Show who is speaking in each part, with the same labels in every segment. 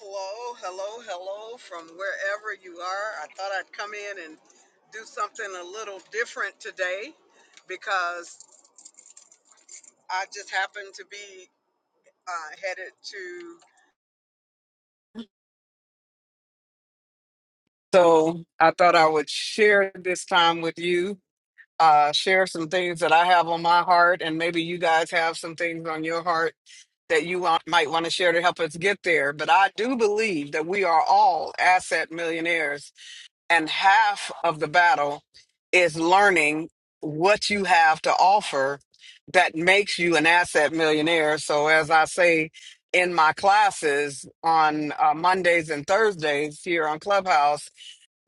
Speaker 1: Hello, hello, hello from wherever you are. I thought I'd come in and do something a little different today because I just happened to be uh, headed to. So I thought I would share this time with you, uh, share some things that I have on my heart, and maybe you guys have some things on your heart that you want, might want to share to help us get there. But I do believe that we are all asset millionaires And half of the battle is learning what you have to offer that makes you an asset millionaire. So, as I say in my classes on uh, Mondays and Thursdays here on Clubhouse,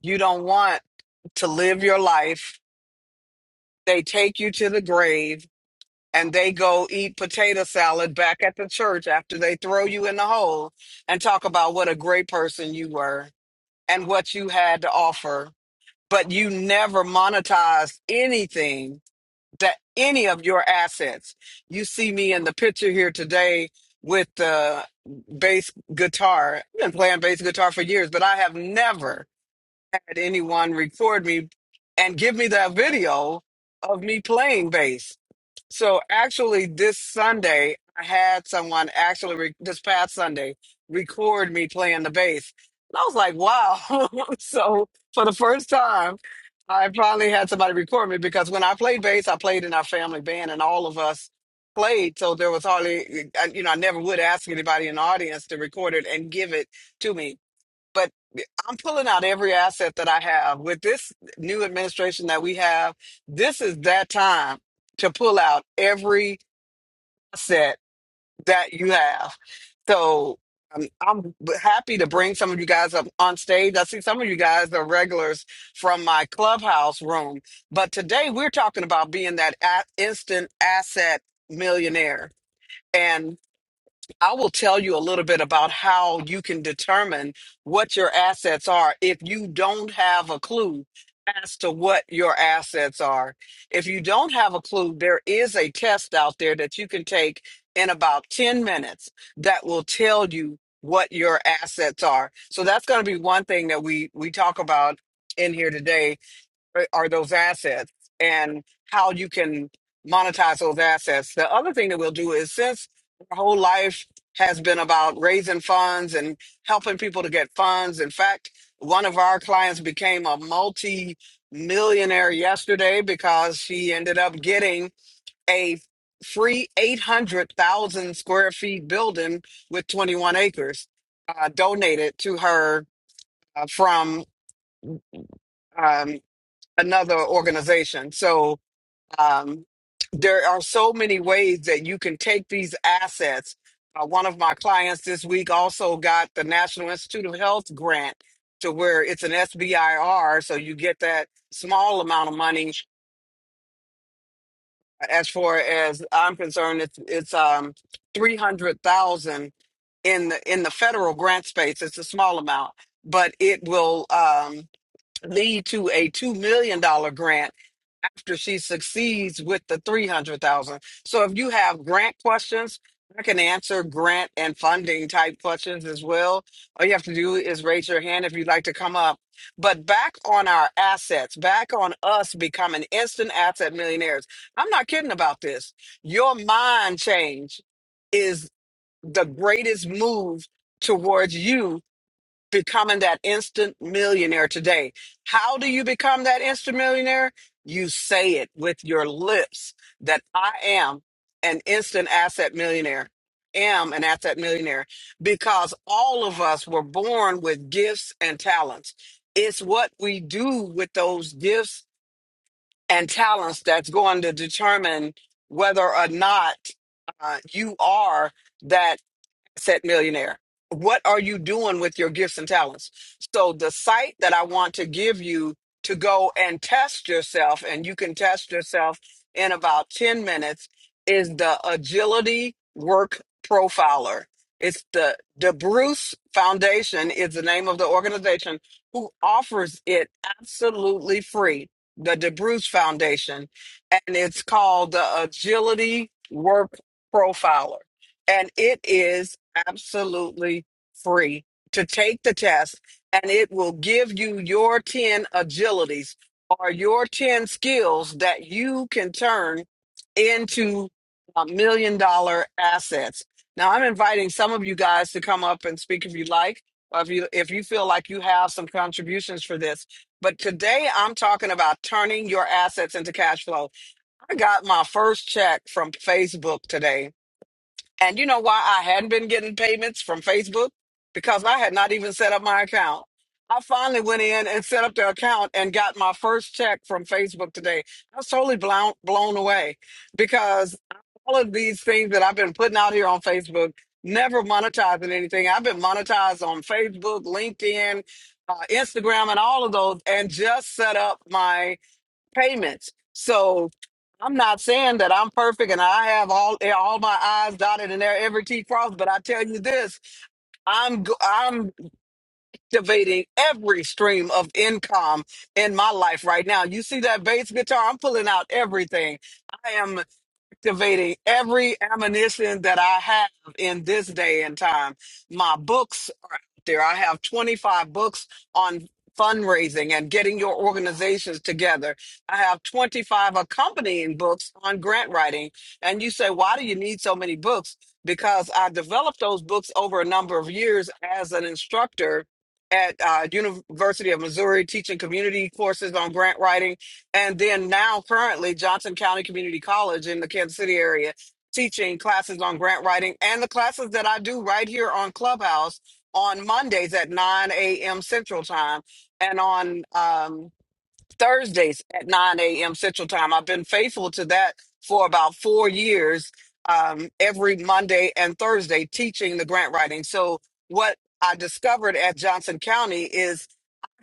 Speaker 1: you don't want to live your life. They take you to the grave and they go eat potato salad back at the church after they throw you in the hole and talk about what a great person you were and what you had to offer but you never monetize anything that any of your assets. You see me in the picture here today with the bass guitar. I've been playing bass guitar for years, but I have never had anyone record me and give me that video of me playing bass. So actually, this Sunday, I had someone actually re- this past Sunday record me playing the bass. And I was like, wow. so for the first time, I finally had somebody record me because when I played bass, I played in our family band and all of us played. So there was hardly, I- you know, I never would ask anybody in the audience to record it and give it to me but I'm pulling out every asset that I have with this new administration that we have. This is that time to pull out every asset that you have. So I'm, I'm happy to bring some of you guys up on stage. I see some of you guys are regulars from my clubhouse room, but today we're talking about being that a- instant asset millionaire. I will tell you a little bit about how you can determine what your assets are if you don't have a clue as to what your assets are. If you don't have a clue, there is a test out there that you can take in about 10 minutes that will tell you what your assets are. So that's going to be one thing that we we talk about in here today are are those assets and how you can monetize those assets. The other thing that we'll do is since our whole life has been about raising funds and helping people to get funds. In fact, one of our clients became a multi millionaire yesterday because she ended up getting a free 800,000 square feet building with 21 acres uh, donated to her uh, from um, another organization. So, um, there are so many ways that you can take these assets. Uh, one of my clients this week also got the National Institute of Health grant to where it's an SBIR, so you get that small amount of money. As far as I'm concerned, it's it's um three hundred thousand in the in the federal grant space. It's a small amount, but it will um, lead to a two million dollar grant after she succeeds with the 300,000. So if you have grant questions, I can answer grant and funding type questions as well. All you have to do is raise your hand if you'd like to come up. But back on our assets, back on us becoming instant asset millionaires. I'm not kidding about this. Your mind change is the greatest move towards you becoming that instant millionaire today. How do you become that instant millionaire? You say it with your lips that I am an instant asset millionaire, am an asset millionaire, because all of us were born with gifts and talents. It's what we do with those gifts and talents that's going to determine whether or not uh, you are that set millionaire what are you doing with your gifts and talents so the site that i want to give you to go and test yourself and you can test yourself in about 10 minutes is the agility work profiler it's the the bruce foundation is the name of the organization who offers it absolutely free the debruce foundation and it's called the agility work profiler and it is absolutely free to take the test and it will give you your 10 agilities or your 10 skills that you can turn into a million dollar assets now i'm inviting some of you guys to come up and speak if you like or if you if you feel like you have some contributions for this but today i'm talking about turning your assets into cash flow i got my first check from facebook today and you know why I hadn't been getting payments from Facebook? Because I had not even set up my account. I finally went in and set up the account and got my first check from Facebook today. I was totally blown blown away because all of these things that I've been putting out here on Facebook, never monetizing anything. I've been monetized on Facebook, LinkedIn, uh, Instagram, and all of those, and just set up my payments. So I'm not saying that I'm perfect and I have all eh, all my I's dotted and there every T crossed, but I tell you this, I'm go- I'm activating every stream of income in my life right now. You see that bass guitar? I'm pulling out everything activating every ammunition that I have in this day and time. My books are out there. I have 25 books on fundraising and getting your organizations together. I have 25 accompanying books on grant writing. And you say, why do you need so many books? Because I developed those books over a number of years as an instructor at uh, University of Missouri, teaching community courses on grant writing and then now currently Johnson County Community College in the Kansas City area teaching classes on grant writing and the classes that I do right here on Clubhouse on Mondays at 9 a.m. Central Time and on um, Thursdays at 9 a.m. Central Time. I've been faithful to that for about four years, um, every Monday and Thursday teaching the grant writing. So what I discovered at Johnson County is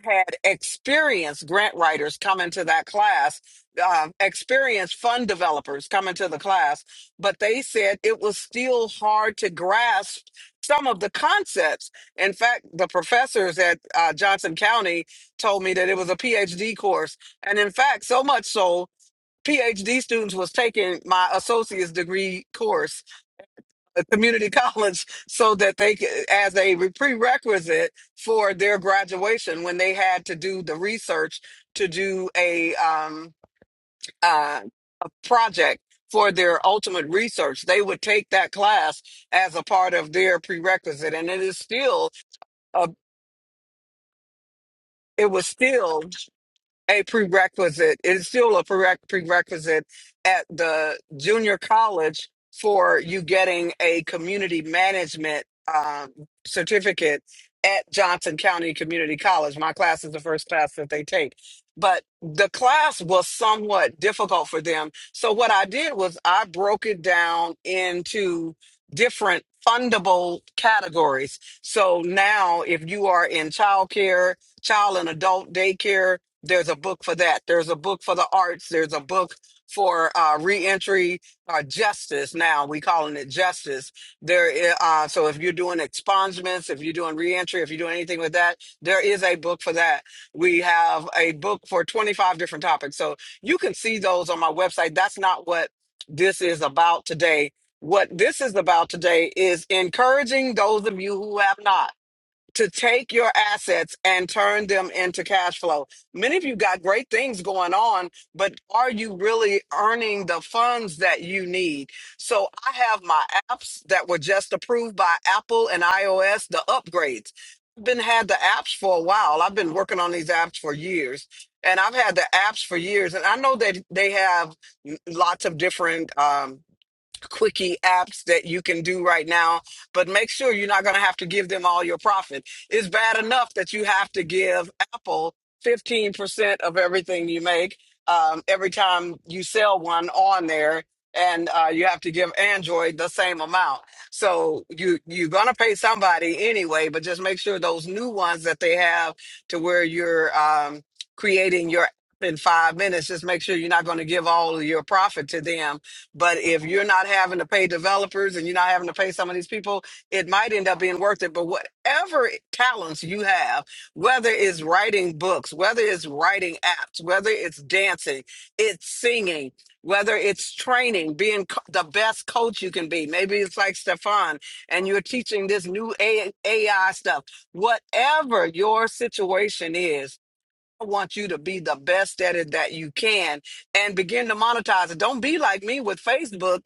Speaker 1: had experienced grant writers come into that class, um, experienced fund developers come into the class, but they said it was still hard to grasp some of the concepts. In fact, the professors at uh, Johnson County told me that it was a PhD course, and in fact, so much so. PhD students was taking my associate's degree course a community college so that they could, as a re- prerequisite for their graduation when they had to do the research to do a um uh, a project for their ultimate research they would take that class as a part of their prerequisite and it is still a it was still a prerequisite. It's still a prereq- prerequisite at the junior college for you getting a community management um, certificate at Johnson County Community College. My class is the first class that they take. But the class was somewhat difficult for them. So what I did was I broke it down into different fundable categories. So now if you are in childcare, child and adult daycare, there's a book for that. There's a book for the arts. There's a book for uh, reentry uh, justice. Now we calling it justice. There, i- uh, so if you're doing expungements, if you're doing reentry, if you're doing anything with that, there is a book for that. We have a book for 25 different topics. So you can see those on my website. That's not what this is about today. What this is about today is encouraging those of you who have not to take your assets and turn them into cash flow. Many of you got great things going on, but are you really earning the funds that you need? So I have my apps that were just approved by Apple and iOS, the upgrades. I've been had the apps for a while. I've been working on these apps for years. And I've had the apps for years, and I know that they have lots of different. um, quickie apps that you can do right now, but make sure you're not going to have to give them all your profit. It's bad enough that you have to give Apple 15% of everything you make um, every time you sell one on there. And uh, you have to give Android the same amount, so you you're gonna pay somebody anyway. But just make sure those new ones that they have to where you're um, creating your app in five minutes. Just make sure you're not gonna give all of your profit to them but if you're not having to pay developers and you're not having to pay some of these people, it might end up being worth it. But whatever talents you have, whether it's writing books, whether it's writing apps, whether it's dancing, it's singing, whether it's training, being co- the best coach you can be. Maybe it's like Stefan and you're teaching this new AI stuff. Whatever your situation is, I want you to be the best at it that you can and begin to monetize it. Don't be like me with Facebook.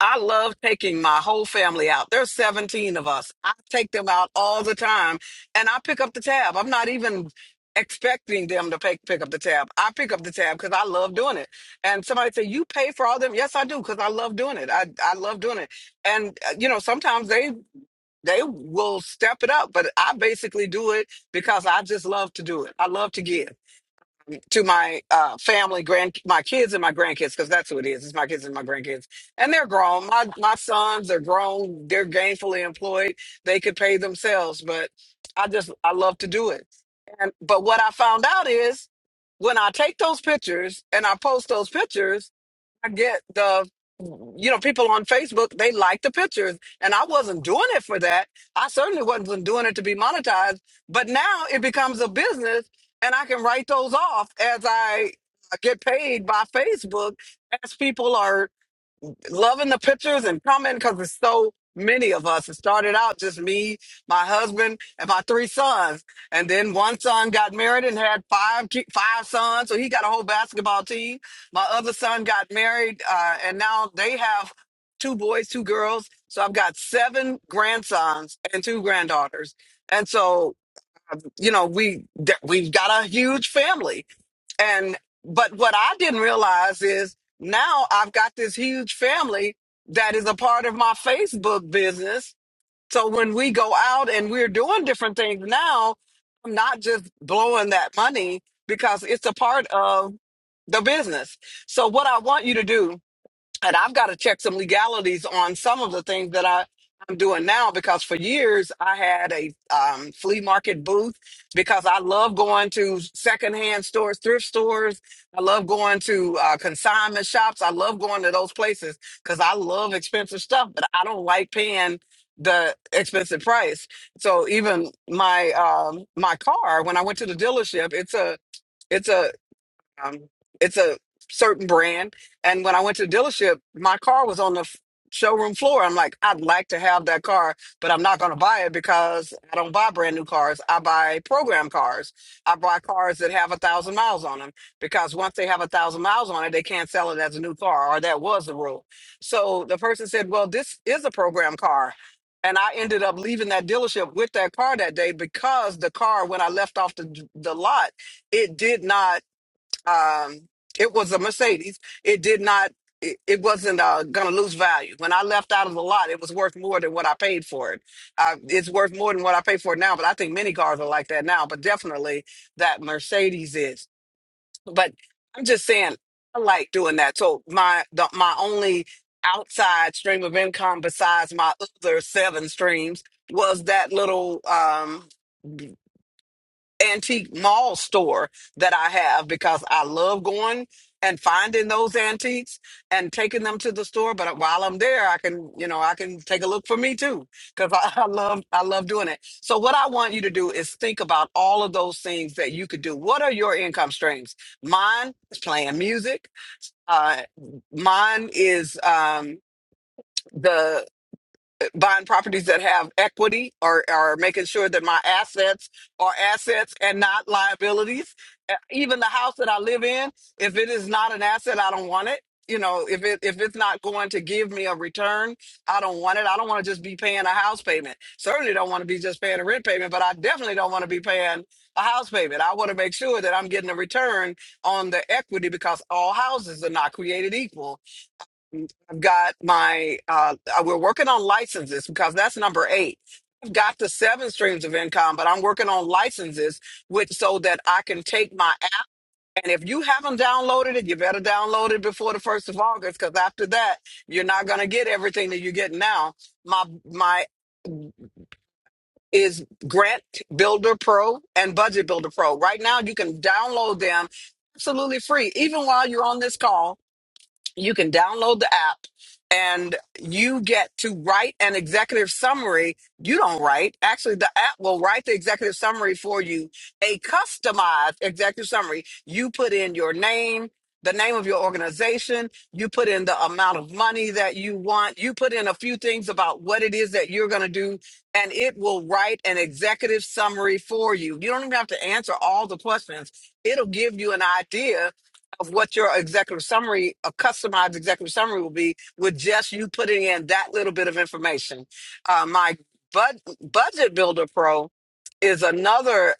Speaker 1: I love taking my whole family out. There's 17 of us. I take them out all the time and I pick up the tab. I'm not even expecting them to pick, pick up the tab. I pick up the tab because I love doing it. And somebody say, you pay for all them. Yes, I do. Cause I love doing it. I, I love doing it. And uh, you know, sometimes they, they will step it up, but I basically do it because I just love to do it. I love to give to my uh, family, grand, my kids and my grandkids, because that's who it is. It's my kids and my grandkids, and they're grown. My my sons are grown. They're gainfully employed. They could pay themselves, but I just I love to do it. And but what I found out is when I take those pictures and I post those pictures I get the you know people on Facebook they like the pictures, and I wasn't doing it for that. I certainly wasn't doing it to be monetized. But now it becomes a business, and I can write those off as I get paid by Facebook as people are loving the pictures and coming because it's so many of us. It started out just me, my husband, and my three sons, and then one son got married and had five ki- five sons, so he got a whole basketball team. My other son got married, uh, and now they have two boys, two girls. So I've got seven grandsons and two granddaughters, and so you know we th- we've got a huge family and but what I didn't realize is now I've got this huge family that is a part of my Facebook business. So when we go out and we're doing different things now, I'm not just blowing that money because it's a part of the business. So what I want you to do and I've got to check some legalities on some of the things that I, I'm doing now because for years I had a um, flea market booth because I love going to secondhand stores, thrift stores. I love going to uh, consignment shops. I love going to those places because I love expensive stuff, but I don't like paying the expensive price. So even my um, my car, when I went to the dealership, it's a it's a um, it's a certain brand. And when I went to the dealership, my car was on the f- showroom floor. I'm like, I'd like to have that car, but I'm not going to buy it because I don't buy brand new cars. I buy program cars. I buy cars that have a thousand miles on them because once they have a thousand miles on it, they can't sell it as a new car, or that was the rule. So the person said, Well, this is a program car. And I ended up leaving that dealership with that car that day because the car, when I left off the, the lot, it did not um it was a mercedes it did not it, it wasn't uh, gonna lose value when i left out of the lot it was worth more than what i paid for it uh, it's worth more than what i pay for it now but i think many cars are like that now but definitely that mercedes is but i'm just saying i like doing that so my the, my only outside stream of income besides my other seven streams was that little um antique mall store that I have because I love going and finding those antiques and taking them to the store. But while I'm there, I can, you know, I can take a look for me too because I, I love, I love doing it. So what I want you to do is think about all of those things that you could do. What are your income streams? Mine is playing music. Uh, mine is um, the buying properties that have equity or, or making sure that my assets are assets and not liabilities. Uh, Even the house that I live in, if it is not an asset, I don't want it. You know, if it if it's not going to give me a return, I don't want it. I don't want to just be paying a house payment. Certainly don't want to be just paying a rent payment, but I definitely don't want to be paying a house payment. I want to make sure that I'm getting a return on the equity because all houses are not created equal got my uh uh, we're working on licenses because that's number eight i've got the seven streams of income but i'm working on licenses which so that i can take my app and if you haven't downloaded it you better download it before the first of august because after that you're not going to get everything that you get now my my is grant builder pro and budget builder pro right now you can download them absolutely free even while you're on this call you can download the app and you get to write an executive summary. You don't write. Actually, the app will write the executive summary for you, a customized executive summary. You put in your name, the name of your organization, you put in the amount of money that you want, you put in a few things about what it is that you're going to do, and it will write an executive summary for you. You don't even have to answer all the questions. It'll give you an idea of what your executive summary, a customized executive summary will be with just you putting in that little bit of information. Uh, my bud- Budget Builder Pro is another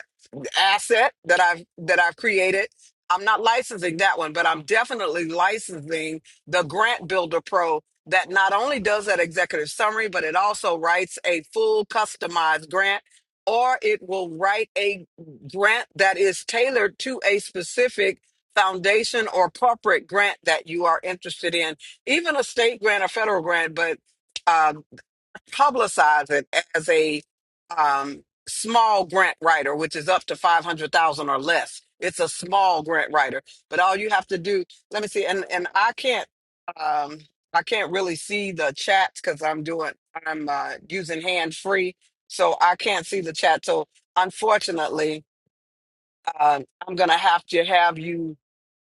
Speaker 1: asset that I've that I've created. I'm not licensing that one, but I'm definitely licensing the Grant Builder Pro that not only does that executive summary, but it also writes a full customized grant or it will write a grant that is tailored to a specific foundation or corporate grant that you are interested in, even a state grant or federal grant, but uh, publicize it as a um, small grant writer, which is up to 500,000 or less. It's a small grant writer, but all you have to do, let me see. And, and I can't, um, I can't really see the chats cause I'm doing, I'm uh, using hand free. So I can't see the chat. So unfortunately, um, I'm going to have to have you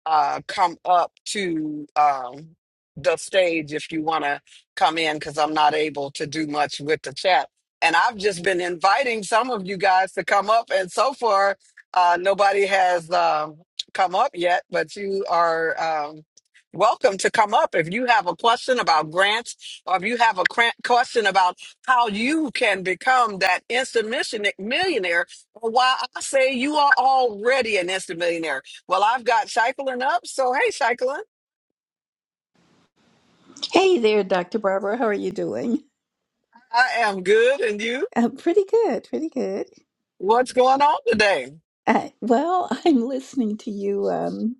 Speaker 1: uh, come up to um, the stage if you want to come in because I'm not able to do much with the chat. And I've just been inviting some of you guys to come up, and so far, uh, nobody has um, come up yet, but you are. Um, Welcome to come up. If you have a question about grants or if you have a cra- question about how you can become that instant mission- millionaire, or why I say you are already an instant millionaire, well, I've got cycling up. So, hey, cycling,
Speaker 2: Hey there, Dr. Barbara. How are you doing?
Speaker 1: I am good. And you,
Speaker 2: Uh, pretty good, pretty good.
Speaker 1: what's going on today?
Speaker 2: Uh, well, I'm listening to you. Um,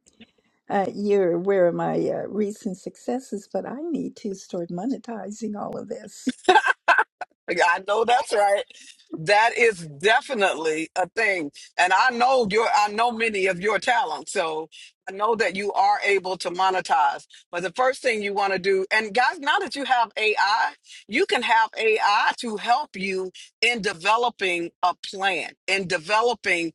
Speaker 2: uh, you're aware of my uh, recent successes, but I need to start monetizing all of this.
Speaker 1: Like, I know that's right. That is definitely a thing. And I know your, I know many of your talents. So I know that you are able to monetize. But the first thing you want to do, and guys, now that you have AI, you can have AI to help you in developing a plan, in developing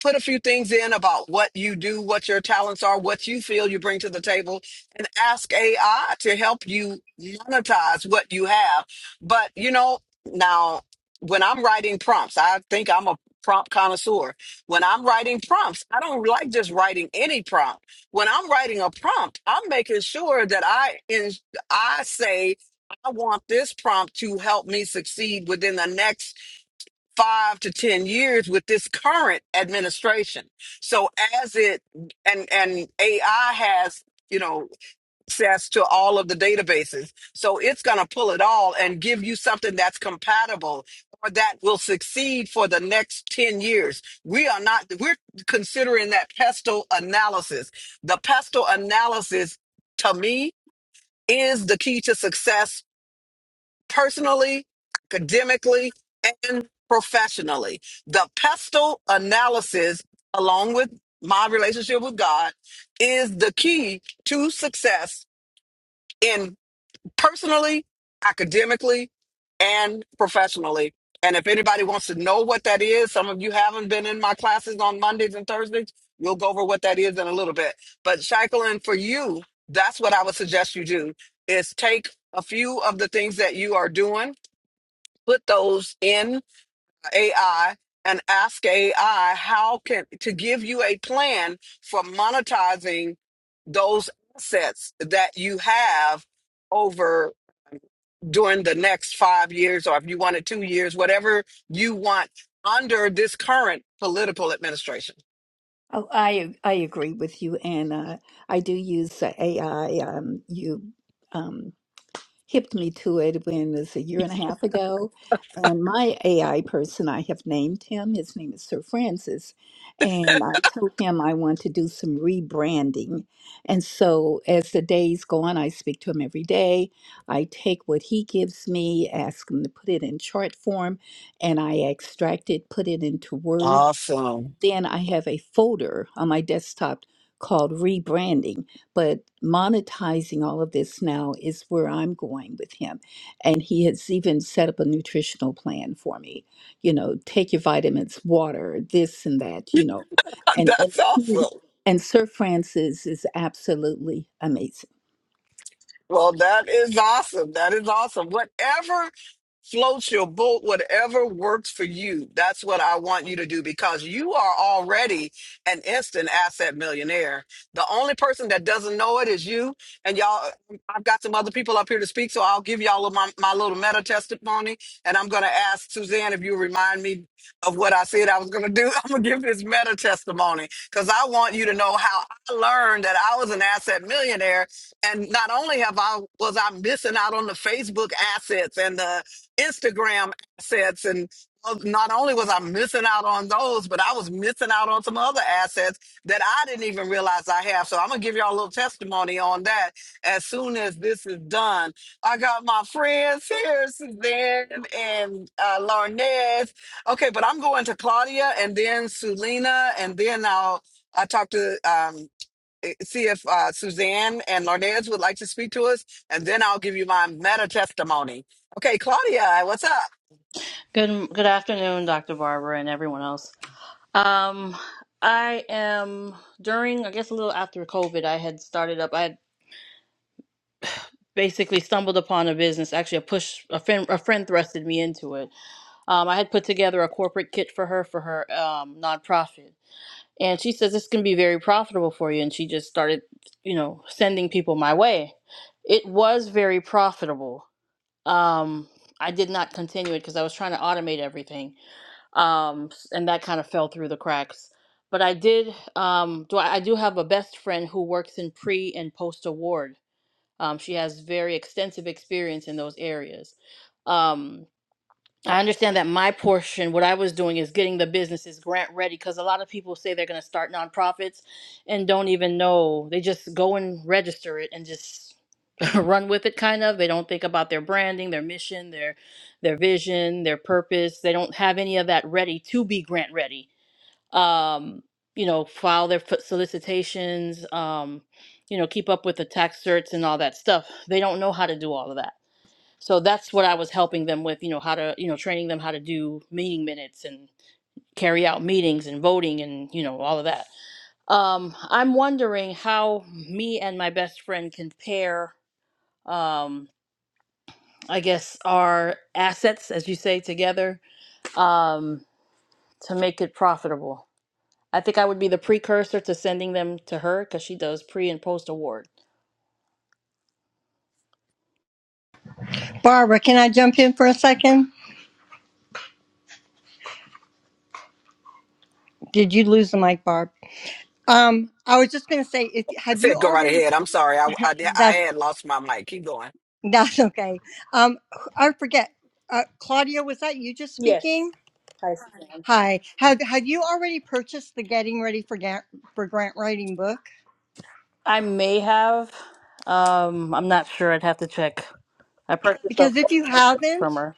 Speaker 1: put a few things in about what you do, what your talents are, what you feel you bring to the table, and ask AI to help you monetize what you have. But, you know, now when I'm writing prompts, I think I'm a prompt connoisseur. When I'm writing prompts, I don't like just writing any prompt. When I'm writing a prompt, I'm making sure that I in, I say I want this prompt to help me succeed within the next five to ten years with this current administration so as it and and ai has you know access to all of the databases so it's going to pull it all and give you something that's compatible or that will succeed for the next 10 years we are not we're considering that pestle analysis the pestle analysis to me is the key to success personally, academically, and professionally. The pestle analysis, along with my relationship with God, is the key to success in personally, academically, and professionally. And if anybody wants to know what that is, some of you haven't been in my classes on Mondays and Thursdays. We'll go over what that is in a little bit. But Shaikolin, for you, that's what I would suggest you do is take a few of the things that you are doing put those in AI and ask AI how can to give you a plan for monetizing those assets that you have over during the next five years or if you want it two years, whatever you want under this current political administration.
Speaker 2: Oh, I I agree with you, and uh, I do use uh, AI. Um, you. Um, hipped me to it when it was a year and a half ago. And my AI person, I have named him, his name is Sir Francis. And I told him I want to do some rebranding. And so as the days go on, I speak to him every day. I take what he gives me, ask him to put it in chart form, and I extract it, put it into Word
Speaker 1: Awesome.
Speaker 2: then I have a folder on my desktop called rebranding. But monetizing all of this now is where I'm going with him. And he has even set up a nutritional plan for me. You know, take your vitamins, water, this and that, you know. And and
Speaker 1: That's
Speaker 2: he
Speaker 1: awesome.
Speaker 2: and Sir Francis is absolutely amazing.
Speaker 1: Well, that is awesome. That is awesome. Whatever floats your boat, whatever works for you, that's what I want you to do because you are already an instant asset millionaire. The only person that doesn't know it is you. And y'all, I've got some other people up here to speak, so I'll give y'all my, my little meta testimony. And I'm going to ask Suzanne if you remind me of what I said I was going to do. I'm going to give this meta testimony because I want you to know how I learned that I was an asset millionaire and not only have I was I missing out on the Facebook assets and the Instagram assets, and well, not only was I missing out on those, but I was missing out on some other assets that I didn't even realize I have. So I'm gonna give y'all a little testimony on that as soon as this is done. I got my friends here, Suzanne and uh, Larnez. Okay, but I'm going to Claudia and then Sulina, and then I'll I talk to um, eh, see if uh, Suzanne and Larnez would like to speak to us, and then I'll give you my meta testimony. Okay, Claudia, what's up?
Speaker 3: Good good afternoon, Dr. Barber and everyone else. Um, I am during, I guess, a little after COVID. I had started up. I had basically stumbled upon a business. Actually, a push a friend a friend thrusted me into it. Um, I had put together a corporate kit for her for her um, nonprofit, and she says this can be very profitable for you. And she just started, you know, sending people my way. It was very profitable. Um, I did not continue it because I was trying to automate everything um, s- and that kind of fell through the cracks. But I did um, do I, I do have a best friend who works in pre and post award. Um, she has very extensive experience in those areas. Um, I understand that my portion, what I was doing is getting the businesses grant ready because a lot of people say they're going to start nonprofits and don't even know. They just go and register it and just run with it kind of. They don't think about their branding, their mission, their their vision, their purpose. They don't have any of that ready to be grant ready. Um, you know, file their f- solicitations, um, you know, keep up with the tax certs and all that stuff. They don't know how to do all of that. So that's what I was helping them with, you know, how to, you know, training them how to do meeting minutes and carry out meetings and voting and, you know, all of that. Um, I'm wondering how me and my best friend compare, um, I guess, our assets, as you say, together um, to make it profitable. I think I would be the precursor to sending them to her because she does pre and post award.
Speaker 4: Barbara, can I jump in for a second? Did you lose the mic, Barb? Um, I was just going to say, if
Speaker 1: I
Speaker 4: have you
Speaker 1: said go right
Speaker 4: already?
Speaker 1: ahead. I'm sorry, I, I, di- I
Speaker 4: That's
Speaker 1: had lost my mic. Keep going.
Speaker 4: that's okay. Um, I forget. Uh, Claudia, was that you just
Speaker 3: Yes,
Speaker 4: speaking?
Speaker 3: I see.
Speaker 4: Hi. Have Have you already purchased the Getting Ready for Grant for Grant Writing book?
Speaker 3: I may have. Um, I'm not sure. I'd have to check. I purchased a
Speaker 4: Because if you
Speaker 3: boatload of books
Speaker 4: haven't,
Speaker 3: from her.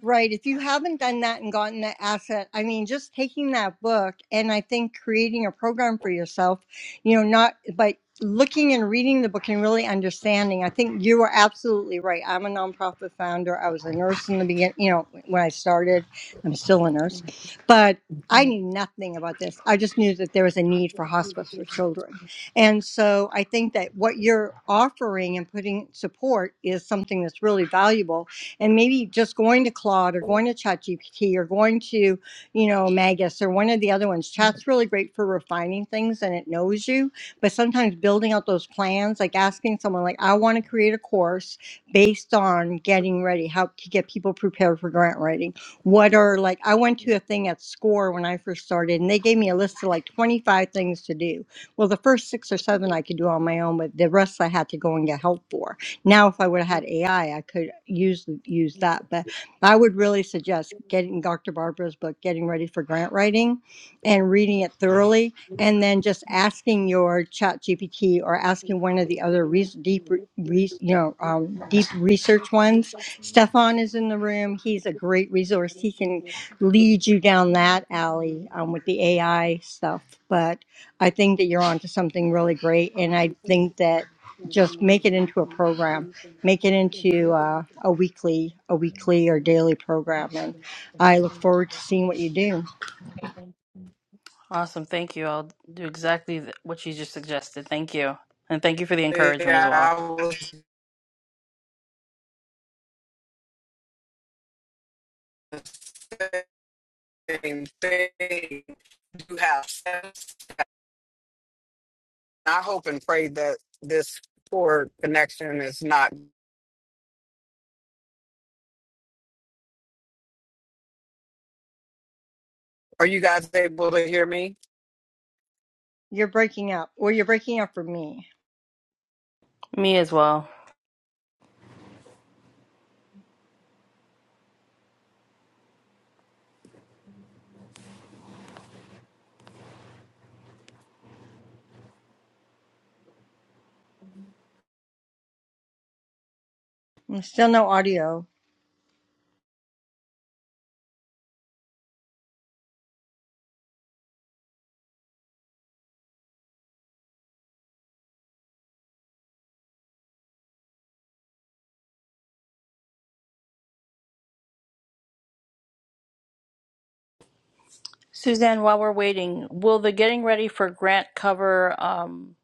Speaker 4: Right. If you haven't done that and gotten that asset, I mean, just taking that book and I think creating a program for yourself, you know, not by looking and reading the book and really understanding. I think you are absolutely right. I'm a nonprofit founder. I was a nurse in the beginning, you know, when I started, I'm still a nurse, but I knew nothing about this. I just knew that there was a need for hospice for children. And so I think that what you're offering and putting support is something that's really valuable and maybe just going to Claude or going to ChatGPT or going to, you know, Magus or one of the other ones. Chat's really great for refining things and it knows you, but sometimes building out those plans, like asking someone like, I want to create a course based on getting ready, how to get people prepared for grant writing. What are like I went to a thing at SCORE when I first started and they gave me a list of like 25 things to do. Well, the first six or seven I could do on my own, but the rest I had to go and get help for now, if I would have had AI, I I could use use that. But I would really suggest getting Dr. Barbara's book, Getting Ready for Grant Writing, and reading it thoroughly, and then just asking your Chat GPT or asking one of the other re- deep, re- re- you know, um, deep research ones. Stefan is in the room. He's a great resource. He can lead you down that alley um, with the AI stuff. But I think that you're onto something really great, and I think that just make it into a program make it into uh, a weekly a weekly or daily program and i look forward to seeing what you do
Speaker 3: Awesome. Thank you. I'll do exactly th- what you just suggested. Thank you. And thank you for the encouragement as
Speaker 1: Yeah,
Speaker 3: well.
Speaker 1: I was the same thing. Do have sense. I hope and pray that this poor connection is not. Are you guys able to hear me?
Speaker 4: you're breaking up or you're breaking up for me
Speaker 3: Me as well.
Speaker 4: still no audio
Speaker 3: Suzanne, while we're waiting, will the getting ready for grant cover um,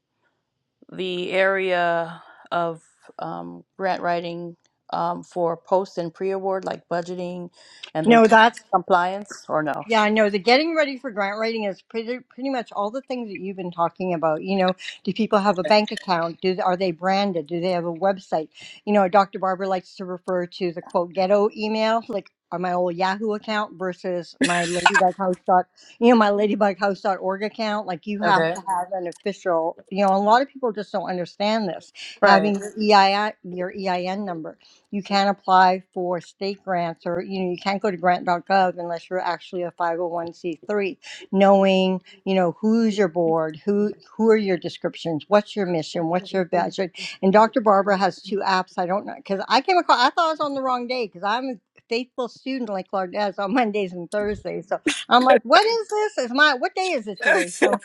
Speaker 3: the area of um, grant writing um, for post and pre award, like budgeting and then
Speaker 4: no
Speaker 3: com-
Speaker 4: that's.
Speaker 3: compliance, or no?
Speaker 4: Yeah, I know. The getting ready for grant writing is pretty pretty much all the things that you've been talking about. You know, do people have a bank account? Do are they branded? Do they have a website? You know, Dr. Barber likes to refer to the quote ghetto email, like on my old Yahoo account versus my ladybughouse dot you know, my ladybughouse dot org account. Like you have
Speaker 3: Okay.
Speaker 4: to have an official, you know, a lot of people just don't understand this,
Speaker 3: Right.
Speaker 4: having your EIN, your EIN number you can apply for state grants or you know you can't go to grant.gov unless you're actually a 501c3 knowing you know who's your board who who are your descriptions what's your mission what's your budget and dr barbara has two apps i don't know because i came across i thought i was on the wrong day because i'm a faithful student like Claude on mondays and thursdays so i'm like what is this is my what day is it today so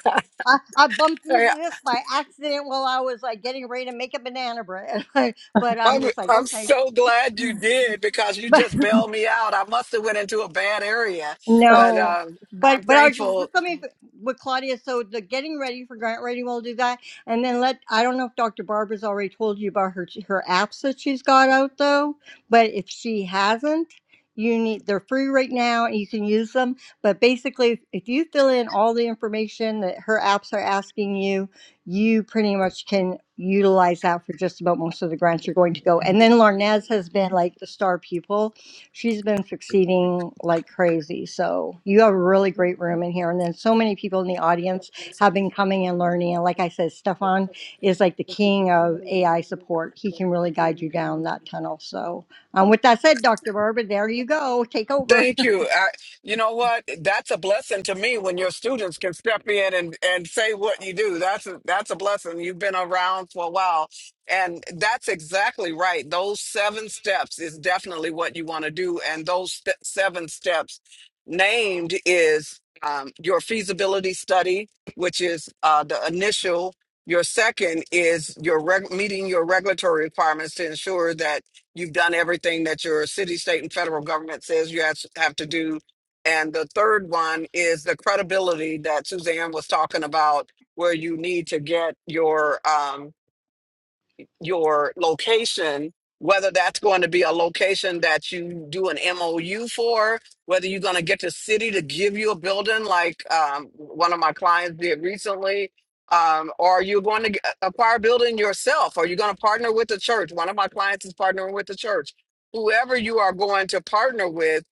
Speaker 4: I, I bumped into this by accident while I was like getting ready to make a banana bread. but I'm
Speaker 1: I'm
Speaker 4: just like,
Speaker 1: I'm
Speaker 4: okay.
Speaker 1: so glad you did because you
Speaker 4: But
Speaker 1: just bailed me out. I must have went into a bad area, but
Speaker 4: no,
Speaker 1: um, I'm
Speaker 4: but but I was just
Speaker 1: thankful
Speaker 4: let me with Claudia. So the getting ready for grant writing, we'll do that, and then let I don't know if Dr. Barbara's already told you about her her apps that she's got out though, but if she hasn't. You need they're free right now and you can use them. But basically, if you fill in all the information that her apps are asking you, you pretty much can utilize that for just about most of the grants you're going to go. And then Larnaz has been like the star pupil she's been succeeding like crazy. So you have a really great room in here. And then so many people in the audience have been coming and learning. And like I said, Stefan is like the king of AI support. He can really guide you down that tunnel. So um, with that said, Dr. Barbara, there you go. Take over.
Speaker 1: Thank you. I, you know what? That's a blessing to me when your students can step in and, and say what you do. That's a, that's a blessing. You've been around for a while, and that's exactly right. Those seven steps is definitely what you want to do, and those st- seven steps named is um, your feasibility study, which is uh, the initial. Your second is your reg- meeting your regulatory requirements to ensure that You've done everything that your city, state, and federal government says you have have to do. And the third one is the credibility that Suzanne was talking about, where you need to get your um, your location, whether that's going to be a location that you do an MOU for, whether you're going to get the city to give you a building like um, one of my clients did recently, um, or you're going to get- acquire a building yourself, or you're going to partner with the church. One of my clients is partnering with the church. Whoever you are going to partner with,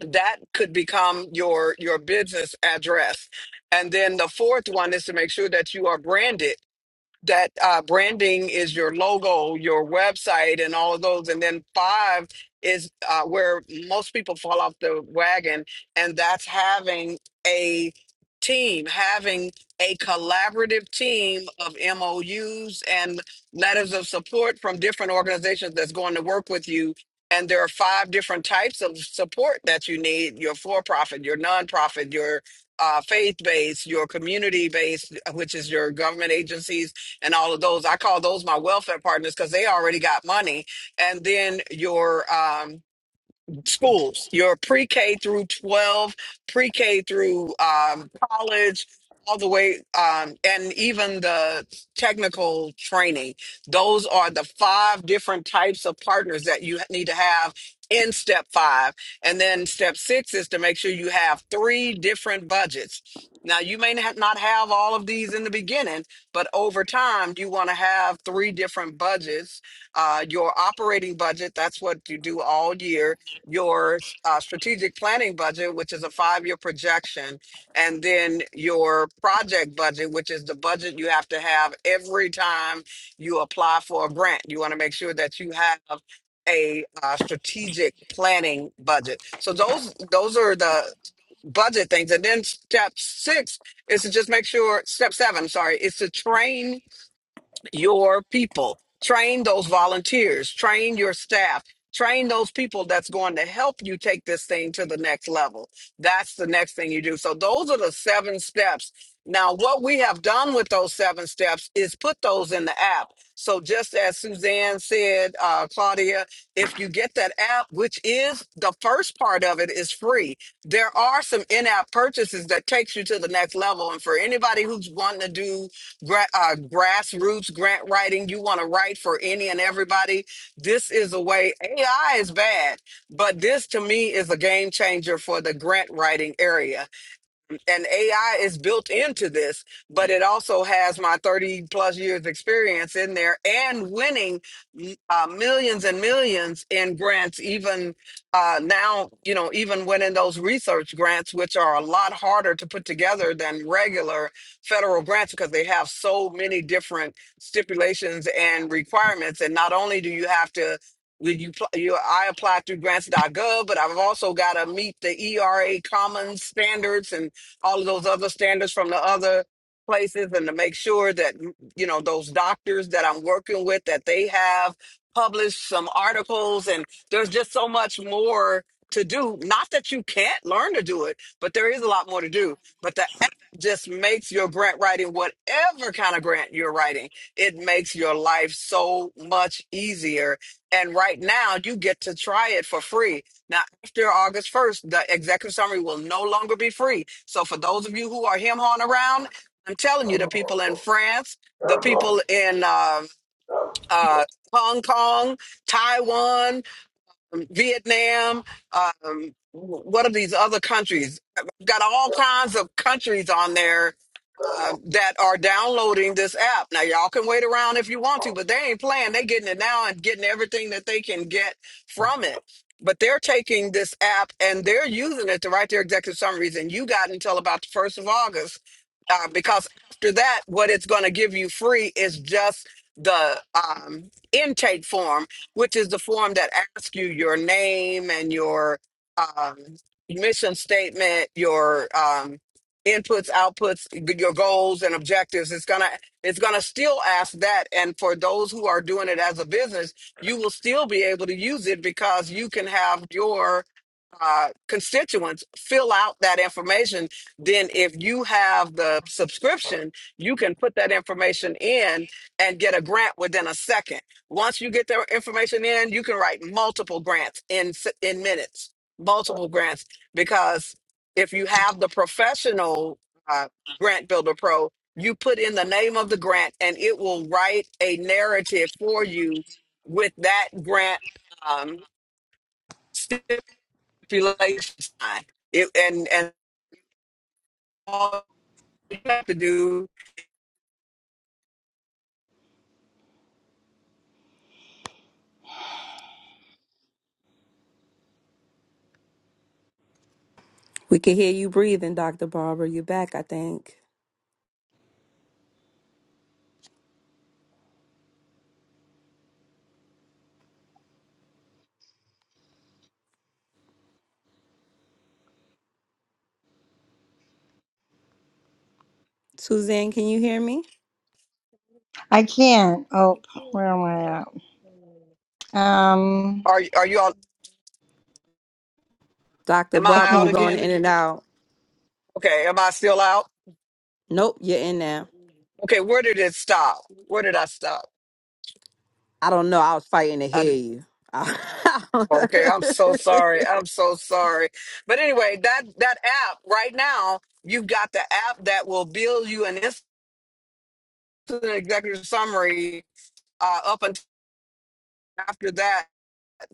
Speaker 1: that could become your your business address. And then the fourth one is to make sure that you are branded that uh, branding is your logo, your website, and all of those. And then five is uh, where most people fall off the wagon, and that's having a team, having a collaborative team of MOUs and letters of support from different organizations that's going to work with you. And there are five different types of support that you need your for profit, your nonprofit, your uh, faith based, your community based, which is your government agencies and all of those. I call those my welfare partners because they already got money. And then your um schools, your pre K through 12, pre K through um, college, all the way, um, and even the technical training. Those are the five different types of partners that you need to have in step five. And then step six is to make sure you have three different budgets. Now, you may not not have all of these in the beginning, but over time, you want to have three different budgets uh, your operating budget. That's what you do all year your uh, strategic planning budget, which is a five year projection, and then your project budget, which is the budget you have to have every time you apply for a grant. You want to make sure that you have a uh, strategic planning budget. So those those are the budget things. And then step six is to just make sure step seven, sorry, is to train your people. Train those volunteers, train your staff, train those people that's going to help you take this thing to the next level. That's the next thing you do. So, those are the seven steps. Now, what we have done with those seven steps is put those in the app. So, just as Suzanne said, uh, Claudia, if you get that app, which is the first part of it, is free. There are some in-app purchases that takes you to the next level. And for anybody who's wanting to do gra- uh, grassroots grant writing. You want to write for any and everybody. This is a way. AI is bad, but this to me is a game changer for the grant writing area and AI is built into this, but it also has my 30 plus years experience in there and winning uh, millions and millions in grants, even uh, now, you know, even winning those research grants, which are a lot harder to put together than regular federal grants because they have so many different stipulations and requirements. And not only do you have to when you, pl- you I applied through grants.gov, but I've also got to meet the ERA Commons standards and all of those other standards from the other places and to make sure that you know those doctors that I'm working with that they have published some articles and there's just so much more to do not that you can't learn to do it but there is a lot more to do but the app just makes your grant writing whatever kind of grant you're writing it makes your life so much easier and right now you get to try it for free. Now, after August 1st, the executive summary will no longer be free. So for those of you who are him hawing around, I'm telling you, the people in France, the people in uh, uh, Hong Kong, Taiwan, Vietnam, um, what are these other countries? I've got all kinds of countries on there uh, that are downloading this app. Now, y'all can wait around if you want to, but they ain't playing. They getting it now and getting everything that they can get from it. But they're taking this app and they're using it to write their executive summaries. And you got until about the first of August, uh, because after that, what it's going to give you free is just the um, intake form, which is the form that asks you your name and your um, mission statement, your um, inputs outputs your goals and objectives it's gonna it's gonna still ask that and for those who are doing it as a business you will still be able to use it because you can have your uh, constituents fill out that information then if you have the subscription you can put that information in and get a grant within a second once you get their information in you can write multiple grants in s- in minutes multiple grants because if you have the professional uh, grant builder pro you put in the name of the grant and it will write a narrative for you with that grant um, stipulation sign. It, and and all you have to do
Speaker 4: I can't. Oh, where am I at? Um,
Speaker 1: are are you all am
Speaker 4: I
Speaker 1: i out
Speaker 4: can.
Speaker 1: again okay am i still out okay where did it stop where did i stop Okay, I'm so sorry. I'm so sorry. But anyway, that that app right now, you've got the app that will build you an instant executive summary. Uh, up until after that,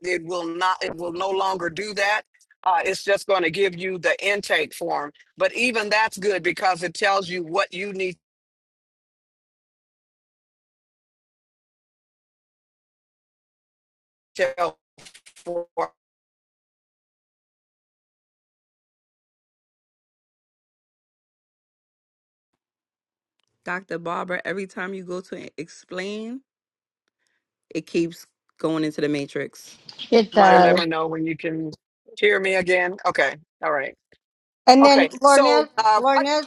Speaker 1: it will not. It will no longer do that. Uh, it's just going to give you the intake form. But even that's good because it tells you what you need to help for.
Speaker 4: It
Speaker 1: Somebody let
Speaker 4: does.
Speaker 1: me know when you can hear me again. Okay. All right.
Speaker 4: And then
Speaker 1: Okay. So
Speaker 4: Larnez,
Speaker 1: uh,
Speaker 4: Larnez,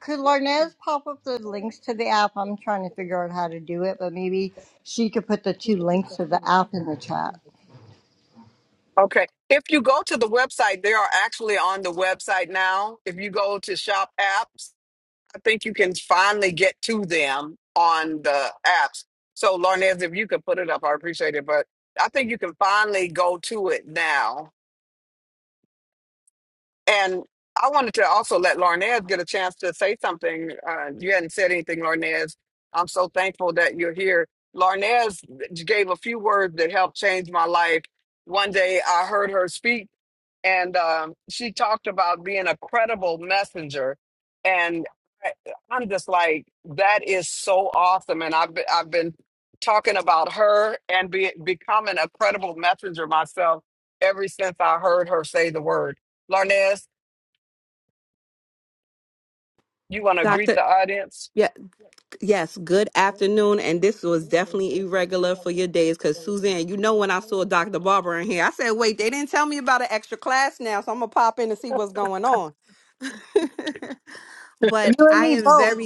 Speaker 4: could Larnez pop up the links to the app? I'm trying to figure out how to do it, but maybe she could put the two links to the app in the chat.
Speaker 1: Okay. If you go to the website, they are actually on the website now. If you go to shop apps, I think you can finally get to them on the apps. So, Larnez, if you could put it up, I appreciate it. But I think you can finally go to it now. And I wanted to also let Larnez get a chance to say something. Uh, you hadn't said anything, Larnez. I'm so thankful that you're here. Larnez gave a few words that helped change my life. One day I heard her speak, and um, she talked about being a credible messenger. And I, I'm just like, that is so awesome. And I've been, I've been talking about her and be, becoming a credible messenger myself ever since I heard her say the word. Larnez, you want to greet the audience?
Speaker 4: You and me both.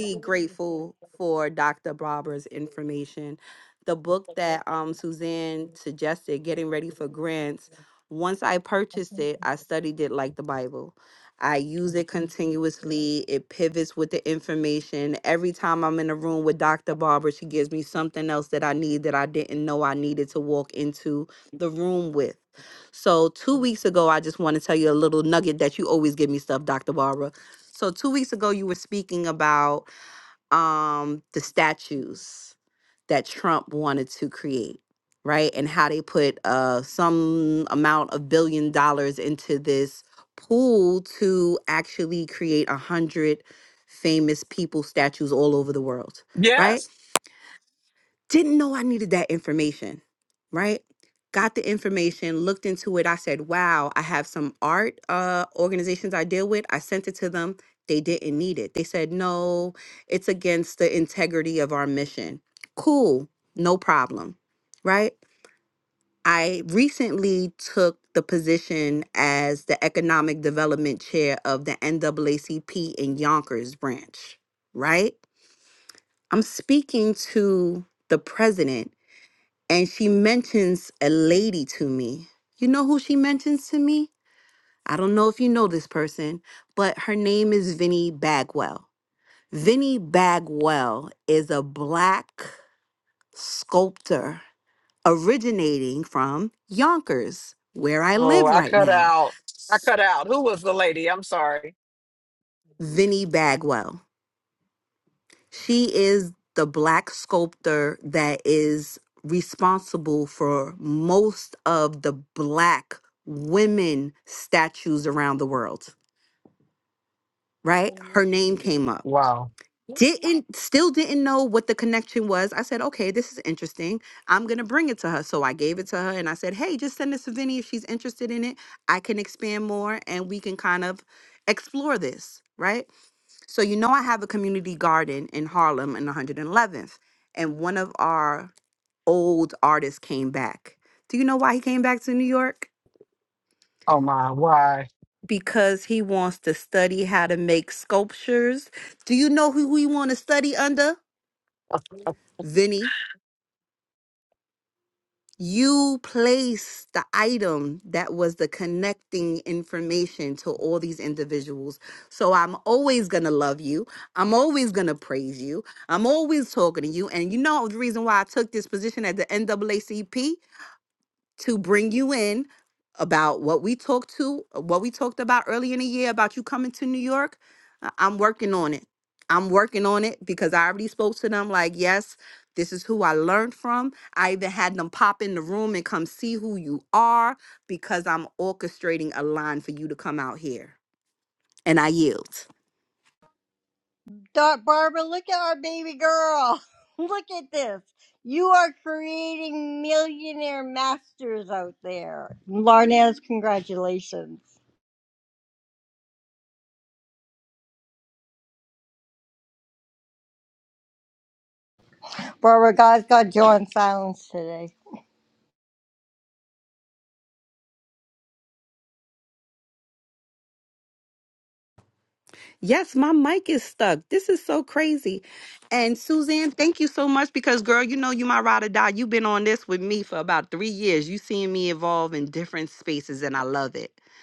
Speaker 1: Yes. Oh, I cut out. I cut out. Who was the lady? I'm sorry. Wow. Oh my. Why?
Speaker 4: Doc Barbara, look at our baby girl. Look at this. You are creating millionaire masters out there. Larnez, congratulations. Barbara, God's got you on silence today.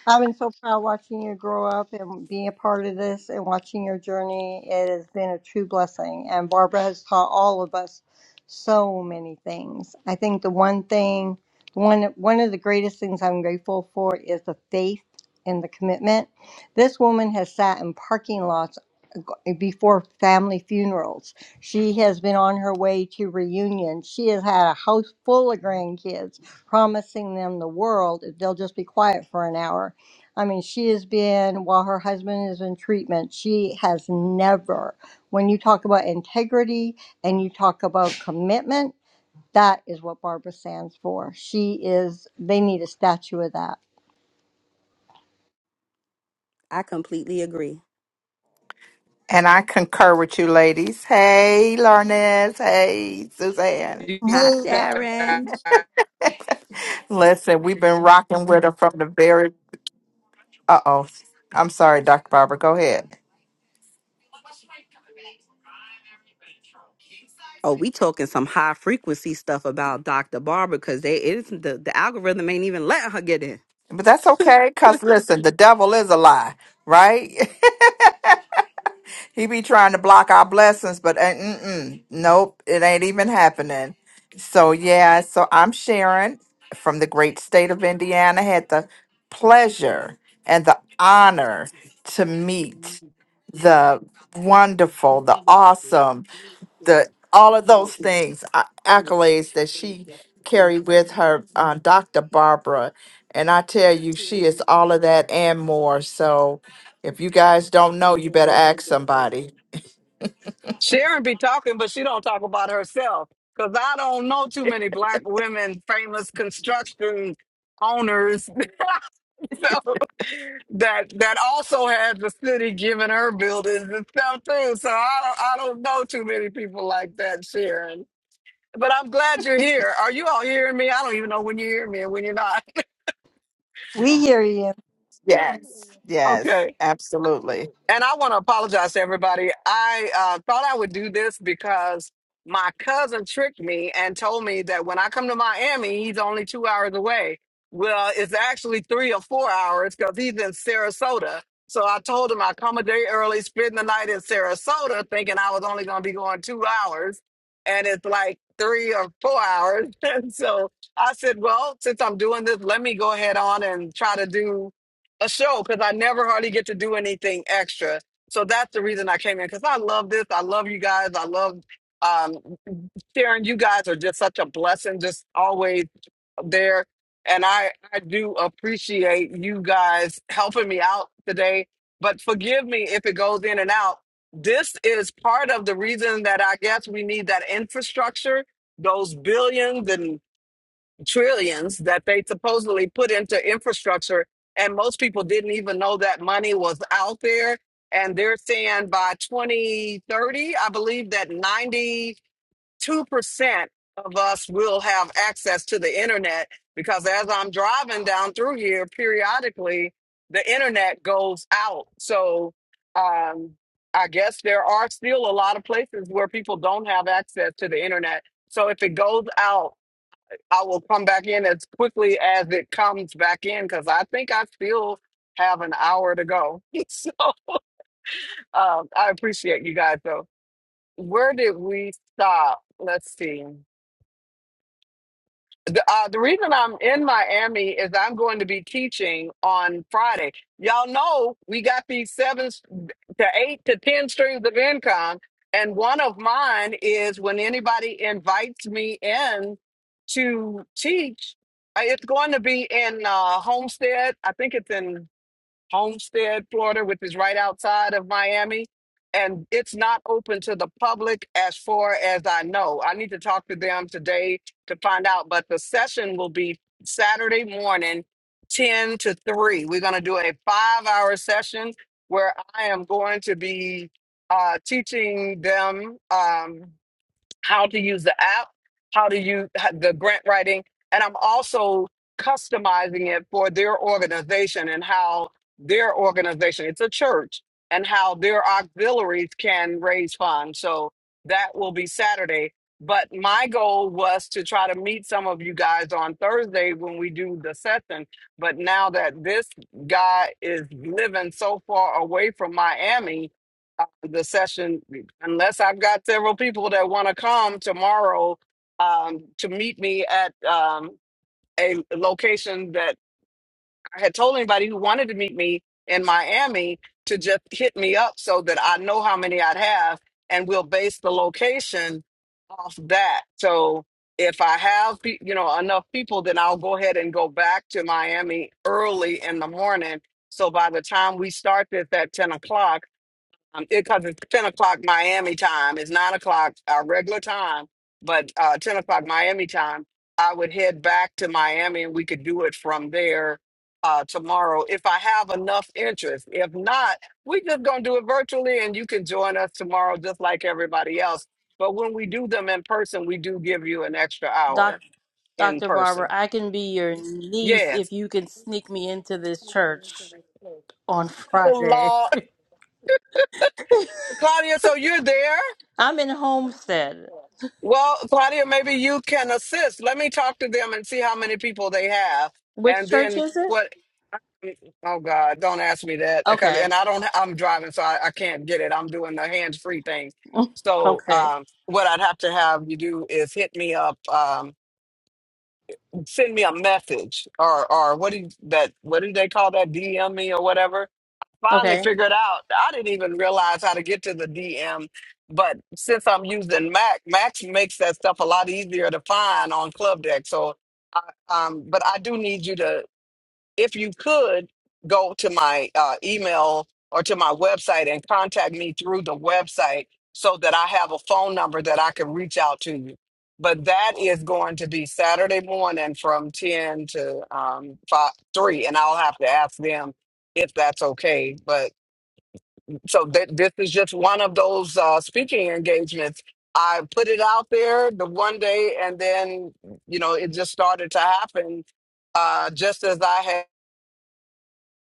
Speaker 4: I've been so proud watching you grow up and being a part of this and watching your journey. It has been a true blessing. And Barbara has taught all of us so many things. I think the one thing, one one of the greatest things I'm grateful for is the faith and the commitment. This woman has sat in parking lots uh, before family funerals. She has been on her way to reunions. She has had a house full of grandkids, promising them the world if they'll just be quiet for an hour I mean, she has been, while her husband is in treatment, she has never, when you talk about integrity and you talk about commitment, that is what Barbara stands for. She is, they need a statue of that.
Speaker 5: And I concur with you, ladies. Hey, Larnez. Hey, Suzanne.
Speaker 1: You
Speaker 4: Hey there.
Speaker 1: guys-
Speaker 5: Listen, we've been rocking with her from the very. Uh oh. I'm sorry, Dr. Barbara. Go ahead. But that's okay, because listen, the devil is a lie, right? He be trying to block our blessings, but uh, mm-mm, nope, it ain't even happening. So yeah, so I'm Sharon from the great state of Indiana. Had the pleasure and the honor to meet the wonderful, the awesome, the all of those things uh, accolades that she carried with her, uh, Dr. Barbara. And I tell you, she is all of that and more. So if you guys don't know, you better ask somebody
Speaker 1: Sharon be talking, but she don't talk about herself. Cause I don't know too many black women, famous construction owners, so, that that also had the city giving her buildings and stuff too. So I don't I don't know too many people like that, Sharon. But I'm glad you're here. Are you all hearing me? I don't even know when you hear me and when you're not.
Speaker 4: We hear you.
Speaker 5: Yes.
Speaker 1: Okay.
Speaker 5: Yes, absolutely.
Speaker 1: And I want to apologize to everybody. I uh, thought I would do this because my cousin tricked me and told me that when I come to Miami, he's only two hours away. Well, it's actually three or four hours because he's in Sarasota. So I told him I'd come a day early, spend the night in Sarasota, thinking I was only going to be going two hours. And it's like three or four hours. And so I said, well, since I'm doing this, let me go ahead on and try to do a show because I never hardly get to do anything extra. So that's the reason I came in because I love this. I love you guys. I love um, sharing. You guys are just such a blessing, just always there. And I, I do appreciate you guys helping me out today. But forgive me if it goes in and out. This is part of the reason that I guess we need that infrastructure, those billions and trillions that they supposedly put into infrastructure. And most people didn't even know that money was out there. And they're saying by 2030, I believe that 92% of us will have access to the internet because as I'm driving down through here periodically, the internet goes out. So um, I guess there are still a lot of places where people don't have access to the internet. So if it goes out, I will come back in as quickly as it comes back in because I think I still have an hour to go. so um, I appreciate you guys. So where did we stop? Let's see. The, uh, the reason I'm in Miami is I'm going to be teaching on Friday. Y'all know we got these seven s- to eight to 10 streams of income. And one of mine is when anybody invites me in to teach, uh, it's going to be in uh, Homestead. I think it's in Homestead, Florida, which is right outside of Miami. And it's not open to the public as far as I know. I need to talk to them today to find out. But the session will be Saturday morning, 10 to 3. We're going to do a five hour session where I am going to be uh, teaching them. Um, how to use the app, how to use the grant writing, and I'm also customizing it for their organization and how their organization, it's a church, and how their auxiliaries can raise funds. So that will be Saturday. But my goal was to try to meet some of you guys on Thursday when we do the session. But now that this guy is living so far away from Miami, the session unless I've got several people that want to come tomorrow um, to meet me at um, a location that I had told anybody who wanted to meet me in Miami to just hit me up so that I know how many I'd have and we'll base the location off that. So if I have pe- you know enough people then I'll go ahead and go back to Miami early in the morning. So by the time we start this at 10 o'clock, um, because it's 10 o'clock Miami time. It's 9 o'clock our regular time, but uh, 10 o'clock Miami time. I would head back to Miami and we could do it from there uh, tomorrow if I have enough interest. If not, we're just going to do it virtually and you can join us tomorrow just like everybody else. But when we do them in person, we do give you an extra
Speaker 3: Doc,
Speaker 1: hour in
Speaker 3: Dr. Barber,
Speaker 1: person.
Speaker 3: I can be your niece if
Speaker 1: Yes.
Speaker 3: you can sneak me into this church. on
Speaker 1: Oh,
Speaker 3: Friday.
Speaker 1: Lord. Claudia, so you're there?
Speaker 3: I'm in Homestead.
Speaker 1: Well, Claudia, maybe you can assist. Let me talk to them and see how many people they have,
Speaker 3: Which
Speaker 1: and
Speaker 3: church
Speaker 1: then
Speaker 3: is it?
Speaker 1: what. um, Oh God, don't ask me that because
Speaker 3: Okay.
Speaker 1: and I don't. I'm driving, so I, I can't get it. I'm doing the hands free thing. So
Speaker 3: Okay.
Speaker 1: um, what I'd have to have you do is hit me up, um, send me a message, or or what do you, that? What do they call that? DM me or whatever finally
Speaker 3: Okay.
Speaker 1: figured out I didn't even realize how to get to the DM. But since I'm using Mac, Mac makes that stuff a lot easier to find on Club Deck. So, I, um, but I do need you to, if you could, go to my uh, email or to my website and contact me through the website so that I have a phone number that I can reach out to you. But that is going to be Saturday morning from 10 to um, 5, 3, and I'll have to ask them if that's okay. But so th- this is just one of those uh, speaking engagements. I put it out there the one day, and then you know it just started to happen, uh, just as I had.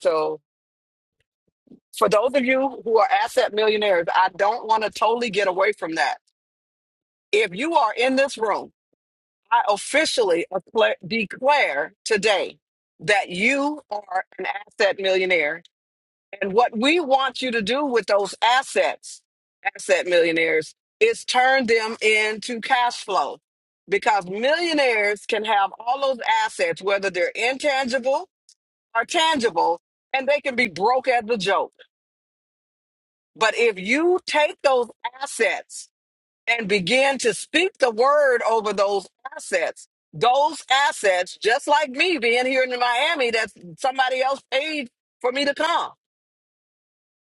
Speaker 1: So for those of you who are asset millionaires, I don't want to totally get away from that. If you are in this room, I officially accla- declare today that you are an asset millionaire And what we want you to do with those assets, asset millionaires, is turn them into cash flow because millionaires can have all those assets, whether they're intangible or tangible, and they can be broke as a joke. But if you take those assets and begin to speak the word over those assets, those assets, just like me being here in Miami, that somebody else paid for me to come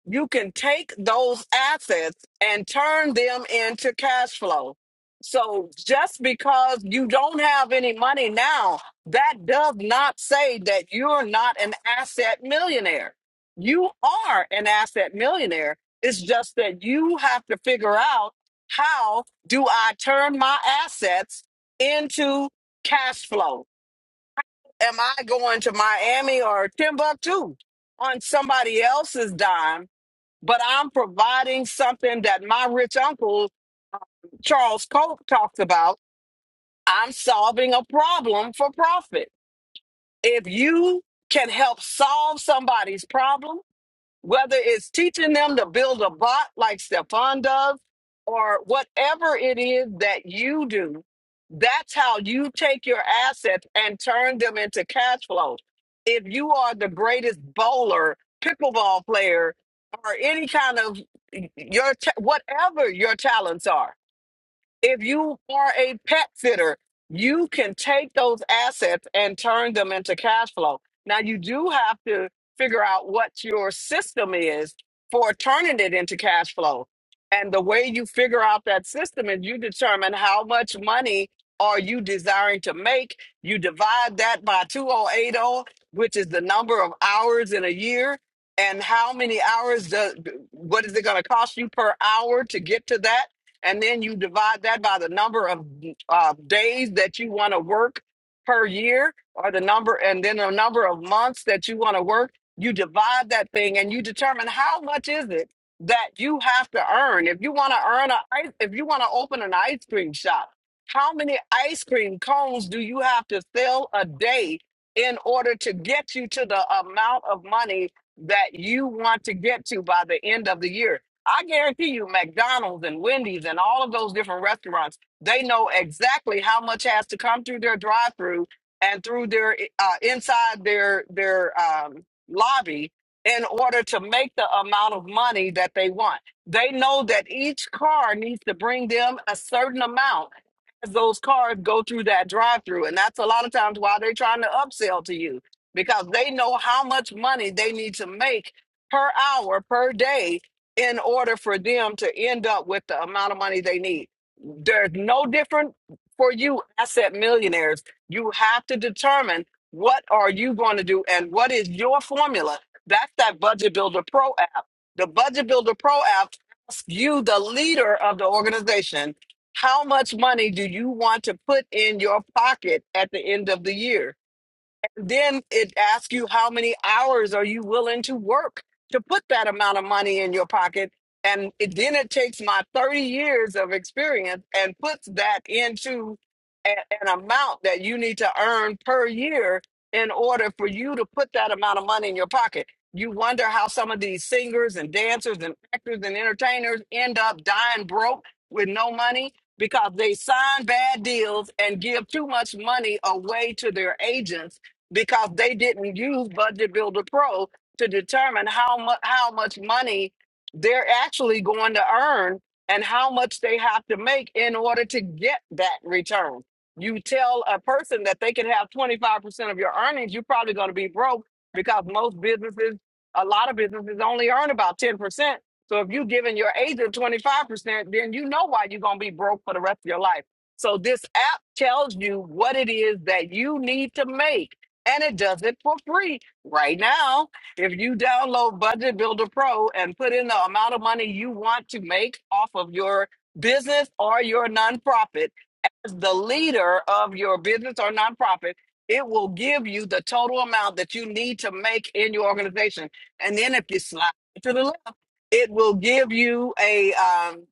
Speaker 1: You can take those assets and turn them into cash flow. So just because you don't have any money now, that does not say that you're not an asset millionaire. You are an asset millionaire. It's just that you have to figure out how do I turn my assets into cash flow? Am I going to Miami or Timbuktu on somebody else's dime? but I'm providing something that my rich uncle Charles Koch talks about. I'm solving a problem for profit. If you can help solve somebody's problem, whether it's teaching them to build a bot like Stefan does, or whatever it is that you do, that's how you take your assets and turn them into cash flow. If you are the greatest bowler, pickleball player, or any kind of your ta- whatever your talents are, if you are a pet sitter, you can take those assets and turn them into cash flow. Now, you do have to figure out what your system is for turning it into cash flow. And the way you figure out that system is you determine how much money are you desiring to make. You divide that by 2080, which is the number of hours in a year, and how many hours does what is it going to cost you per hour to get to that? and then you divide that by the number of uh, days that you want to work per year or the number and then the number of months that you want to work you divide that thing and you determine how much is it that you have to earn if you want to earn a ice- if you want to open an ice cream shop how many ice cream cones do you have to sell a day in order to get you to the amount of money that you want to get to by the end of the year I guarantee you, McDonald's and Wendy's and all of those different restaurants, they know exactly how much has to come through their drive-through and through their uh, inside their their um, lobby in order to make the amount of money that they want. They know that each car needs to bring them a certain amount as those cars go through that drive-through, and that's a lot of times why they're trying to upsell to you because they know how much money they need to make per hour per day in order for them to end up with the amount of money they need. There's no different for you asset millionaires. You have to determine what are you going to do and what is your formula. That's that Budget Builder Pro app. The Budget Builder Pro app asks you, the leader of the organization, how much money do you want to put in your pocket at the end of the year? then it asks you how many hours are you willing to work to put that amount of money in your pocket and it, then it takes my 30 years of experience and puts that into a, an amount that you need to earn per year in order for you to put that amount of money in your pocket you wonder how some of these singers and dancers and actors and entertainers end up dying broke with no money because they sign bad deals and give too much money away to their agents because they didn't use Budget Builder Pro to determine how much how much money they're actually going to earn and how much they have to make in order to get that return. You tell a person that they can have 25% of your earnings, you're probably going to be broke because most businesses, a lot of businesses only earn about 10%. So if you're giving your agent 25%, then you know why you're going to be broke for the rest of your life. So this app tells you what it is that you need to make and it does it for free right now. If you download Budget Builder Pro and put in the amount of money you want to make off of your business or your nonprofit, as the leader of your business or nonprofit, it will give you the total amount that you need to make in your organization. And then if you slide to the left, it will give you a um,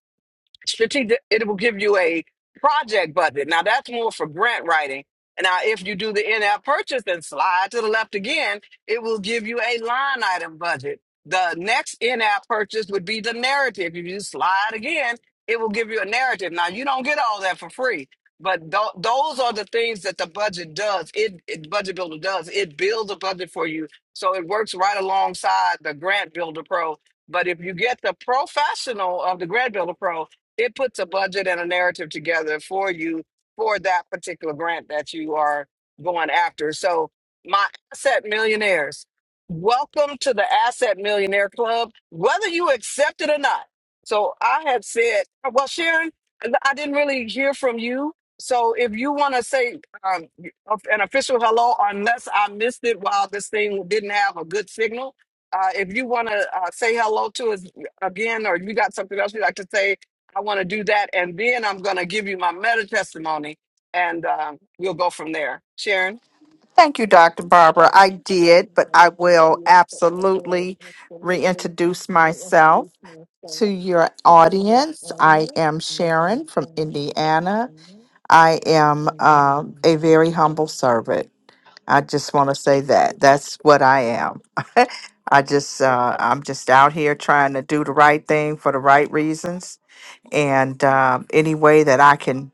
Speaker 1: strategic it will give you a project budget now that's more for grant writing and now if you do the in-app purchase and slide to the left again it will give you a line item budget the next in-app purchase would be the narrative if you slide again it will give you a narrative now you don't get all that for free but tho- those are the things that the budget does it, it budget builder does it builds a budget for you so it works right alongside the grant builder pro but if you get the professional of the grant builder pro it puts a budget and a narrative together for you for that particular grant that you are going after. So, my asset millionaires, welcome to the Asset Millionaire Club, whether you accept it or not. So, I had said, well, Sharon, I didn't really hear from you. So, if you want to say um, an official hello, unless I missed it while this thing didn't have a good signal, uh, if you want to uh, say hello to us again, or you got something else you'd like to say, I want to do that, and then I'm going to give you my meta testimony, and um, we'll go from there. Sharon.
Speaker 5: Thank you, Dr. Barbara. I did, but I will absolutely reintroduce myself to your audience. I am Sharon from Indiana. I am um, a very humble servant. I just want to say that. That's what I am. I just, uh, I'm just out here trying to do the right thing for the right reasons and um, any way that I can,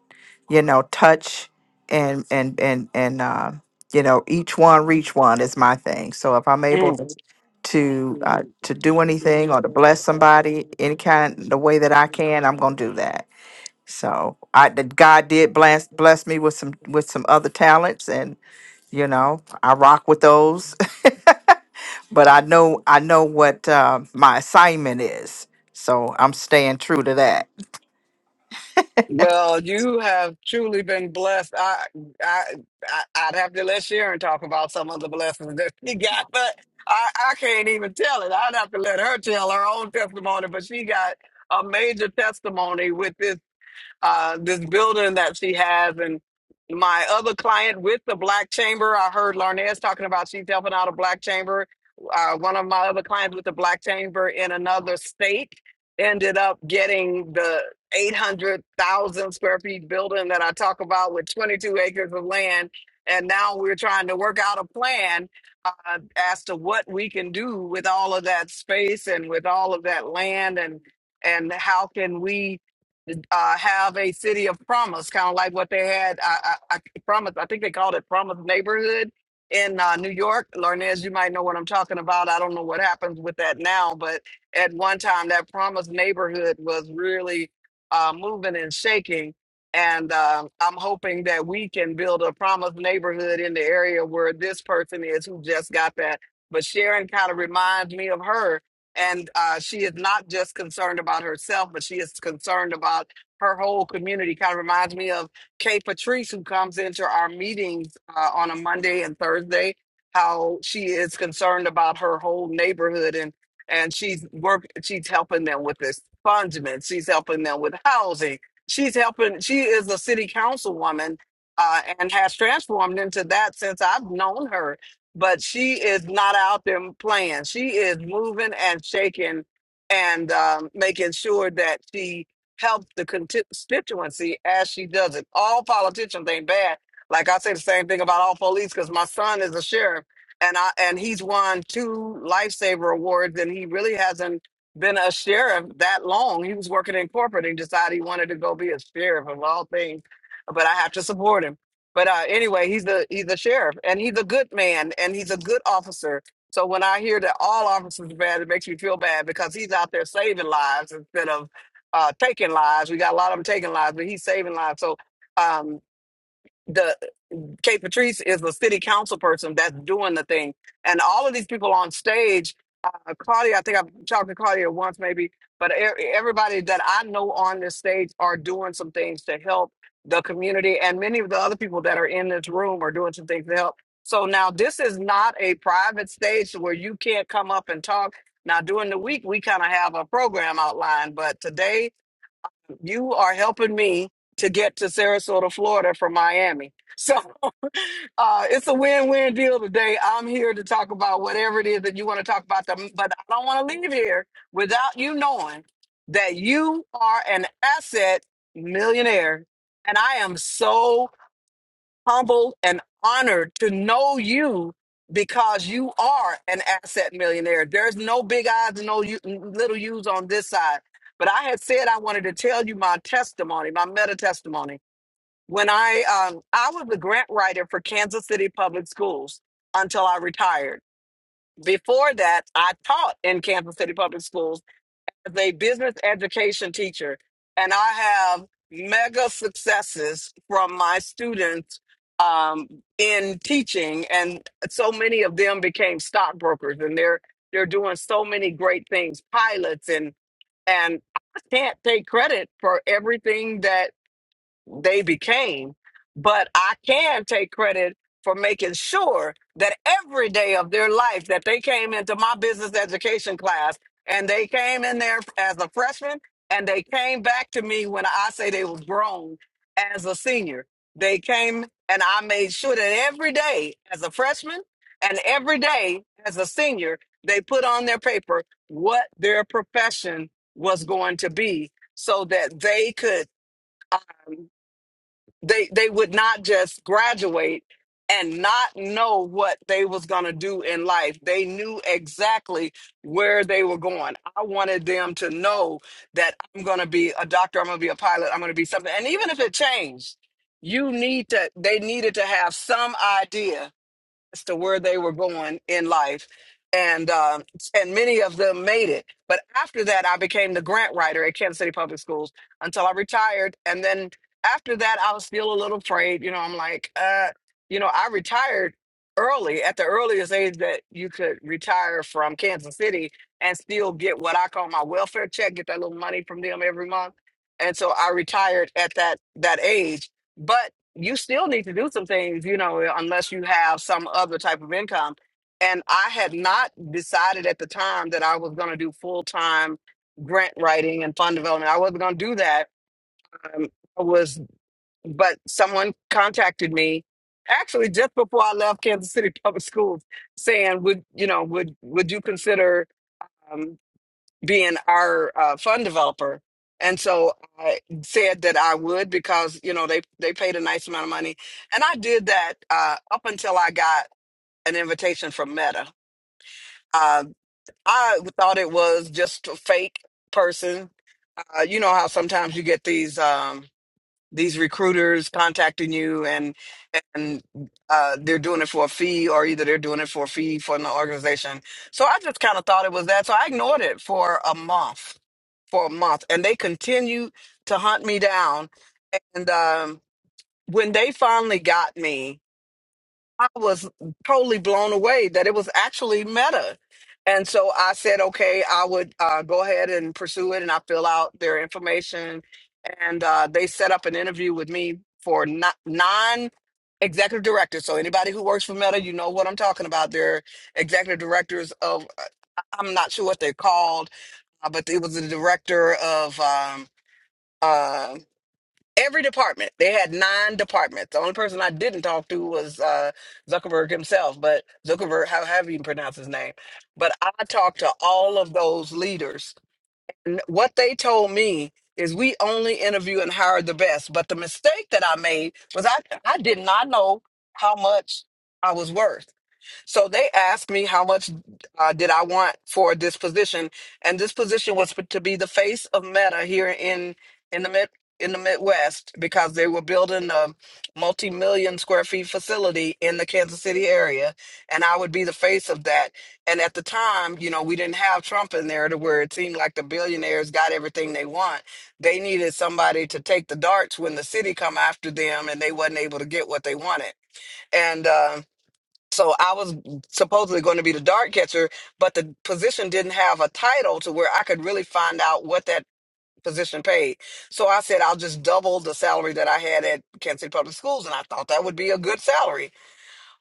Speaker 5: you know, touch and and and and uh, you know, each one reach one is my thing. So if I'm able to
Speaker 1: Mm.
Speaker 5: to uh, to do anything or to bless somebody any kind the way that I can, I'm gonna do that. So I that God did bless bless me with some with some other talents, and you know, I rock with those. but I know I know what uh, my assignment is, so I'm staying true to that.
Speaker 1: Well, you have truly been blessed. I, I, I, I'd have to let Sharon talk about some of the blessings that she got, but I, I can't even tell it. I'd have to let her tell her own testimony, but she got a major testimony with this uh, this building that she has. And my other client with the Black Chamber, I heard Larnez talking about she's helping out a Black Chamber. Uh, one of my other clients with the Black Chamber in another state ended up getting the 800,000 square feet building that I talk about with 22 acres of land. And now we're trying to work out a plan uh, as to what we can do with all of that space and with all of that land and and how can we uh, have a city of promise, kind of like what they had. I, I, I promise. I think they called it Promise Neighborhood in uh, New York. Larnez, you might know what I'm talking about. I don't know what happens with that now, but at one time, that Promise Neighborhood was really uh, moving and shaking. And um, I'm hoping that we can build a promised neighborhood in the area where this person is who just got that. But Sharon kind of reminds me of her and uh, she is not just concerned about herself, but she is concerned about her whole community. Kind of reminds me of Kay Patrice, who comes into our meetings uh, on a Monday and Thursday. How she is concerned about her whole neighborhood, and and she's work. She's helping them with this fundament. She's helping them with housing. She's helping. She is a city councilwoman. Uh, and has transformed into that since I've known her but she is not out there playing. She is moving and shaking and um, making sure that she helps the conti- constituency as she does it. All politicians ain't bad. Like I say the same thing about all police because my son is a sheriff and I and he's won two lifesaver awards and he really hasn't been a sheriff that long. He was working in corporate and decided he wanted to go be a sheriff of all things. But I have to support him. But uh, anyway, he's the he's the sheriff, and he's a good man, and he's a good officer. So when I hear that all officers are bad, it makes me feel bad because he's out there saving lives instead of uh, taking lives. We got a lot of them taking lives, but he's saving lives. So um, the Kate Patrice is a city council person that's doing the thing. And all of these people on stage, uh, Claudia, I think I've talked to Claudia once maybe, but e- everybody that I know on this stage are doing some things to help the community. And many of the other people that are in this room are doing some things to help. So now this is not a private stage where you can't come up and talk. Now, during the week, we kind of have a program outlined, but today you are helping me to get to Sarasota, Florida from Miami. So Uh, it's a win-win deal today. I'm here to talk about whatever it is that you want to talk about, them, but I don't want to leave here without you knowing that you are an asset millionaire, and I am so humbled and honored to know you because you are an asset millionaire. There's no big eyes and no u- little U's on this side. But I had said I wanted to tell you my testimony, my meta testimony when I um, I was a grant writer for Kansas City Public Schools until I retired. Before that, I taught in Kansas City Public Schools as a business education teacher, and I have mega successes from my students um, in teaching, and so many of them became stockbrokers, and they're they're doing so many great things, pilots, and and I can't take credit for everything that they became, but I can take credit for making sure that every day of their life that they came into my business education class and they came in there as a freshman and they came back to me when I say they were grown as a senior. They came and I made sure that every day as a freshman and every day as a senior, they put on their paper what their profession was going to be so that they could they they would not just graduate and not know what they was going to do in life they knew exactly where they were going i wanted them to know that i'm going to be a doctor i'm going to be a pilot i'm going to be something and even if it changed you need to they needed to have some idea as to where they were going in life and um, and many of them made it but after that i became the grant writer at kansas city public schools until i retired and then after that i was still a little afraid you know i'm like uh you know i retired early at the earliest age that you could retire from kansas city and still get what i call my welfare check get that little money from them every month and so i retired at that that age but you still need to do some things, you know, unless you have some other type of income. And I had not decided at the time that I was going to do full time grant writing and fund development. I wasn't going to do that. Um, I was, but someone contacted me actually just before I left Kansas City Public Schools, saying, "Would you know? Would would you consider?" um, being our uh, fund developer. And so I said that I would because you know they they paid a nice amount of money, and I did that uh, up until I got an invitation from Meta. Uh, I thought it was just a fake person. Uh, you know how sometimes you get these um, these recruiters contacting you, and and uh, they're doing it for a fee, or either they're doing it for a fee for an organization. So I just kind of thought it was that. So I ignored it for a month for a month and they continued to hunt me down and um when they finally got me i was totally blown away that it was actually meta and so i said okay i would uh, go ahead and pursue it and i fill out their information and uh, they set up an interview with me for not nine executive directors so anybody who works for meta you know what i'm talking about they're executive directors of uh, i'm not sure what they're called uh, but it was the director of um, um every department they had nine departments the only person i didn't talk to was uh zuckerberg himself but zuckerberg how have you even pronounced his name but i talked to all of those leaders N- what they told me is we only interview and hire the best but the mistake that i made was i i did not know how much i was worth so they asked me how much uh, did I want for this position, and this position was to be the face of Meta here in in the mid in the Midwest because they were building a multi-million square feet facility in the Kansas City area, and I would be the face of that. And at the time, you know, we didn't have Trump in there to where it seemed like the billionaires got everything they want. They needed somebody to take the darts when the city come after them, and they wasn't able to get what they wanted. And um so I was supposedly going to be the dart catcher, but the position didn't have a title to where I could really find out what that position paid. So I said, I'll just double the salary that I had at Kansas City Public Schools. And I thought that would be a good salary.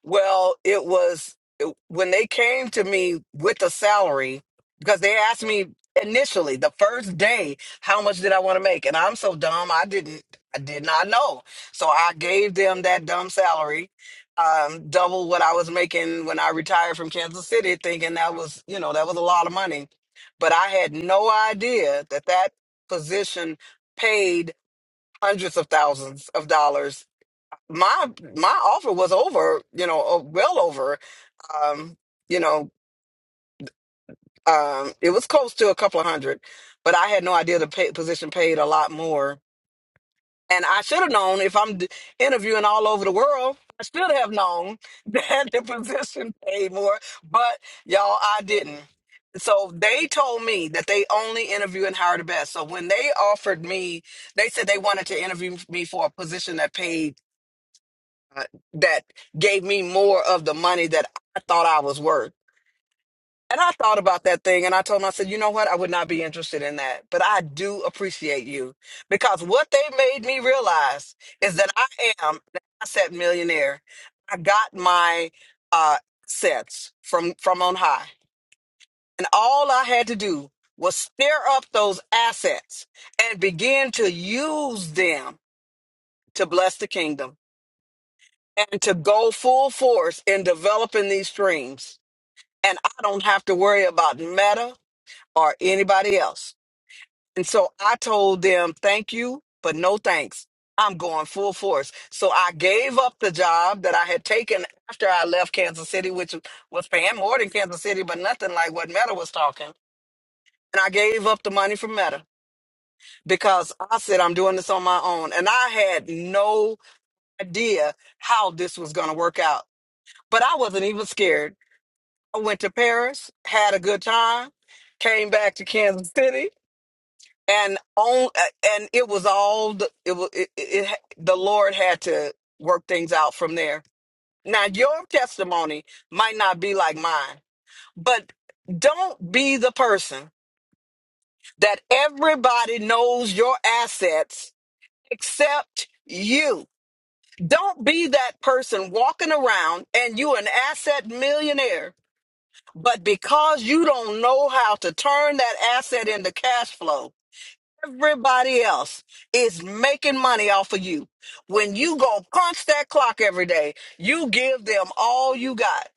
Speaker 1: Well, it was it- when they came to me with the salary because they asked me initially the first day how much did I want to make, and I'm so dumb I didn't I did not know, so I gave them that dumb salary, um, double what I was making when I retired from Kansas City, thinking that was you know that was a lot of money, but I had no idea that that position paid hundreds of thousands of dollars my my offer was over, you know, uh, well over. Um, you know, um, it was close to a couple of hundred, but I had no idea the pay, position paid a lot more. And I should have known if I'm d- interviewing all over the world, I should have known that the position paid more. But y'all, I didn't. So they told me that they only interview and hire the best. So when they offered me, they said they wanted to interview me for a position that paid uh, that gave me more of the money that I thought I was worth. And I thought about that thing and I told him, I said, you know what? I would not be interested in that. But I do appreciate you because what they made me realize is that I am an asset millionaire. I got my uh, assets from, from on high. And all I had to do was stir up those assets and begin to use them to bless the kingdom. and to go full force in developing these dreams. And I don't have to worry about Meta or anybody else. And so I told them, thank you, but no thanks. I'm going full force. So I gave up the job that I had taken after I left Kansas City, which was paying more than Kansas City, but nothing like what Meta was talking. And I gave up the money for Meta because I said, I'm doing this on my own. And I had no idea how this was going to work out. But I wasn't even scared I went to Paris, had a good time, came back to Kansas City, and on uh, and it was all the, it was it, it, it- the Lord had to work things out from there. Now your testimony might not be like mine, but don't be the person that everybody knows your assets except you. Don't be that person walking around and you an asset millionaire But because you don't know how to turn that asset into cash flow, everybody else is making money off of you. When you go punch that clock every day, you give them all you got.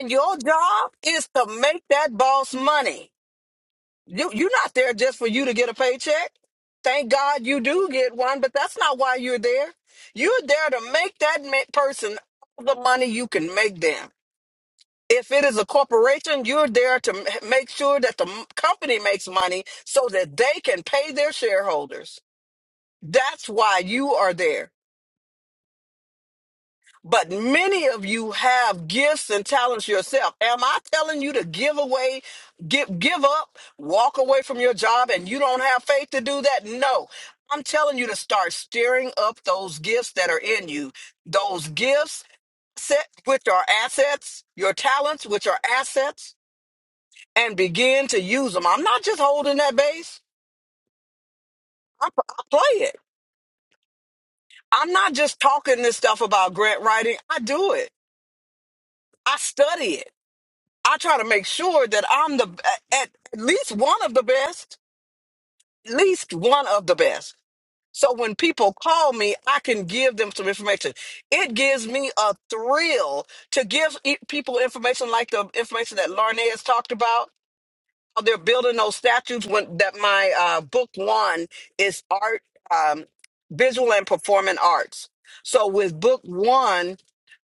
Speaker 1: And your job is to make that boss money. You, you're not there just for you to get a paycheck. Thank God you do get one, but that's not why you're there. You're there to make that ma- person all the money you can make them. If it is a corporation, you're there to m- make sure that the m- company makes money so that they can pay their shareholders. That's why you are there. But many of you have gifts and talents yourself. Am I telling you to give away, give give up, walk away from your job and you don't have faith to do that? No. I'm telling you to start stirring up those gifts that are in you. Those gifts set which are assets, your talents which are assets and begin to use them. I'm not just holding that bass. I, p- I play it. I'm not just talking this stuff about grant writing. I do it. I study it. I try to make sure that I'm the at, at least one of the best, at least one of the best. So when people call me, I can give them some information. It gives me a thrill to give e- people information like the information that Larnay has talked about they're building those statues when that my uh book one is art um visual and performing arts so with book one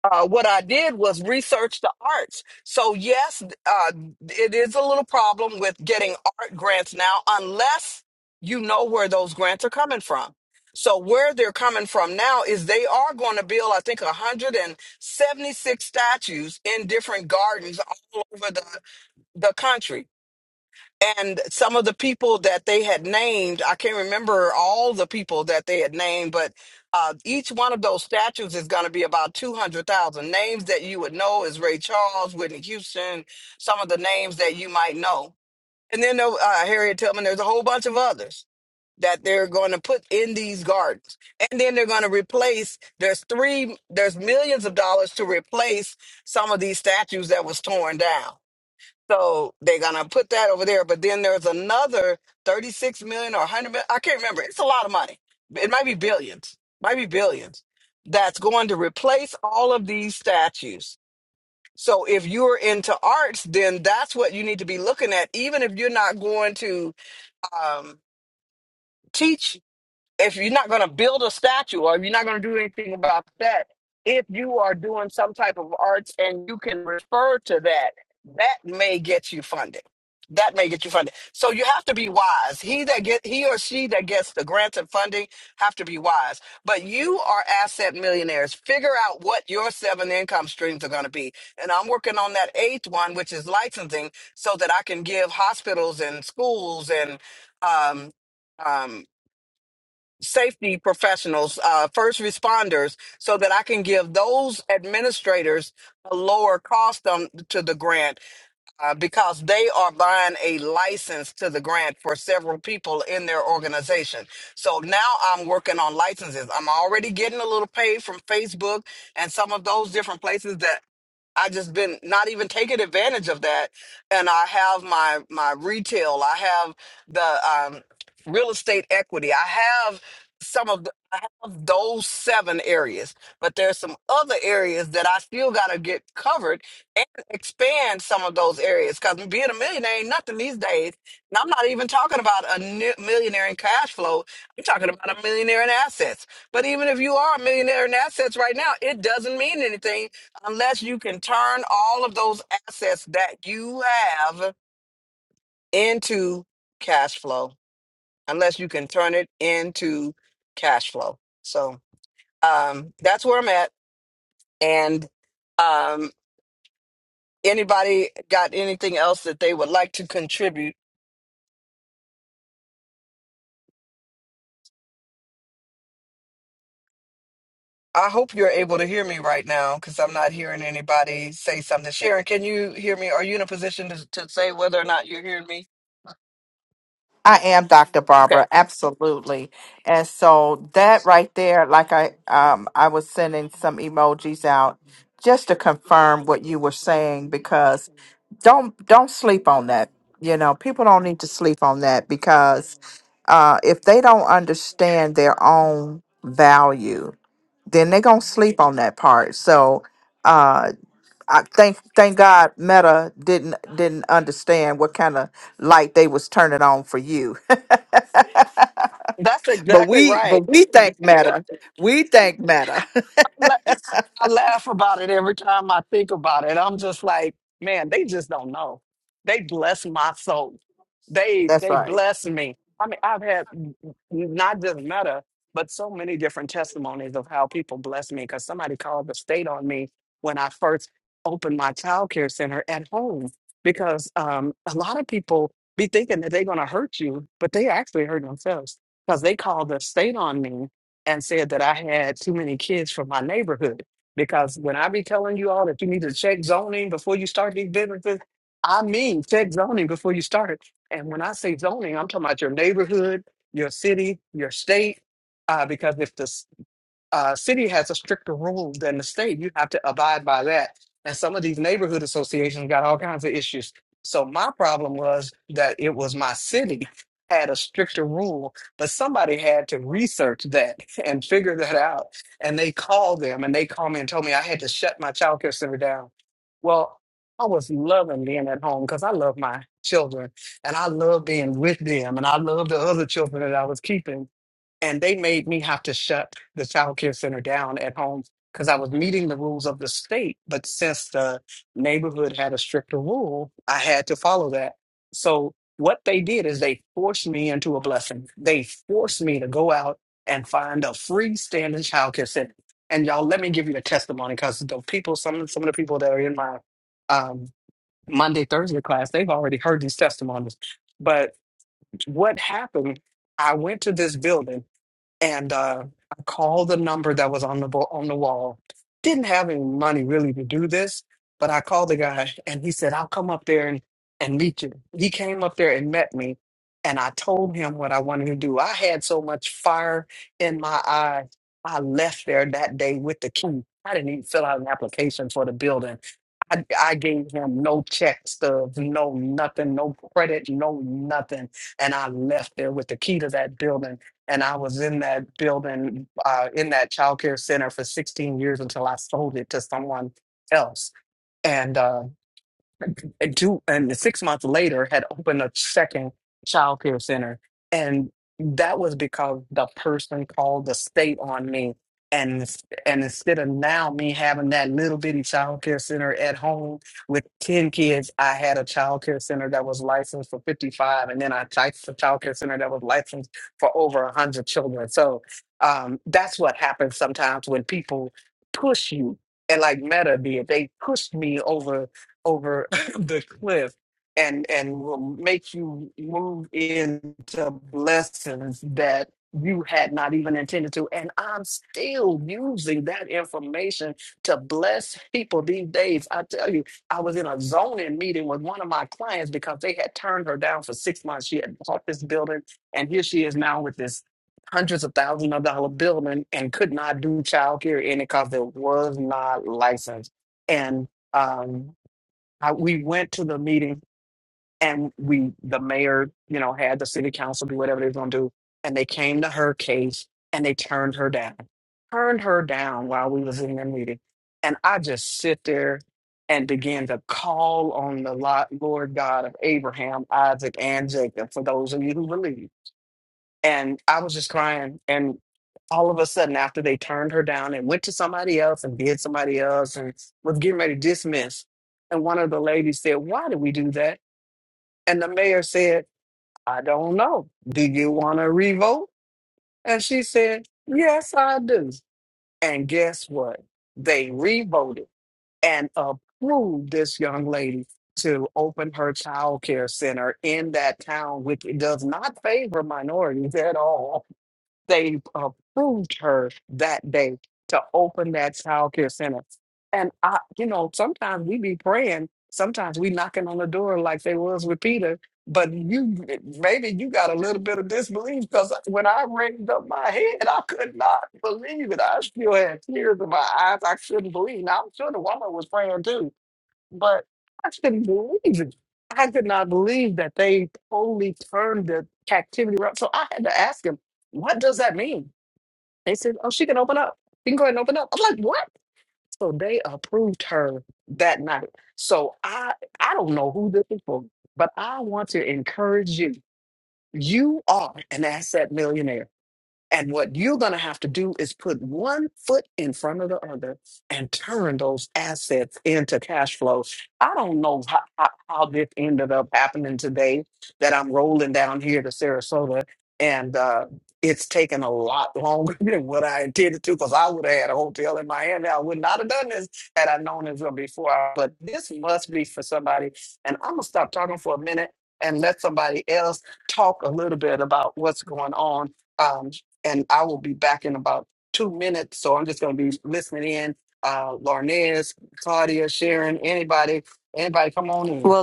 Speaker 1: uh, what I did was research the arts. So yes, uh, it is a little problem with getting art grants now, unless you know where those grants are coming from. So where they're coming from now is they are going to build, I think, 176 statues in different gardens all over the the country and some of the people that they had named i can't remember all the people that they had named but uh, each one of those statues is going to be about 200000 names that you would know is ray charles whitney houston some of the names that you might know and then there- uh, harriet tubman there's a whole bunch of others that they're going to put in these gardens and then they're going to replace there's three there's millions of dollars to replace some of these statues that was torn down so they're gonna put that over there, but then there's another 36 million or 100 million. I can't remember. It's a lot of money. It might be billions, might be billions. That's going to replace all of these statues. So if you're into arts, then that's what you need to be looking at. Even if you're not going to um, teach if you're not going to build a statue or if you're not going to do anything about that, if you are doing some type of arts and you can refer to that, that may get you funding. That may get you funding. So you have to be wise. He that get he or she that gets the grants and funding have to be wise. But you are asset millionaires. Figure out what your seven income streams are going to be. And I'm working on that eighth one, which is licensing, so that I can give hospitals and schools and um, um, safety professionals, uh, first responders, so that I can give those administrators a lower cost on, to the grant uh, because they are buying a license to the grant for several people in their organization. So now I'm working on licenses. I'm already getting a little pay from Facebook and some of those different places that I just been not even taking advantage of that. And I have my my retail, I have the um, real estate equity, I have some of the, I have those seven areas, but there's some other areas that I still got to get covered and expand some of those areas. Because being a millionaire ain't nothing these days, and I'm not even talking about a ni- millionaire in cash flow. I'm talking about a millionaire in assets. But even if you are a millionaire in assets right now, it doesn't mean anything unless you can turn all of those assets that you have into cash flow, unless you can turn it into cash flow. So um, that's where I'm at. And um, anybody got anything else that they would like to contribute? I hope you're able to hear me right now because I'm not hearing anybody say something. Sharon, can you hear me? Are you in a position to, to say whether or not you're hearing me?
Speaker 5: I am Dr.
Speaker 1: Okay.
Speaker 5: Barbara, absolutely. And so that right there, like I um I was sending some emojis out just to confirm what you were saying because don't don't sleep on that. You know, people don't need to sleep on that because uh if they don't understand their own value, then they're gonna sleep on that part. So uh I thank thank God Meta didn't didn't understand what kind of light they was turning on for you but we but we think matter. We think matter. That's right.
Speaker 1: stricter rule than the state. You have to abide by that. And some of these neighborhood associations got all kinds of issues. So my problem was that it was my city had a stricter rule, but somebody had to research that and figure that out. And they called them and they called me and told me I had to shut my childcare center down. Well, I was loving being at home because I love my children and I love being with them and I love the other children that I was keeping and they made me have to shut the child care center down at home because I was meeting the rules of the state. But since the neighborhood had a stricter rule, I had to follow that. So what they did is they forced me into a blessing. They forced me to go out and find a freestanding child care center. And y'all, let me give you the testimony because the people, some some of the people that are in my um, Monday Thursday class, they've already heard these testimonies. But what happened? I went to this building and uh, I called the number that was on the bo- on the wall. Didn't have any money really to do this, but I called the guy, and he said, "I'll come up there and and meet you." He came up there and met me, and I told him what I wanted to do. I had so much fire in my eyes. I left there that day with the key. I didn't even fill out an application for the building. I, I gave him no check stubs, no nothing, no credit, no nothing. And I left there with the key to that building and I was in that building, uh, in that childcare center for 16 years until I sold it to someone else. And, uh, and two and six months later had opened a second child care center and that was because the person called the state on me and ins- and instead of now me having that little bitty child care center at home with 10 kids i had a child care center that was licensed for 55 and then i typed a child care center that was licensed for over 100 children so um, that's what happens sometimes when people push you and like meta did they pushed me over over the cliff and and will make you move into blessings that you had not even intended to and i'm still using that information to bless people these days i tell you i was in a zoning meeting with one of my clients because they had turned her down for six months she had bought this building and here she is now with this hundreds of thousands of dollar building and could not do childcare in it because it was not licensed and um, I, we went to the meeting and we the mayor you know had the city council do whatever they were going to do and they came to her case and they turned her down turned her down while we was in the meeting and i just sit there and begin to call on the lot lord god of abraham isaac and jacob for those of you who believe and I was just crying. And all of a sudden, after they turned her down and went to somebody else and did somebody else and was getting ready to dismiss, and one of the ladies said, "Why did we do that?" And the mayor said, "I don't know. Do you want to revote?" And she said, "Yes, I do." And guess what? They revoted and approved this young lady to open her child care center in that town, which does not favor minorities at all they approved her that day to open that child care center. And I, you know, sometimes we be praying, sometimes we knocking on the door like they was with Peter. But you, maybe you got a little bit of disbelief because when I raised up my head, I could not believe it. I still had tears in my eyes. I couldn't believe. Now I'm sure the woman was praying too but I couldn't believe it. I could not believe that they totally turned the captivity around. So I had to ask him, what does that mean? They said, oh, she can open up. She can go ahead and open up. I'm like, what? So they approved her that night. So I I don't know who this is for, but I want to encourage you. You are an asset millionaire. And what you're going to have to do is put one foot in front of the other and turn those assets into cash flow. I don't know how, how, how this ended up happening today that I'm rolling down here to Sarasota and uh, it's taken a lot longer than what I intended to because I would have had a hotel in Miami. I would not have done this had I known this before. But this must be for somebody. And I'm going to stop talking for a minute and let somebody else talk a little bit about what's going on Um, and I will be back in about two minutes. So I'm just going to be listening in. Uh, Larnez, Claudia, Sharon, anybody, anybody, come on in.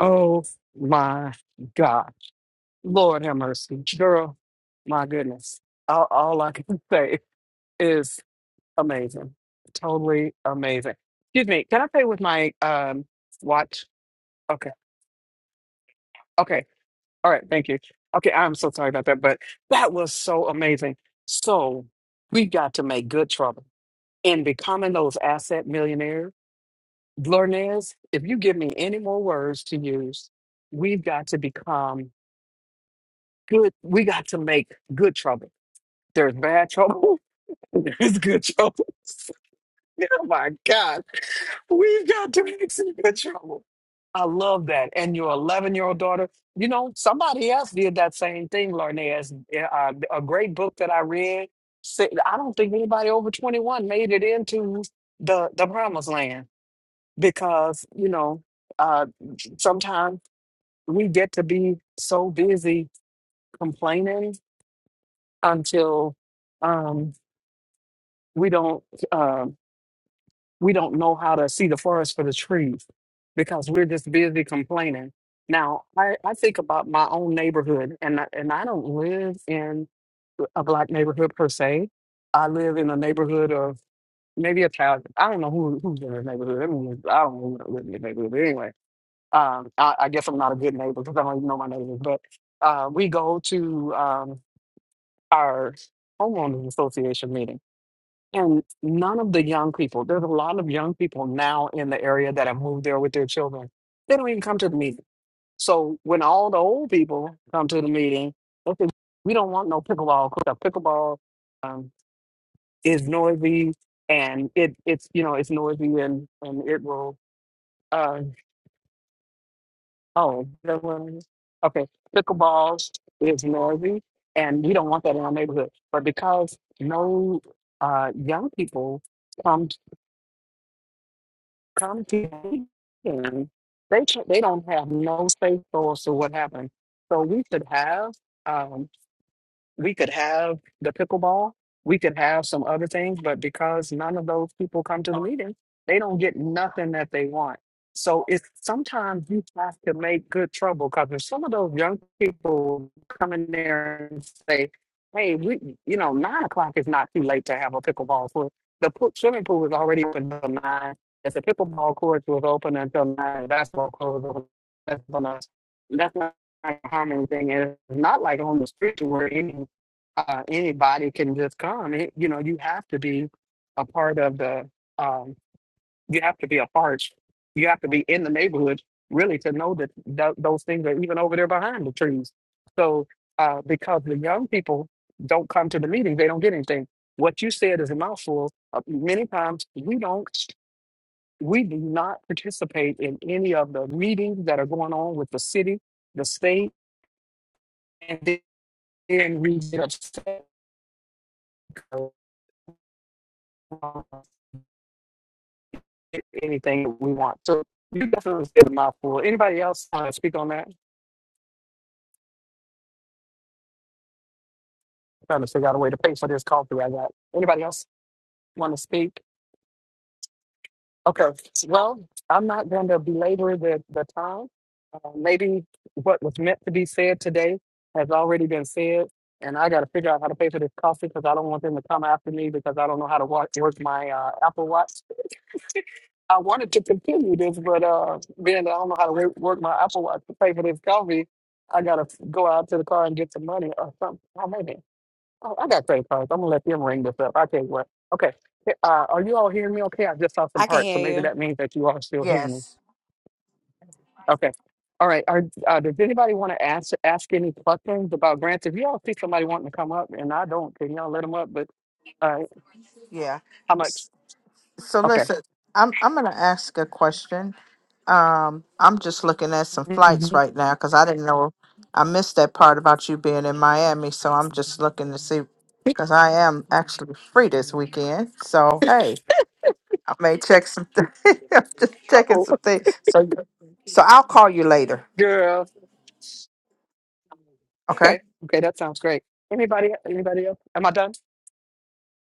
Speaker 1: Oh my God, Lord have mercy, girl, my goodness. All, all I can say is amazing, totally amazing. Excuse me, can I play with my um watch? Okay, okay, all right, thank you. Okay, I'm so sorry about that, but that was so amazing. So we got to make good trouble In becoming those asset millionaires. Lornez, if you give me any more words to use, we've got to become good. We got to make good trouble. There's bad trouble. There's good trouble. Oh my God. We've got to make some good trouble. I love that. And your 11 year old daughter, you know, somebody else did that same thing, Lornez. Uh, a great book that I read. said- I don't think anybody over 21 made it into the, the promised land because you know uh sometimes we get to be so busy complaining until um we don't uh, we don't know how to see the forest for the trees because we're just busy complaining now i i think about my own neighborhood and I, and i don't live in a black neighborhood per se i live in a neighborhood of maybe a thousand i don't know who who's in the neighborhood everyone i don't know who live in the neighborhood but anyway Um, I, I guess I'm not a good neighbor because I don't even know my neighbors, but uh, we go to um, our homeowners association meeting. And none of the young people, there's a lot of young people now in the area that have moved there with their children. They don't even come to the meeting. So when all the old people come to the meeting, they say, we don't want no pickleball. 'cause the Pickleball um, is noisy and it, it's, you know, it's noisy and, and it will uh, Oh, the ones. Okay, pickleball is noisy, and we don't want that in our neighborhood. But because no uh, young people come come to and they ca- they don't have no safe source of what happened. So we should have. um, we could have the pickleball, we could have some other things, but because none of those people come to the meeting, they don't get nothing that they want. So it's sometimes you have to make good trouble because if some of those young people come in there and say, "Hey, we, you know, nine o'clock is not too late to have a pickleball court. The pool, swimming pool is already open until nine. If the pickleball court was open until nine, that's what closed. That's on us. That's not like a harming thing. And it's not like on the street where any uh, anybody can just come. It, you know, you have to be a part of the. Um, you have to be a part. You have to be in the neighborhood really to know that th- those things are even over there behind the trees. So uh, because the young people don't come to the meeting, they don't get anything. What you said is a mouthful. Uh, many times we don't. We do not participate in any of the meetings that are going on with the city, the state, and then we get upset anything that we want. So you definitely said a mouthful. Anybody else want to speak on that? I'm trying to figure out a way to pay for this call through. I got. Anybody else want to speak? Okay, well, I'm not going to belabor the, the time. Uh, maybe what was meant to be said today has already been said, and I got to figure out how to pay for this coffee because I don't want them to come after me because I don't know how to watch, work my uh, Apple Watch. I wanted to continue this, but uh, being that I don't know how to work work my Apple Watch to pay for this coffee, I got to go out to the car and get some money or something. Oh, man. Oh, I got great cards. I'm gonna let them ring this up. I tell you what. Okay. Hey, Uh, are you all hearing me? Okay, I just saw some parts, so maybe that means that you are still hearing me.
Speaker 5: Yes.
Speaker 1: Okay. All right. Are, uh, does anybody want to ask ask any questions about grants? If y'all see somebody wanting to come up, and I don't, can y'all let them up? But uh,
Speaker 5: Yeah.
Speaker 1: how much?
Speaker 5: So
Speaker 1: Okay.
Speaker 5: listen, I'm I'm gonna ask a question. Um, I'm just looking at some flights right now because I didn't know I missed that part about you being in Miami. So I'm just looking to see because I am actually free this weekend. So hey, I may check some. Th- I'm just
Speaker 1: Uh
Speaker 5: checking
Speaker 1: oh,
Speaker 5: some things. So so I'll call you later.
Speaker 1: girl.
Speaker 5: Okay.
Speaker 1: Okay. Okay, that sounds great. Anybody? Anybody else? Am I done?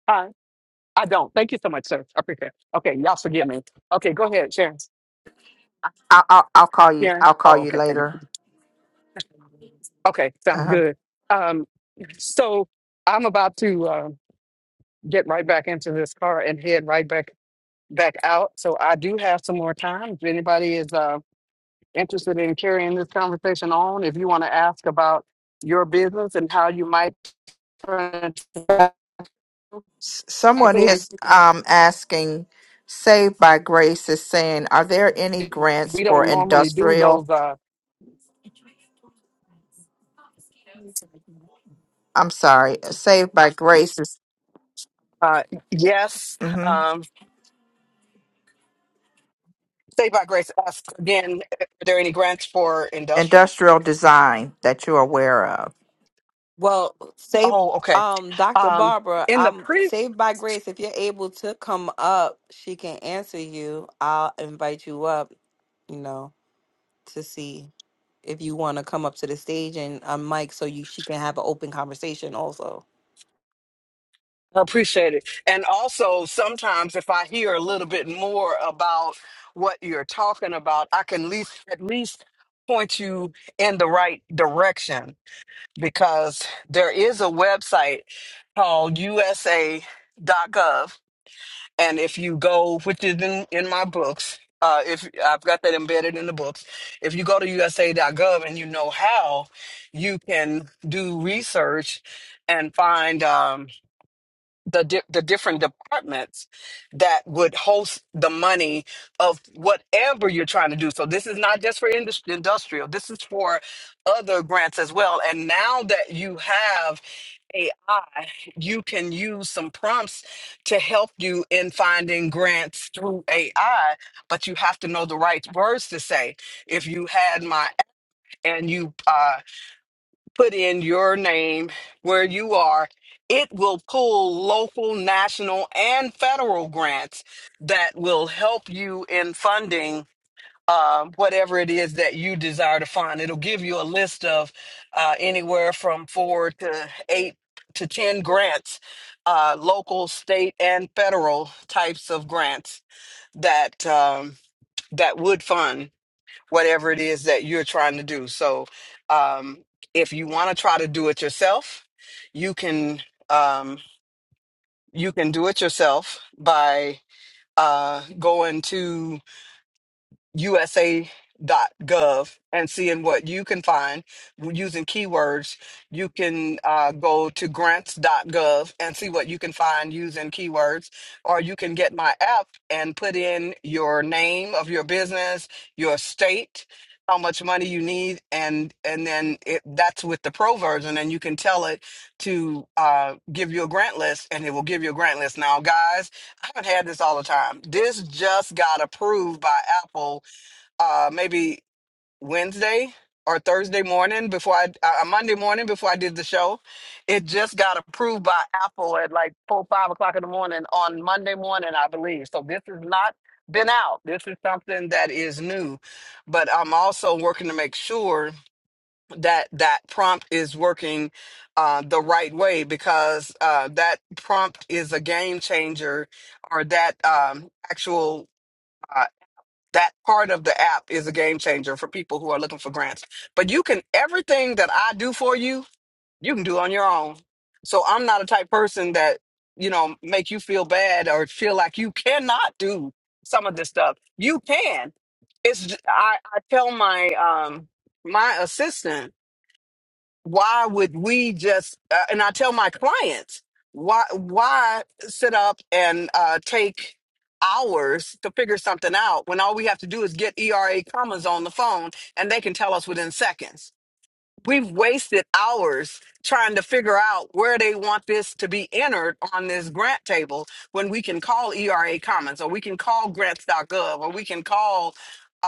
Speaker 1: Hi. I don't. Thank you so much, sir. I appreciate it. Okay, y'all forgive me. Okay, go ahead, Sharon.
Speaker 5: I'll I'll, I'll call you.
Speaker 1: Sharon.
Speaker 5: I'll call
Speaker 1: Oh,
Speaker 5: you later.
Speaker 1: okay. Okay,
Speaker 5: Uh
Speaker 1: sound
Speaker 5: huh.
Speaker 1: good. Um, so I'm about to uh, get right back into this car and head right back back out. So I do have some more time. If anybody is uh, interested in carrying this conversation on, if you want to ask about your business and how you might turn it
Speaker 5: S- Someone
Speaker 1: to-
Speaker 5: is um, asking, Saved by Grace is saying, are there any grants
Speaker 1: we
Speaker 5: for
Speaker 1: don't normally do
Speaker 5: industrial?
Speaker 1: those uh,
Speaker 5: I'm sorry, Saved by Grace is
Speaker 1: uh, yes
Speaker 5: mhm,
Speaker 1: um say by grace asked again are there any grants for industrial
Speaker 5: industrial design that you're aware of.
Speaker 1: oh okay um in the pre I appreciate it. And also, sometimes if I hear a little bit more about what you're talking about, I can at least, at least point you in the right direction because there is a website called USA.gov. And if you go, which is in, in my books, uh, if I've got that embedded in the books, if you go to USA.gov and you know how, you can do research and find. Um, the di- the different departments that would host the money of whatever you're trying to do. So this is not just for industry, industrial. This is for other grants as well. And now that you have AI, you can use some prompts to help you in finding grants through AI. But you have to know the right words to say. If you had my and you uh, put in your name where you are, it will pull local, national, and federal grants that will help you in funding uh, whatever it is that you desire to fund. It'll give you a list of uh, anywhere from four to eight to 10 grants, uh, local, state, and federal types of grants that. Um, that would fund whatever it is that you're trying to do. So, um, if you want to try to do it yourself, you can um, you can do it yourself by uh, going to usa.gov and seeing what you can find using keywords. You can uh, go to grants.gov and see what you can find using keywords, or you can get my app and put in your name of your business, your state, how much money you need, and and then it, that's with the pro version, and you can tell it to uh, give you a grant list, and it will give you a grant list. Now, guys, I haven't had this all the time. This just got approved by Apple uh, maybe Wednesday or Thursday morning before I uh, uh, Monday morning before I did the show. It just got approved by Apple at like four five o'clock in the morning on Monday morning, I believe. So this has not been out. This is something that is new, but I'm also working to make sure that that prompt is working uh, the right way because uh, that prompt is a game changer, or that um, actual. uh, that part of the app is a game changer for people who are looking for grants. But you can everything that I do for you, you can do on your own. So I'm not a type person that, you know, make you feel bad or feel like you cannot do some of this stuff. You can. It's j- I, I tell my um my assistant why would we just uh, and i tell my clients why why sit up and uh, take hours to figure something out when all we have to do is get era commas on the phone and they can tell us within seconds We've wasted hours trying to figure out where they want this to be entered on this grant table when we can call ERA Commons or we can call grants.gov or we can call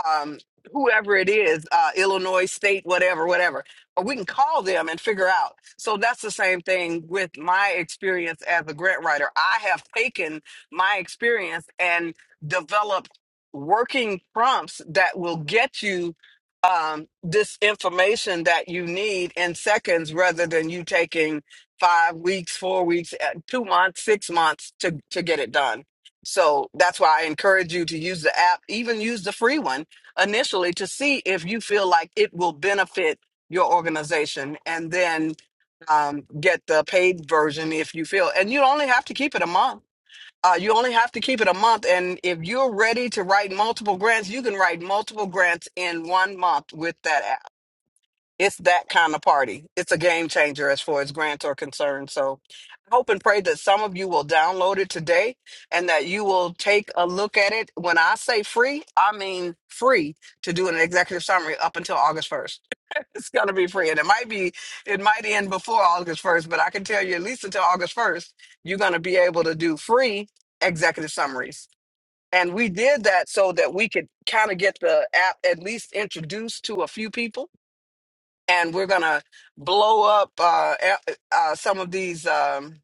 Speaker 1: um, whoever it is, uh, Illinois State, whatever, whatever. Or we can call them and figure out. So that's the same thing with my experience as a grant writer. I have taken my experience and developed working prompts that will get you um, this information that you need in seconds rather than you taking five weeks, four weeks, uh, two months, six months to, to get it done. So that's why I encourage you to use the app, even use the free one initially to see if you feel like it will benefit your organization and then um, get the paid version if you feel. And you only have to keep it a month uh, you only have to keep it a month, and if you're ready to write multiple grants, you can write multiple grants in one month with that app. It's that kind of party. It's a game changer as far as grants are concerned. So I hope and pray that some of you will download it today and that you will take a look at it. When I say free, I mean free to do an executive summary up until August 1st. It's gonna be free, and it might be it might end before August first, but I can tell you at least until August first, you're gonna be able to do free executive summaries. And we did that so that we could kind of get the app at least introduced to a few people, and we're gonna blow up uh, a- uh, some of these. Um,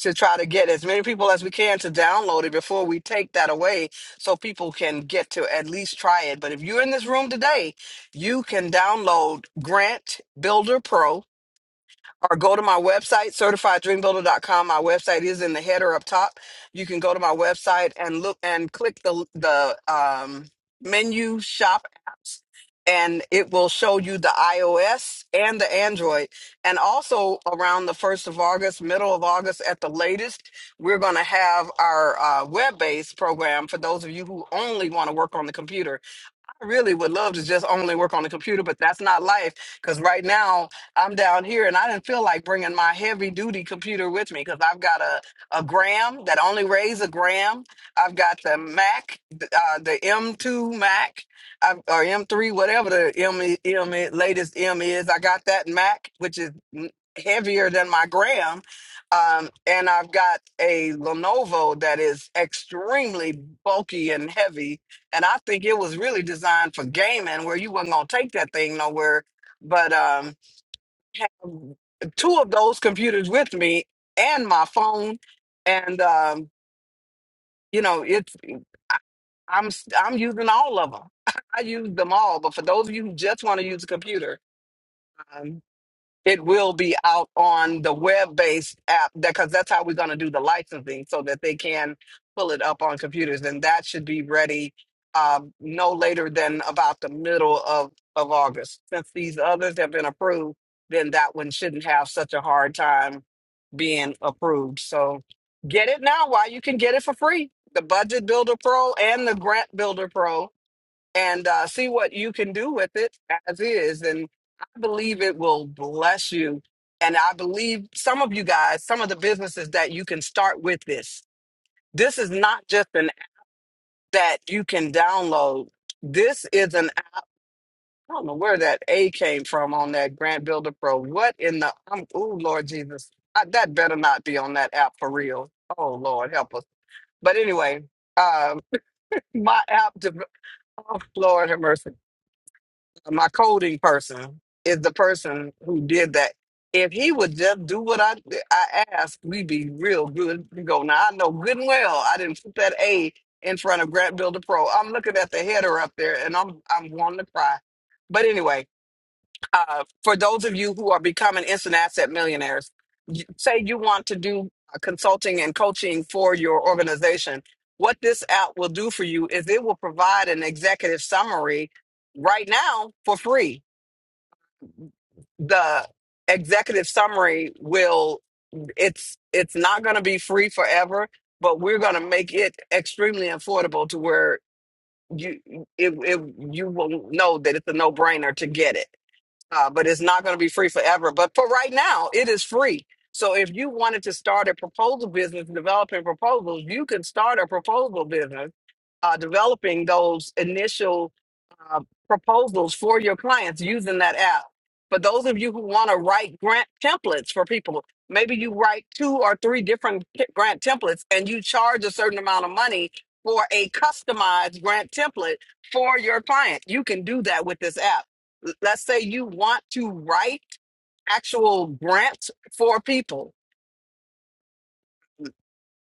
Speaker 1: to try to get as many people as we can to download it before we take that away so people can get to at least try it. But if you're in this room today, you can download Grant Builder Pro or go to my website, certifieddreambuilder.com. My website is in the header up top. You can go to my website and look and click the the um, menu shop apps, and it will show you the iOS and the Android. And also around the first of August, middle of August at the latest, we're going to have our uh, web based program for those of you who only want to work on the computer I really would love to just only work on the computer, but that's not life. Because right now I'm down here and I didn't feel like bringing my heavy duty computer with me because I've got a, a Gram that only weighs a gram. I've got the Mac, th- uh, the M2 Mac I've, or M3, whatever the M, i- M i- latest M is. I got that Mac, which is n- heavier than my Gram. Um, and I've got a Lenovo that is extremely bulky and heavy and I think it was really designed for gaming, where you wasn't gonna take that thing nowhere. But um, have two of those computers with me and my phone, and um, you know, it's I, I'm s- I'm using all of them. I use them all. But for those of you who just want to use a computer, um, it will be out on the web-based app because that's how we're going to do the licensing so that they can pull it up on computers and that should be ready um, no later than about the middle of, of august since these others have been approved then that one shouldn't have such a hard time being approved so get it now while you can get it for free the budget builder pro and the grant builder pro and uh, see what you can do with it as is. And I believe it will bless you. And I believe some of you guys, some of the businesses that you can start with this. This is not just an app that you can download. This is an I don't know where that A came from on that Grant Builder Pro. What in the um, oh Lord Jesus, I, that better not be on that app for real. Oh Lord, help us. But anyway, um, my app, de- oh Lord have mercy my coding person is the person who did that. If he would just do what I I asked, we'd be real good to go. Now I know good and well I didn't put that A in front of Grant Builder Pro. I'm looking at the header up there and I'm I'm wanting to cry. But anyway, uh, for those of you who are becoming instant asset millionaires, y- say you want to do uh, consulting and coaching for your organization. What this app will do for you is it will provide an executive summary right now for free. The executive summary will it's it's not going to be free forever, but we're going to make it extremely affordable to where you it, it you will know that it's a no brainer to get it uh, but it's not going to be free forever. But for right now, it is free. So if you wanted to start a proposal business, developing proposals, you can start a proposal business, uh, developing those initial uh, proposals for your clients using that app. For those of you who want to write grant templates for people, maybe you write two or three different ki- grant templates and you charge a certain amount of money for a customized grant template for your client. You can do that with this app. L- Let's say you want to write actual grants for people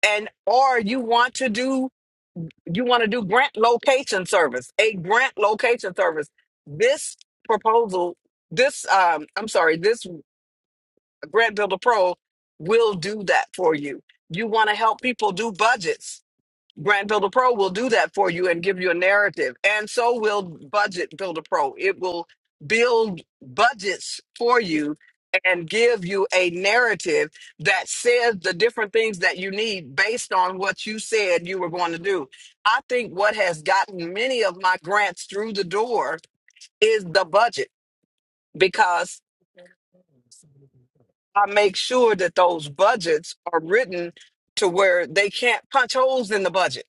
Speaker 1: and or you want to do you want to do grant location service, a grant location service. This proposal, this um, I'm sorry, this Grant Builder Pro will do that for you. You want to help people do budgets Brand Builder Pro will do that for you and give you a narrative. And so will Budget Builder Pro. It will build budgets for you and give you a narrative that says the different things that you need based on what you said you were going to do. I think what has gotten many of my grants through the door is the budget because I make sure that those budgets are written to where they can't punch holes in the budget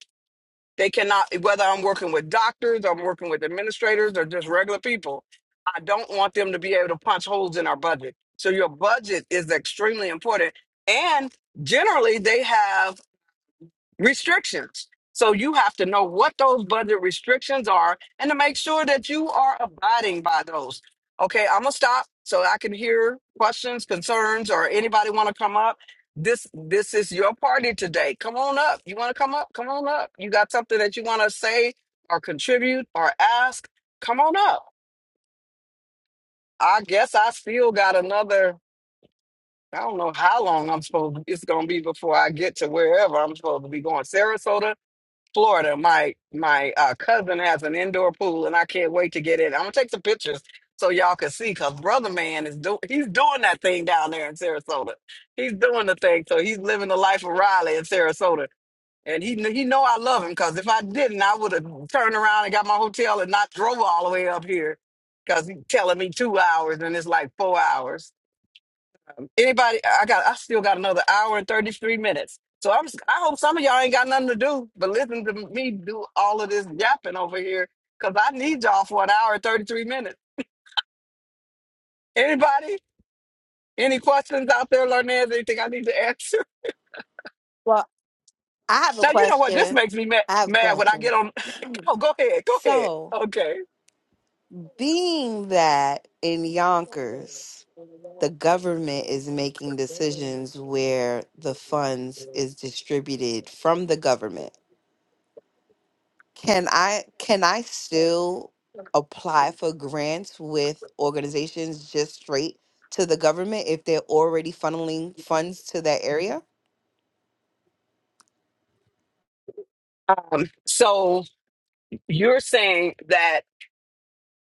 Speaker 1: They cannot, whether I'm working with doctors, I'm working with administrators, or just regular people, I don't want them to be able to punch holes in our budget. So your budget is extremely important. And generally, they have restrictions. So you have to know what those budget restrictions are and to make sure that you are abiding by those. Okay, I'm gonna stop so I can hear questions, concerns, or anybody want to come up. This this is your party today. Come on up. You want to come up? Come on up. You got something that you want to say or contribute or ask? Come on up. I guess I still got another. I don't know how long I'm supposed. It's gonna be before I get to wherever I'm supposed to be going. Sarasota Florida. My my uh, cousin has an indoor pool, and I can't wait to get in. I'm gonna take some pictures so y'all can see. Cause brother man is doing he's doing that thing down there in Sarasota. He's doing the thing, so he's living the life of Riley in Sarasota. And he kn- he know I love him because if I didn't, I would have turned around and got my hotel and not drove all the way up here. Cause he's telling me two hours and it's like four hours. Anybody? I got. I still got another hour and thirty three minutes. So I'm. s- I hope some of y'all ain't got nothing to do but listen to me do all of this yapping over here because I need y'all for an hour and thirty three minutes. Anybody? Any questions out there, Larnez? Anything I need to answer? Now you know what this makes me mad, mad when I get on. Oh, go ahead. Go ahead. Okay. So you're saying that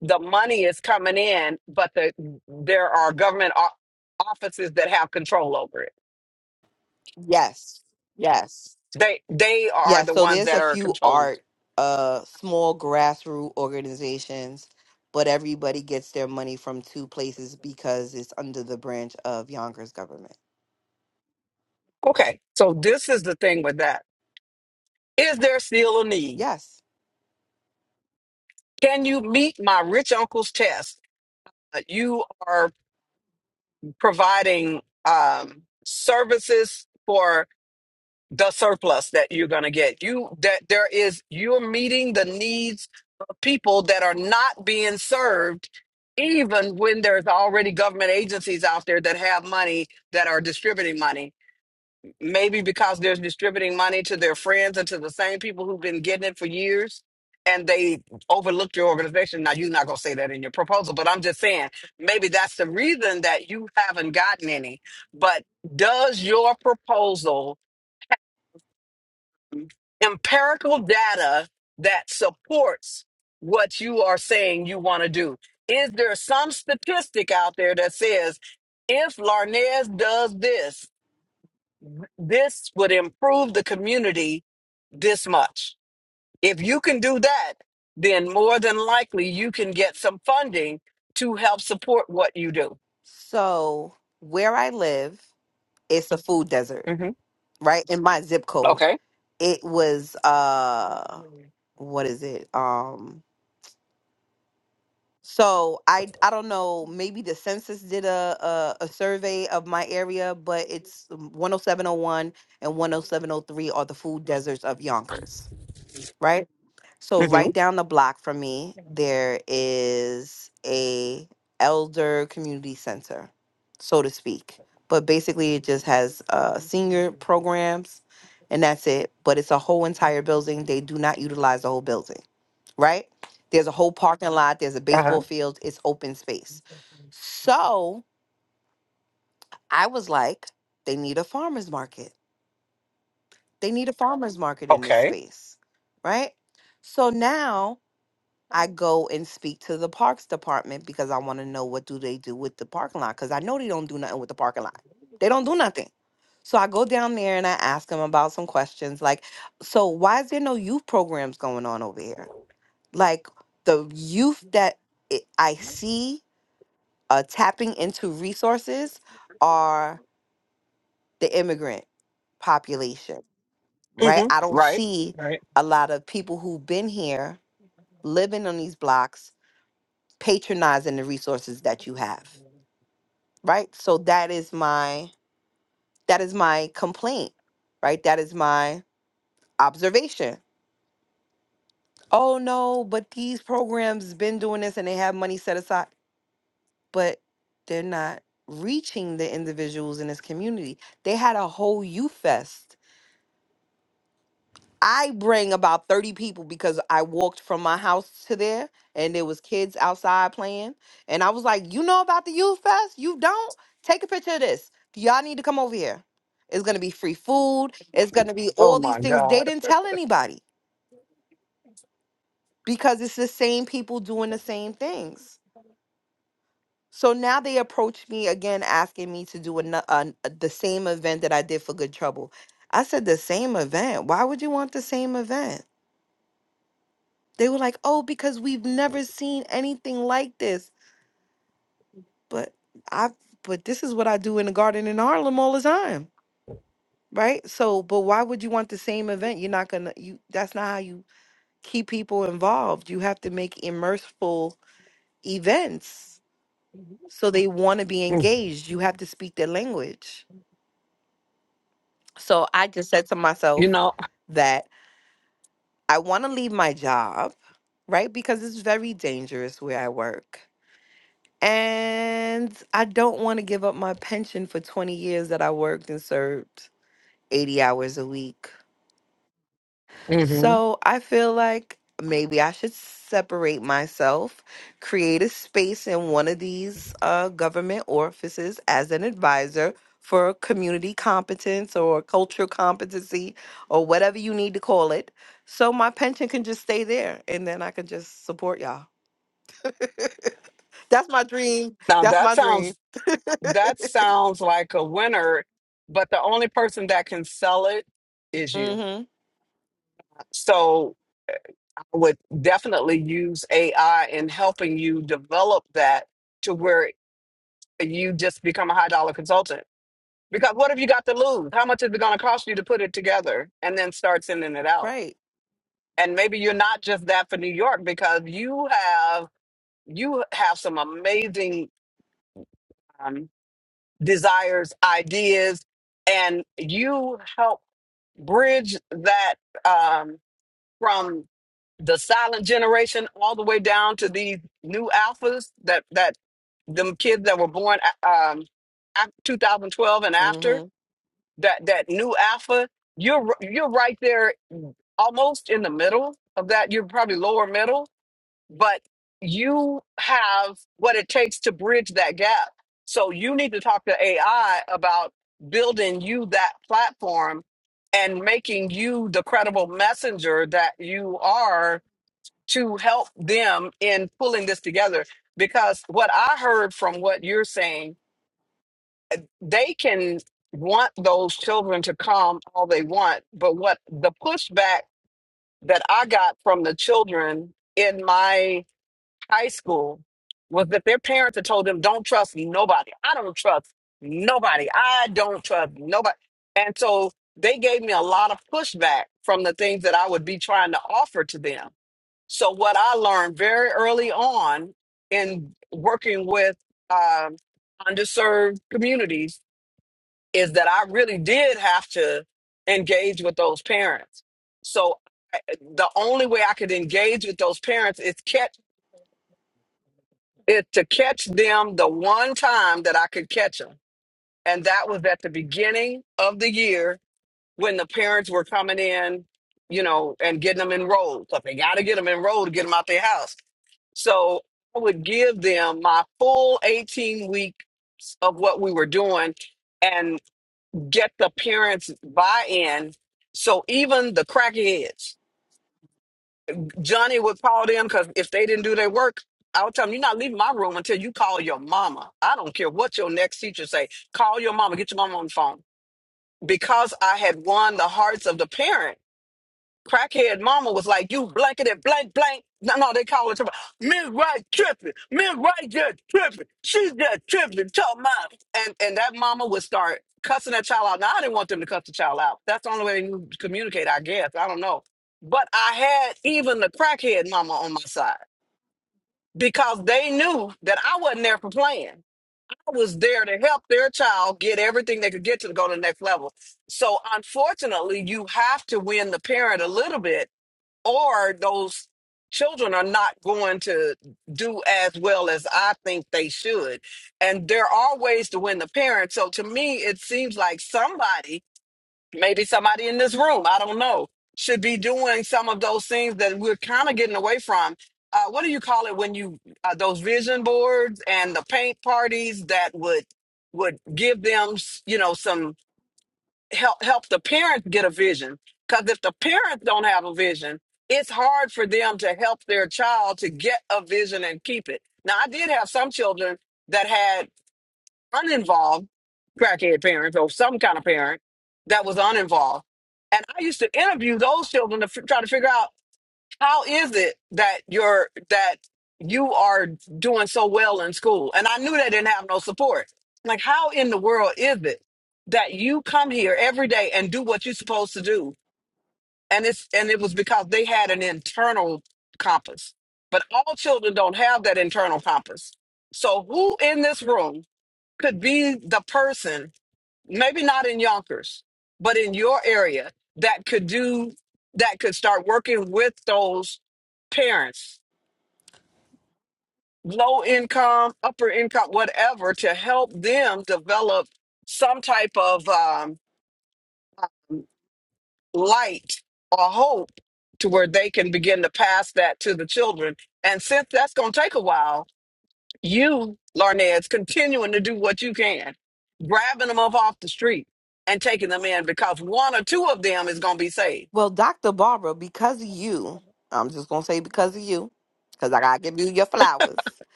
Speaker 1: the money is coming in, but the there are government o- offices that have control over it. They they are the ones that are controlling it. Okay, so this is the thing with that. Is there still a need? Can you meet my rich uncle's test? Uh, You are providing um, services for the surplus that you're going to get. You that there is you're meeting the needs of people that are not being served, even when there's already government agencies out there that have money that are distributing money maybe because they're distributing money to their friends and to the same people who've been getting it for years and they overlooked your organization now you're not going to say that in your proposal but i'm just saying maybe that's the reason that you haven't gotten any but does your proposal empirical data that supports what you are saying you want to do is there some statistic out there that says if larnez does this this would improve the community this much. If you can do that, then more than likely you can get some funding to help support what you do. hmm Okay. hmm Uh-huh. Okay. hmm Right. Right. Oh my God. Mm. You know, mm. now that sounds that sounds like a winner, but the only person that can sell it is you. So I would definitely use AI in helping you develop that to where you just become a high dollar consultant. Because what have you got to lose? How much is it going to cost you to put it together and then start sending it out? And maybe you're not just that for New York because you have you have some amazing um, desires, ideas, and you help bridge that um, from the silent generation all the way down to these new alphas that that them kids that were born uh, um, af- 2012 and after that that new alpha you're r- you're right there almost in the middle of that you're probably lower middle but you have what it takes to bridge that gap so you need to talk to ai about building you that platform and making you the credible messenger that you are to help them in pulling this together because what i heard from what you're saying they can want those children to come all they want but what the pushback that i got from the children in my high school was that their parents had told them don't trust nobody i don't trust nobody i don't trust nobody and so they gave me a lot of pushback from the things that i would be trying to offer to them so what i learned very early on in working with um, underserved communities is that I really did have to engage with those parents. So I- the only way I could engage with those parents is catch is to catch them the one time that I could catch them, and that was at the beginning of the year when the parents were coming in, you know, and getting them enrolled. So they got to get them enrolled to get them out their house. So I would give them my full 18 weeks of what we were doing get the parents buy-in. So even the crackheads, Johnny would call them because if they didn't do their work, I would tell them, "You're not leaving my room until you call your mama. I don't care what your next teacher say. Call your mama. Get your mama on the phone." Because I had won the hearts of the parent crackhead mama was like, you blanketed blank blank. No, no, they call it tripping. Miss Wright tripping. Miss Wright just tripping. She's just tripping. Tell mom. And and that mama would start cussing that child out. Now I didn't want them to cuss the child out. That's the only way you communicate, I guess. I don't know. But I had even the crackhead mama on my side because they knew that I wasn't there for playing. I was there to help their child get everything they could get to go to the next level. So unfortunately, you have to win the parent a little bit or those children are not going to do as well as I think they should. And there are ways to win the parent. So to me, it seems like somebody, maybe somebody in this room, I don't know, should be doing some of those things that we're kind of getting away from. Uh, what do you call it when you uh, those vision boards and the paint parties that would would give them, you know, some help help the parents get a vision because if the parents don't have a vision it's hard for them to help their child to get a vision and keep it now i did have some children that had uninvolved crackhead parents or some kind of parent that was uninvolved and i used to interview those children to f- try to figure out how is it that you're that you are doing so well in school and i knew they didn't have no support like how in the world is it that you come here every day and do what you're supposed to do and it's and it was because they had an internal compass but all children don't have that internal compass so who in this room could be the person maybe not in Yonkers, but in your area that could do that could start working with those parents, low income, upper income, whatever, to help them develop some type of um, light or hope to where they can begin to pass that to the children. And since that's going to take a while, you, Larned, is continuing to do what you can, grabbing them up off the street and taking them in because one or two of them is going to be saved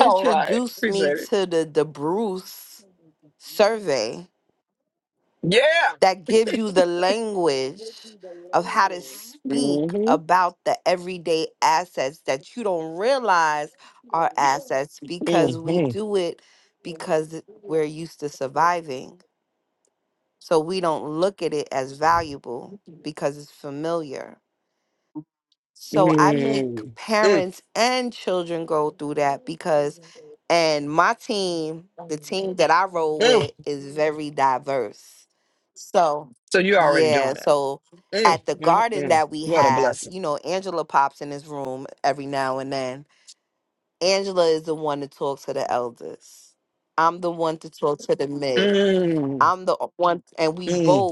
Speaker 1: All right. Appreciate it. Yeah. Mm-hmm. Mm-hmm. Mm-hmm. So you're already doing it. Mm, mm, mm, mm, mm,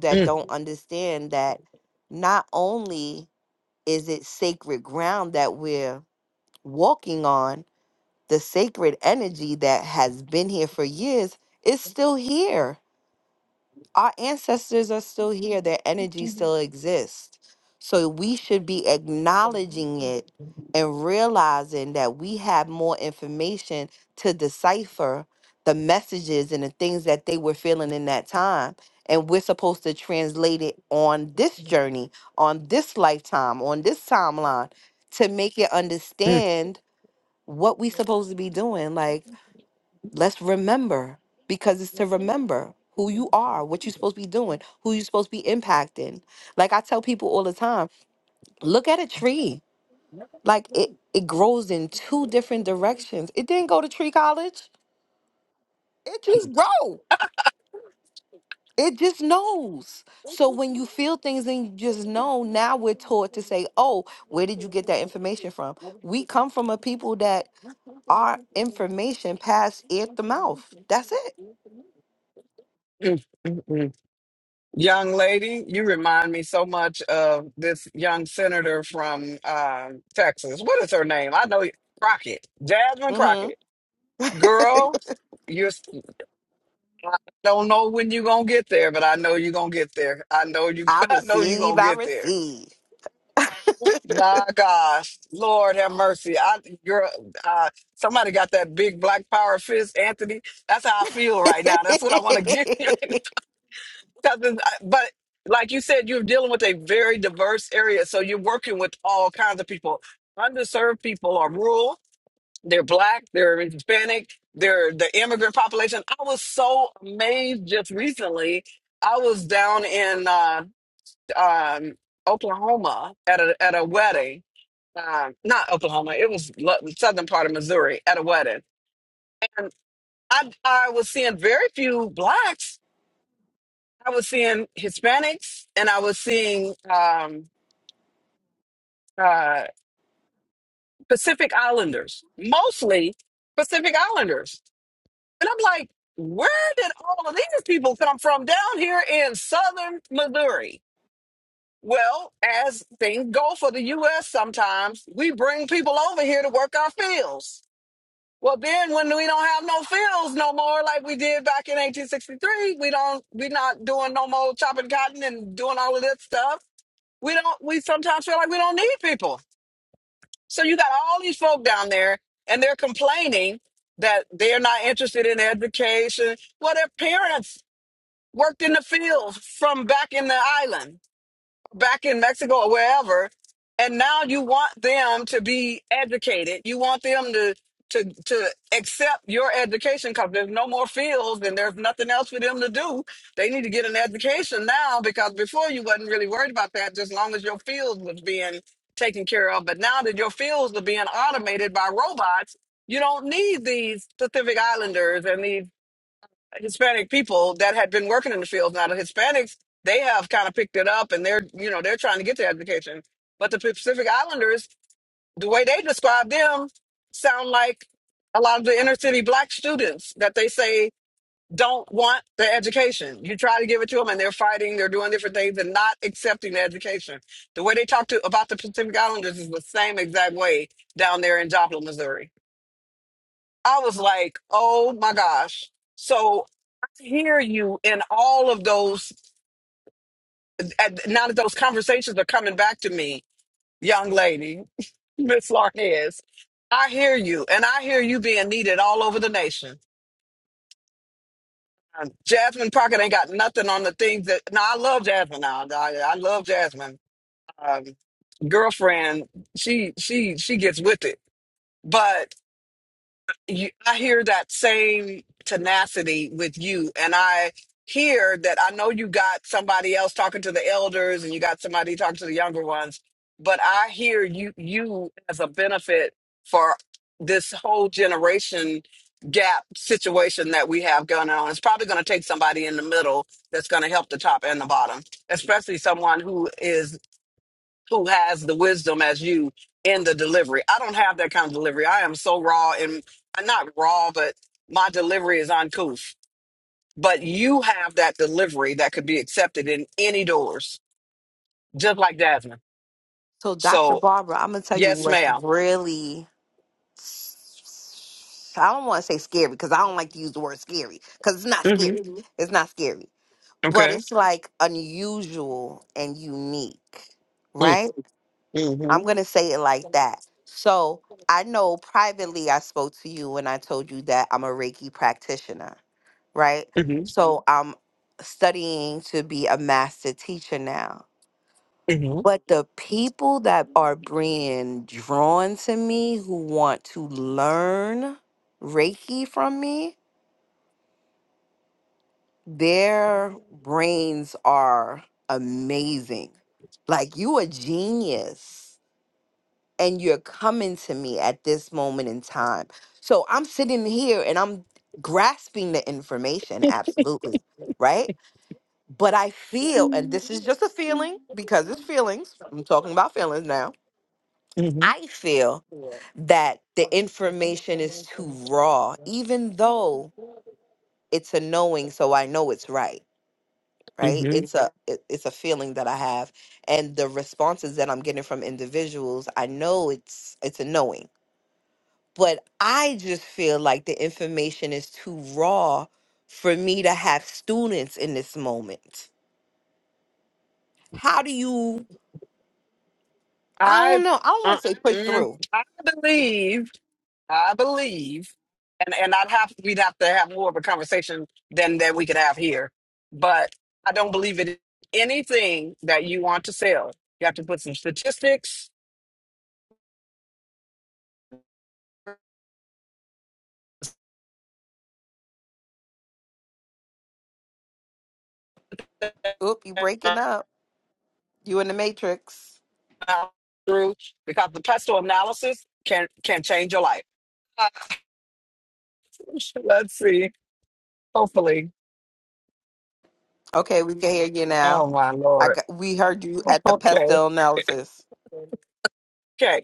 Speaker 1: mm, mm, mm, mm. Young lady, you remind me so much of this young senator from uh, Texas. What is her name? I know Crockett, Jasmine Crockett. Girl, you're I don't know when you're gonna get there, but I know you're gonna get there. I know you I know you're gonna get there. My gosh, Lord have mercy. I girl, uh, somebody got that big black power fist, Anthony. That's how I feel right now. That's what I want to give you. 'Cause it's- I- but like you said, you're dealing with a very diverse area, so you're working with all kinds of people. Underserved people are rural. They're black. They're Hispanic. They're the immigrant population. I was so amazed just recently. I was down in uh, um, Oklahoma at a at a wedding um, not Oklahoma, it was lo- southern part of Missouri at a wedding. And I, I was seeing very few blacks. I was seeing Hispanics and I was seeing um, uh, Pacific Islanders, mostly Pacific Islanders. And I'm like, where did all of these people come from down here in southern Missouri? Well, as things go for the U.S., sometimes we bring people over here to work our fields Well, then when we don't have no fields no more like we did back in 1863, we don't we are not doing no more chopping cotton and doing all of that stuff. We don't we sometimes feel like we don't need people. So you got all these folk down there and they're complaining that they're not interested in education. Well, their parents worked in the fields from back in the island back in Mexico or wherever, and now you want them to be educated. You want them to to to accept your education because there's no more fields and there's nothing else for them to do. They need to get an education now because before you wasn't really worried about that, just long as your field was being taken care of. But now that your fields are being automated by robots, you don't need these Pacific Islanders and these Hispanic people that had been working in the field. Now the Hispanics, they have kind of picked it up and they're, you know, they're trying to get their education. But the Pacific Islanders, the way they describe them sound like a lot of the inner city black students that they say don't want the education. You try to give it to them and they're fighting, they're doing different things and not accepting the education. The way they talk to about the Pacific Islanders is the same exact way down there in Joplin, Missouri. I was like, oh my gosh. So I hear you in all of those. at- Now that those conversations are coming back to me, young lady, Miss Larnez, I hear you. And I hear you being needed all over the nation. Um, Jasmine Pocket ain't got nothing on the things that. No, I love Jasmine now. I, I love Jasmine. Um, girlfriend, she she she gets with it. but. you, I hear that same tenacity with you, and I hear that I know you got somebody else talking to the elders, and you got somebody talking to the younger ones, but I hear you you as a benefit for this whole generation gap situation that we have going on. It's probably going to take somebody in the middle that's going to help the top and the bottom, especially someone who is who has the wisdom as you in the delivery. I don't have that kind of delivery. I am so raw and not raw, but my delivery is uncouth. But you have that delivery that could be accepted in any doors, just like Jasmine. So, yes, madam Mm-hmm.
Speaker 6: Mhm.
Speaker 1: Okay. Mm-hmm. Mm-hmm. I, uh, mm, I believe. I believe, and and I'd have we'd have to have more of a conversation than that we could have here. But I don't believe it. Anything that you want to sell, you have to put some statistics uh, through because the pestle analysis can can change your life. Uh, Let's see. Hopefully. Oh my lord. Okay. Okay.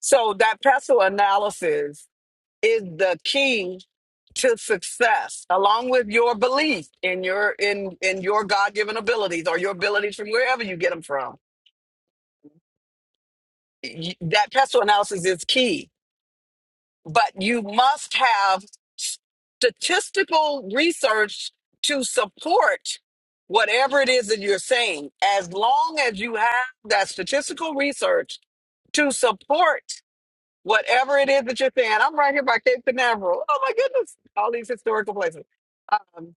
Speaker 1: So that pestle analysis is the key to success along with your belief in your in in your god-given abilities or your abilities from wherever you get them from Y- that pestle analysis is key but you must have statistical research to support whatever it is that you're saying as long as you have that statistical research to support whatever it is that you're saying i'm right here by cape canaveral oh my goodness all these historical places Um,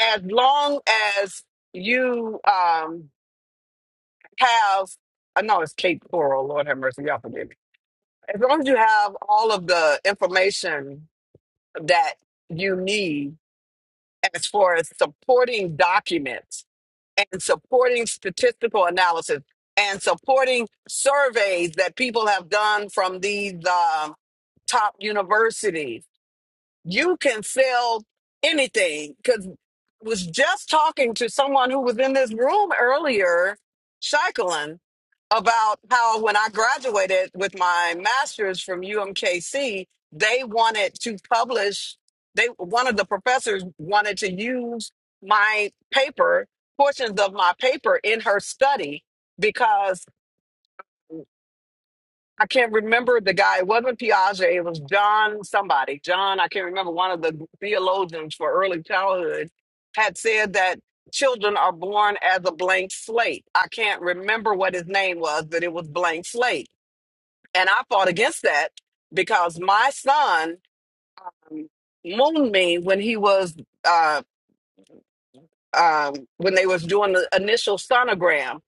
Speaker 1: as long as you um have I know it's Cape Coral, Lord have mercy, y'all forgive me. As long as you have all of the information that you need as far as supporting documents and supporting statistical analysis and supporting surveys that people have done from these um, top universities you can sell anything because was just talking to someone who was in this room earlier Shaikolin, about how when i graduated with my master's from umkc they wanted to publish they one of the professors wanted to use my paper portions of my paper in her study because I can't remember the guy. It wasn't Piaget. It was John somebody. John, I can't remember. One of the theologians for early childhood had said that children are born as a blank slate. I can't remember what his name was, but it was blank slate. And I fought against that because my son um, mooned me when he was uh, um, when they was doing the initial sonogram,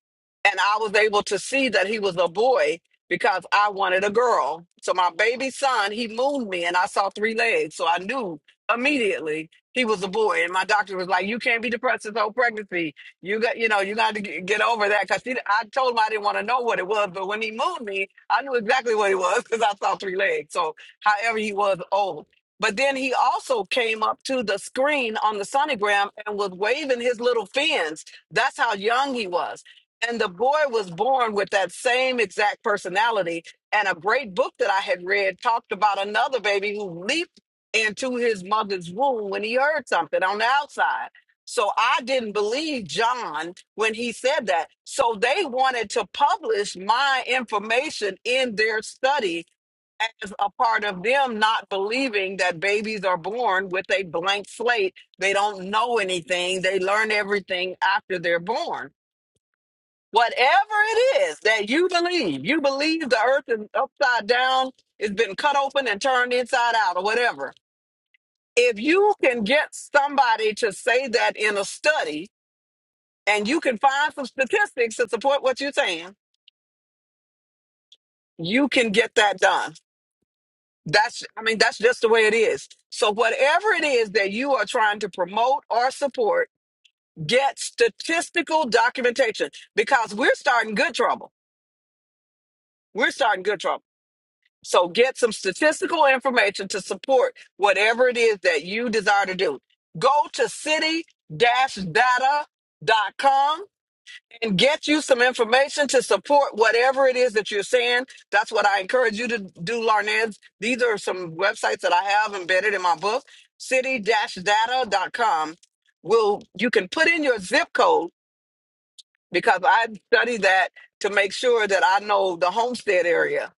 Speaker 1: and I was able to see that he was a boy because I wanted a girl. So my baby son, he mooned me, and I saw three legs, so I knew immediately he was a boy. And my doctor was like, "You can't be depressed this whole pregnancy. You got, you know, you got to g- get over that." Because I told him I didn't want to know what it was, but when he mooned me, I knew exactly what it was because I saw three legs. So however he was old. But then he also came up to the screen on the sonogram and was waving his little fins. That's how young he was. And the boy was born with that same exact personality. And a great book that I had read talked about another baby who leaped into his mother's womb when he heard something on the outside. So I didn't believe John when he said that. So they wanted to publish my information in their study as a part of them not believing that babies are born with a blank slate. They don't know anything. They learn everything after they're born. Whatever it is that you believe, you believe the earth is upside down, it's been cut open and turned inside out, or whatever. If you can get somebody to say that in a study and you can find some statistics to support what you're saying, you can get that done That's, I mean, that's just the way it is. So, whatever it is that you are trying to promote or support, get statistical documentation because we're starting good trouble. We're starting good trouble. So, get some statistical information to support whatever it is that you desire to do. Go to city data.com and get you some information to support whatever it is that you're saying. That's what I encourage you to do, Larned. These are some websites that I have embedded in my book, city-data.com. Will you can put in your zip code because I study that to make sure that I know the homestead area.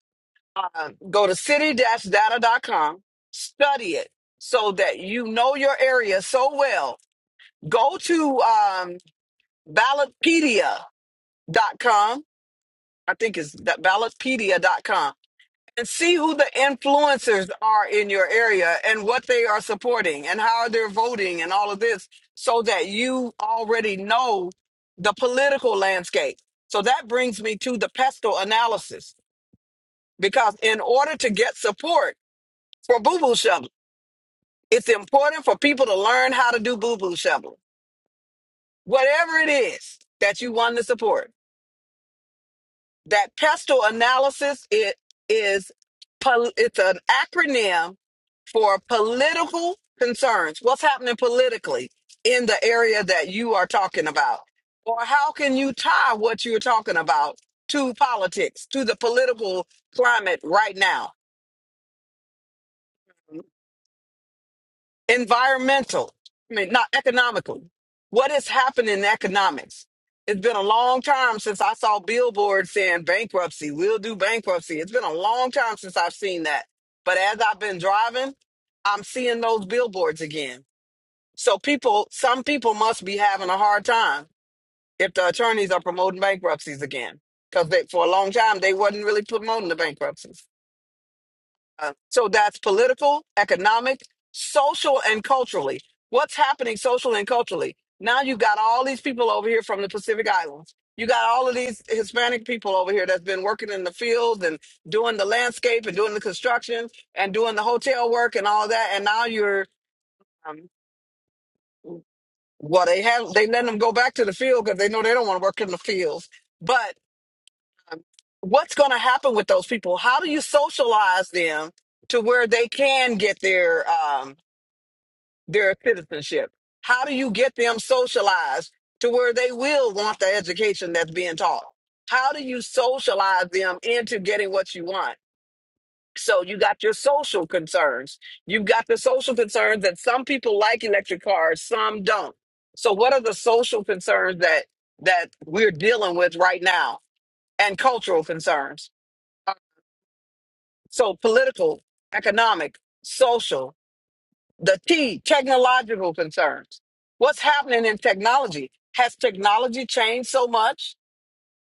Speaker 1: Uh, go to city-data.com, study it so that you know your area so well. Go to um, ballotpedia.com I think it's that ballotpedia.com and see who the influencers are in your area and what they are supporting and how they're voting and all of this so that you already know the political landscape. So that brings me to the pestle analysis because in order to get support for boo boo shoveling, it's important for people to learn how to do boo boo shoveling, whatever it is that you want to support that PESTEL analysis it is pol- it's an acronym for political concerns. What's happening politically in the area that you are talking about, or how can you tie what you're talking about to politics, to the political climate right now? environmental, I mean, not economically. What has happened in economics? It's been a long time since I saw billboards saying bankruptcy, we'll do bankruptcy. It's been a long time since I've seen that. But as I've been driving, I'm seeing those billboards again. So people, some people must be having a hard time if the attorneys are promoting bankruptcies again. Because for a long time, they wasn't really promoting the bankruptcies. Uh, So that's political, economic, social, and culturally. What's happening social and culturally? Now you got all these people over here from the Pacific Islands. You got all of these Hispanic people over here that's been working in the fields and doing the landscape and doing the construction and doing the hotel work and all that. And now you're, um, well, they have they let them go back to the field because they know they don't want to work in the fields. But what's going to happen with those people? How do you socialize them to where they can get their um, their citizenship? How do you get them socialized to where they will want the education that's being taught? How do you socialize them into getting what you want? So you got your social concerns. You've got the social concerns that some people like electric cars, some don't. So what are the social concerns that that we're dealing with right now and cultural concerns? So political, economic, social. The T, technological concerns. What's happening in technology? Has technology changed so much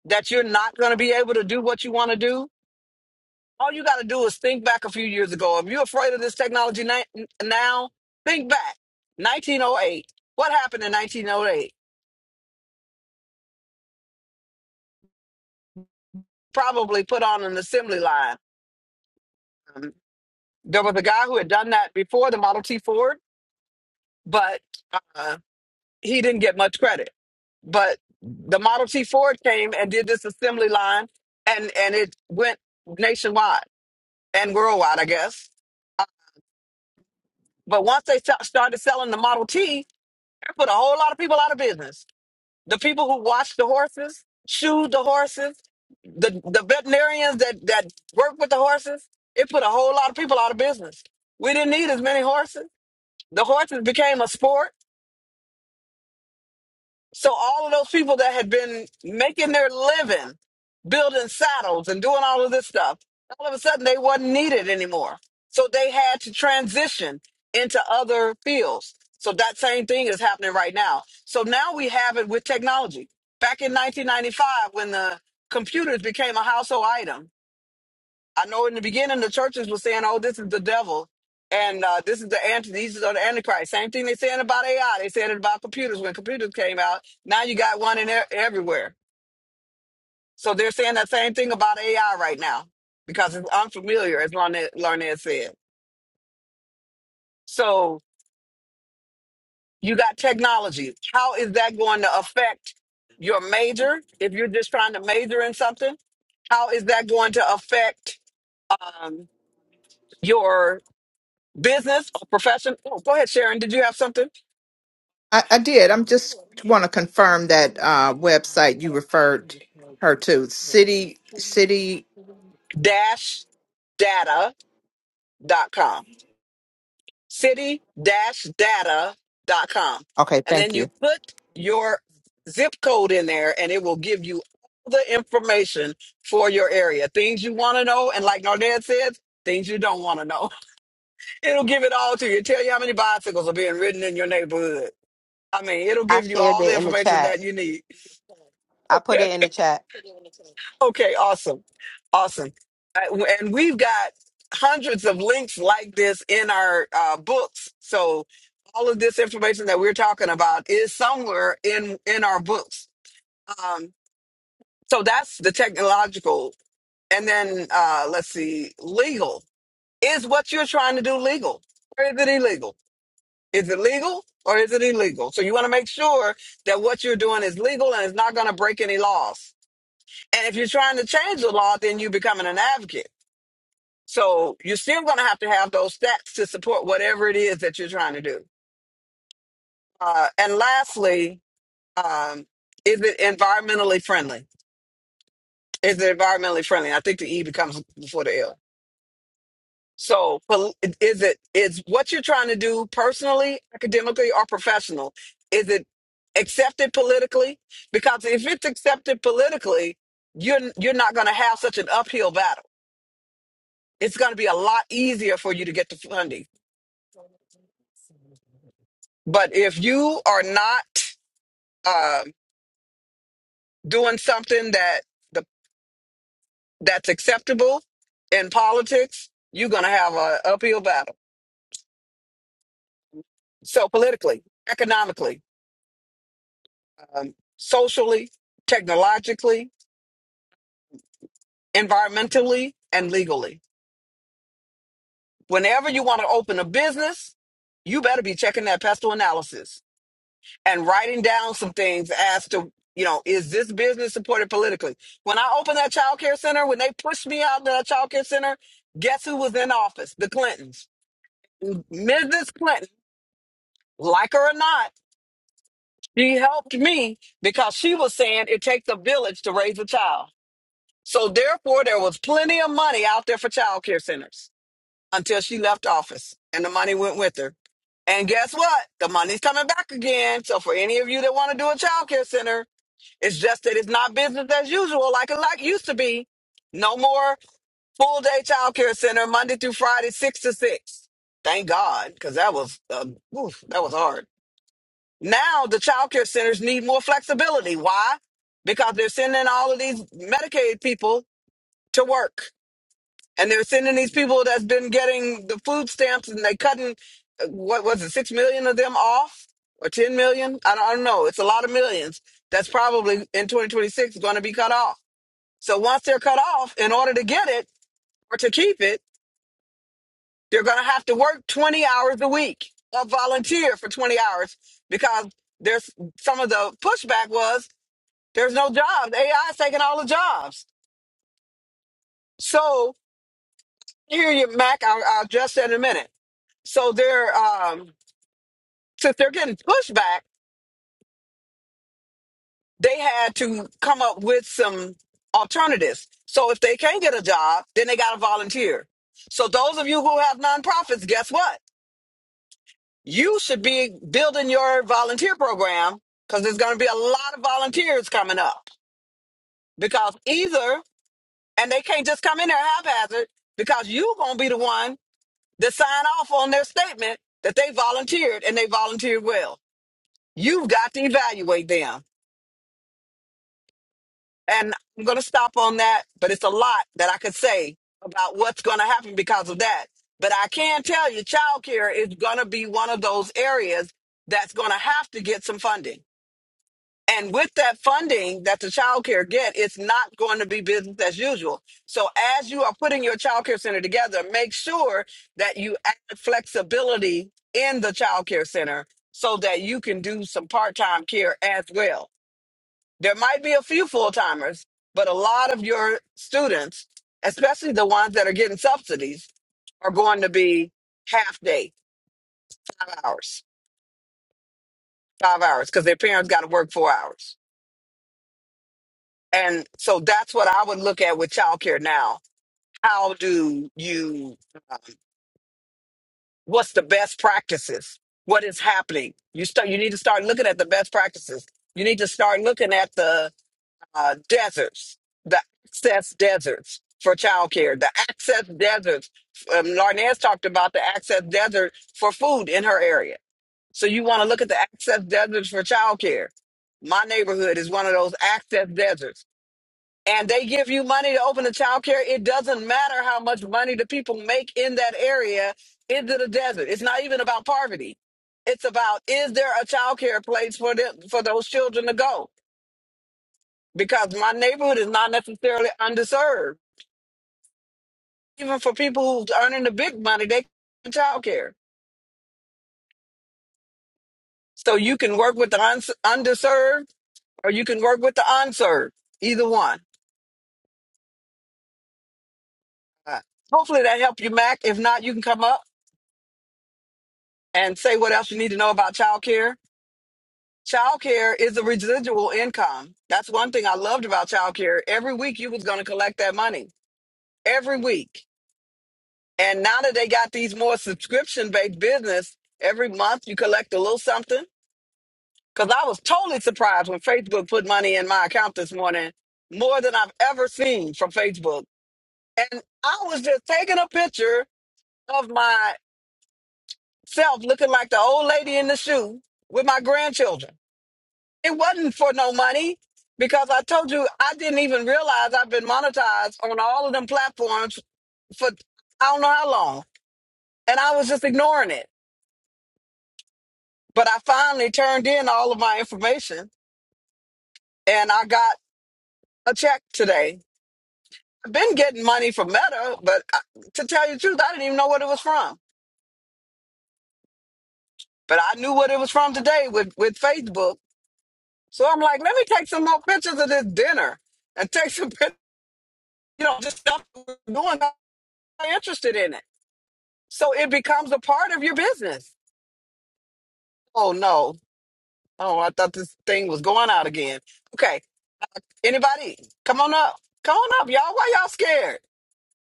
Speaker 1: that you're not going to be able to do what you want to do? All you got to do is think back a few years ago. If you're afraid of this technology ni- now, think back. 1908. What happened in 1908? Probably put on an assembly line. Um, there was a guy who had done that before the Model T Ford, but uh, he didn't get much credit. But the Model T Ford came and did this assembly line, and and it went nationwide and worldwide, I guess. Uh, But once they sta- started selling the Model T, it put a whole lot of people out of business. The people who watched the horses, shoed the horses, the the veterinarians that that work with the horses, it put a whole lot of people out of business. We didn't need as many horses. The horses became a sport So all of those people that had been making their living, building saddles and doing all of this stuff, all of a sudden they wasn't needed anymore. So they had to transition into other fields. So that same thing is happening right now. So now we have it with technology. Back in 1995, when the computers became a household item, I know in the beginning the churches were saying, "Oh, this is the devil," and uh, this is the anti, these are the antichrist. Same thing they saying about AI. They said it about computers when computers came out. Now you got one in there everywhere. So they're saying that same thing about AI right now because it's unfamiliar, as Larned Larned said. So you got technology. How is that going to affect your major if you're just trying to major in something? How is that going to affect um, your business or profession? Oh, go ahead, Sharon. Did you have something?
Speaker 5: I, I did. I'm just want to confirm that uh, website you referred her to. City, city.
Speaker 1: dash data.com. City dash data.com.
Speaker 5: Okay,
Speaker 1: And then
Speaker 5: thank you.
Speaker 1: you put your zip code in there and it will give you all the information for your area. Things you want to know. And like Nardette says, things you don't want to know. It'll give it all to you. Tell you how many bicycles are being ridden in your neighborhood. I mean, it'll give you all the information that you need. Okay, awesome. Awesome. Uh, And we've got hundreds of links like this in our uh, books. So all of this information that we're talking about is somewhere in in our books. Um, so that's the technological. And then uh, let's see, legal. Is what you're trying to do legal or is it illegal? Is it legal or is it illegal? So you want to make sure that what you're doing is legal and it's not going to break any laws and if you're trying to change the law, then you're becoming an advocate. So you're still going to have to have those stats to support whatever it is that you're trying to do. Uh, and lastly, um, is it environmentally friendly? Is it environmentally friendly? I think the E becomes before the L. So pol- is it is what you're trying to do personally, academically, or professional? Is it accepted politically? Because if it's accepted politically, you're you're not going to have such an uphill battle it's going to be a lot easier for you to get the funding. But if you are not um doing something that the, that's acceptable in politics, you're going to have an uphill battle. So politically, economically, um, socially, technologically, environmentally, and legally. Whenever you want to open a business, you better be checking that pestle analysis and writing down some things as to you know is this business supported politically when i opened that child care center when they pushed me out of that child care center guess who was in office the clintons mrs clinton like her or not she helped me because she was saying it takes a village to raise a child so therefore there was plenty of money out there for child care centers until she left office and the money went with her and guess what the money's coming back again so for any of you that want to do a child care center It's just that it's not business as usual like it like used to be. No more full day child care center Monday through Friday, six to six. Thank God, because that was uh, oof, that was hard. Now the child care centers need more flexibility. Why? Because they're sending all of these Medicaid people to work, and they're sending these people that's been getting the food stamps, and they cutting uh, what was it six million of them off or ten million? I don't, I don't know. It's a lot of millions. That's probably in 2026 going to be cut off so once they're cut off, in order to get it or to keep it, they're going to have to work 20 hours a week or volunteer for 20 hours because there's some of the pushback was there's no jobs. AI is taking all the jobs. So here you, Mac, I'll, I'll address that in a minute. So they're, um, since they're getting pushback, they had to come up with some alternatives. So if they can't get a job, then they got to volunteer. So those of you who have nonprofits, guess what? You should be building your volunteer program because there's going to be a lot of volunteers coming up. Because either, and they can't just come in there haphazard because you're going to be the one to sign off on their statement that they volunteered and they volunteered well. You've got to evaluate them. And I'm going to stop on that, but it's a lot that I could say about what's going to happen because of that. But I can tell you, childcare is going to be one of those areas that's going to have to get some funding And with that funding that the child care get, it's not going to be business as usual. So as you are putting your child care center together, make sure that you add flexibility in the child care center so that you can do some part-time care as well. There might be a few full-timers, but a lot of your students, especially the ones that are getting subsidies, are going to be half day, five hours, five hours, because their parents got to work four hours. And so that's what I would look at with childcare now. How do you? Um, what's the best practices? What is happening? You start. You need to start looking at the best practices. You need to start looking at the uh, deserts, the access deserts for childcare, the access deserts. Um, Larnez talked about the access desert for food in her area. So you want to look at the access deserts for childcare. My neighborhood is one of those access deserts and they give you money to open a child care, it doesn't matter how much money the people make in that area into the desert. It's not even about poverty. It's about is there a child care place for them for those children to go? Because my neighborhood is not necessarily underserved. Even for people who's earning the big money, they can child care. So you can work with the uns- underserved or you can work with the unserved. Either one. Uh, hopefully that helped you, Mac. If not, you can come up and say what else you need to know about childcare. Childcare is a residual income. That's one thing I loved about childcare. Every week you was going to collect that money. Every week. And now that they got these more subscription-based business, every month you collect a little something. Cause I was totally surprised when Facebook put money in my account this morning, more than I've ever seen from Facebook. And I was just taking a picture of myself looking like the old lady in the shoe with my grandchildren. It wasn't for no money because I told you I didn't even realize I've been monetized on all of them platforms for I don't know how long. And I was just ignoring it. But I finally turned in all of my information and I got a check today. I've been getting money from Meta, but I, to tell you the truth, I didn't even know what it was from. But I knew what it was from today with, with Facebook. So I'm like, let me take some more pictures of this dinner and take some pictures, you know, just stuff we're doing. I'm interested in it. So it becomes a part of your business. Oh no. Oh, I thought this thing was going out again. Okay. Anybody? Come on up. Come on up, y'all. Why y'all scared?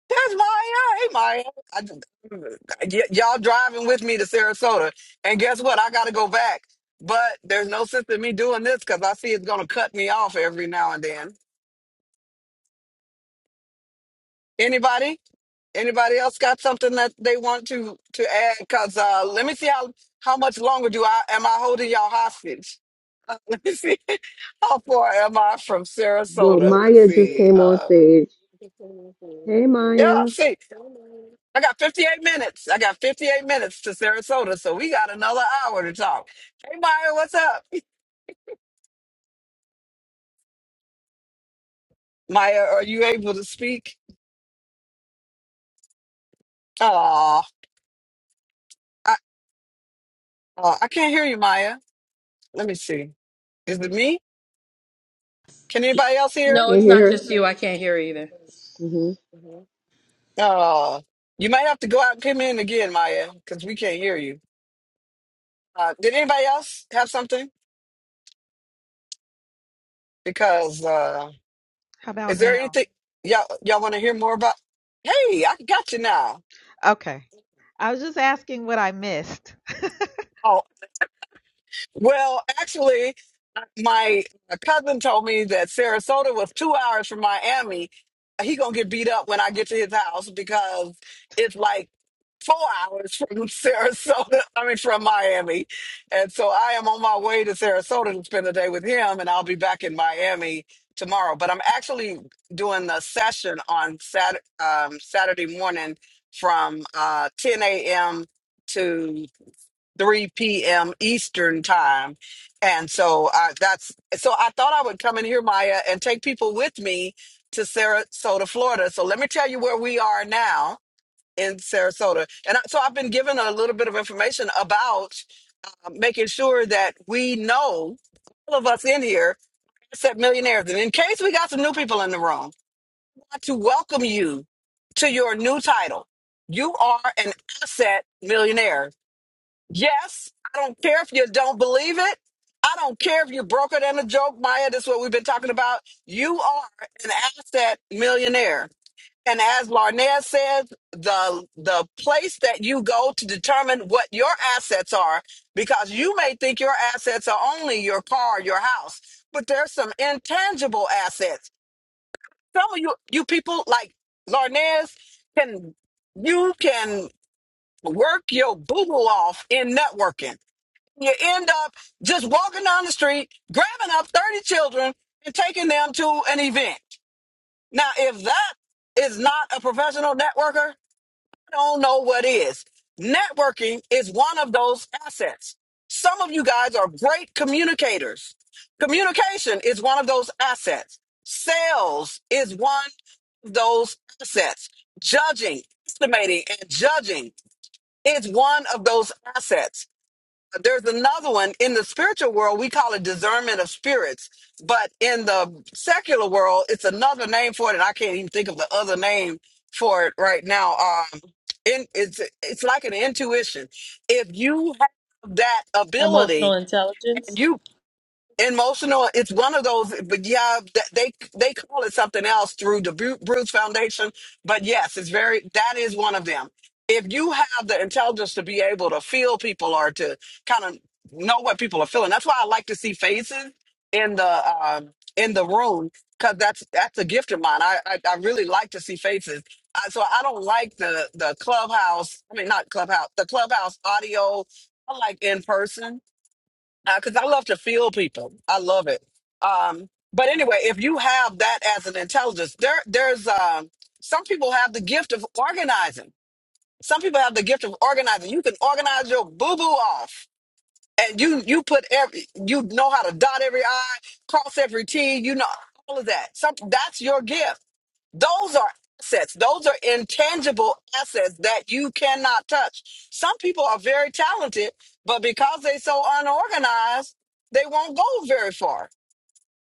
Speaker 1: There's Maya. Hey Maya. I, y- y'all driving with me to Sarasota. And guess what? I gotta go back. But there's no sense in me doing this because I see it's gonna cut me off every now and then. Anybody? Anybody else got something that they want to to add? Cause uh let me see how how much longer do I am I holding y'all hostage? Uh, Let me see. How far am I from
Speaker 6: Well,
Speaker 1: Sarasota? Let's
Speaker 6: Maya just
Speaker 1: see.
Speaker 6: came on
Speaker 1: Um,
Speaker 6: stage. Hey,
Speaker 1: yeah, I
Speaker 6: Maya.
Speaker 1: see. I got 58 minutes. I got 58 minutes to Sarasota, so we got another hour to talk. Hey, Maya, what's up? Maya, are you able to speak? Oh, I, uh, I can't hear you, Maya. Let me see. Is it me? Can anybody else
Speaker 6: I
Speaker 1: hear?
Speaker 3: No,
Speaker 6: can't
Speaker 3: it's not
Speaker 6: hear
Speaker 3: just you. I can't hear either.
Speaker 6: her.
Speaker 1: Oh, you might have to go out and come in again, Maya, because we can't hear you. Uh, did anybody else have something? Because uh,
Speaker 7: How about
Speaker 1: Is there
Speaker 7: now?
Speaker 1: anything y'all y'all want to hear more about? Hey, I got you now.
Speaker 7: Okay. I was just asking what I missed.
Speaker 1: Oh well, actually, my cousin told me that Sarasota was two hours from Miami. He gonna get beat up when I get to his house because it's like four hours from Sarasota. I mean, from Miami, and so I am on my way to Sarasota to spend the day with him, and I'll be back in Miami tomorrow. But I'm actually doing the session on Sat um, Saturday morning from uh, 10 a.m. to 3 p.m. Eastern time. And so uh, that's so I thought I would come in here, Maya, and take people with me to Sarasota, Florida. So let me tell you where we are now in Sarasota. And I- so I've been given a little bit of information about uh, making sure that we know all of us in here, except millionaires. And in case we got some new people in the room, I want to welcome you to your new title. You are an asset millionaire Yes, I don't care if you don't believe it. I don't care if you broke it in a joke, Maya. That's what we've been talking about. You are an asset millionaire. And as Larnea says, the the place that you go to determine what your assets are, because you may think your assets are only your car, your house, but there's some intangible assets. Some of you you people like Larnez can you can work your boo off in networking you end up just walking down the street, grabbing up 30 children and taking them to an event. Now, if that is not a professional networker, I don't know what is. Networking is one of those assets. Some of you guys are great communicators. Communication is one of those assets. Sales is one of those assets. Judging, estimating, and judging is one of those assets there's another one in the spiritual world we call it discernment of spirits but in the secular world it's another name for it and i can't even think of the other name for it right now um in, it's it's like an intuition if you have that
Speaker 3: Emotional
Speaker 1: ability
Speaker 3: intelligence.
Speaker 1: emotional it's one of those but yeah th- they they call it something else through the Bru- bruce foundation but yes it's very that is one of them if you have the intelligence to be able to feel people or to kind of know what people are feeling that's why i like to see faces in the um in the room because that's that's a gift of mine i i, I really like to see faces I, so i don't like the the clubhouse i mean not clubhouse the clubhouse audio i like in person because I love to feel people. I love it. Um, but anyway, if you have that as an intelligence, there there's uh, some people have the gift of organizing. Some people have the gift of organizing. You can organize your boo boo off, and you you put every you know how to dot every i, cross every t. You know all of that. Some that's your gift those are assets. Those are intangible assets that you cannot touch. Some people are very talented, but because they're so unorganized, they won't go very far.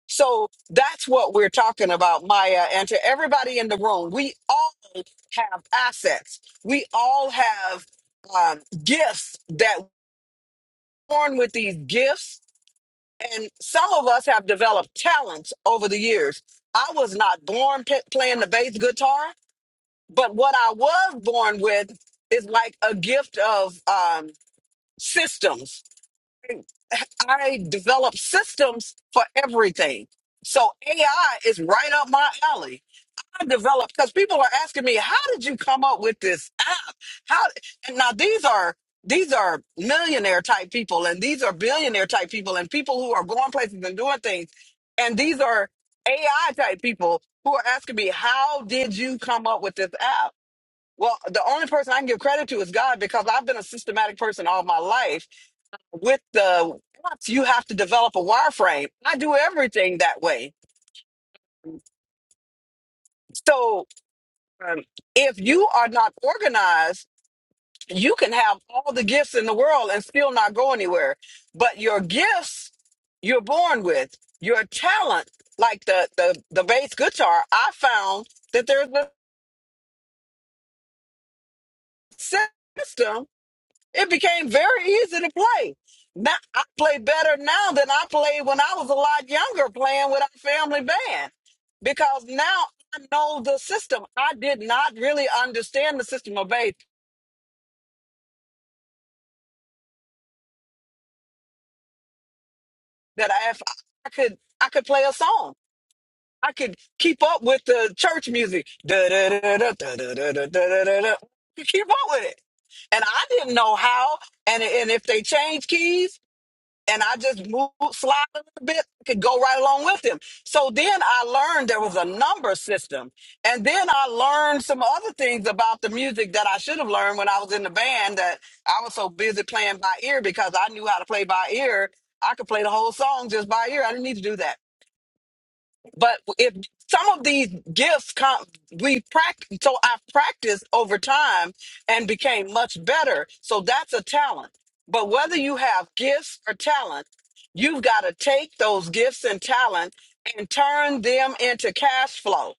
Speaker 1: So that's what we're talking about, Maya. And to everybody in the room, we all have assets. We all have um, gifts that born with these gifts. And some of us have developed talents over the years. I was not born p- playing the bass guitar. But what I was born with is like a gift of um, systems. I develop systems for everything. So AI is right up my alley. I developed because people are asking me, how did you come up with this app? How and now these are these are millionaire type people and these are billionaire type people and people who are going places and doing things. And these are AI type people who are asking me, how did you come up with this app? Well, the only person I can give credit to is God because I've been a systematic person all my life. With the apps, you have to develop a wireframe. I do everything that way. So um, if you are not organized, you can have all the gifts in the world and still not go anywhere. But your gifts you're born with, your talent, like the the, the bass guitar, I found that there's a system It became very easy to play. Now I play better now than I played when I was a lot younger playing with our family band. Because now I know the system. I did not really understand the system of faith that I, if I could I could play a song. I could keep up with the church music. Da, da, da, da, da, da, da, da, da, da, da. Keep up with it. And I didn't know how. And, and if they change keys, and I just moved slide a little bit, I could go right along with him. So then I learned there was a number system. And then I learned some other things about the music that I should have learned when I was in the band that I was so busy playing by ear because I knew how to play by ear. I could play the whole song just by ear. I didn't need to do that. But if some of these gifts come, we practice. So I've practiced over time and became much better. So that's a talent. But whether you have gifts or talent, you've got to take those gifts and talent and turn them into cash flow.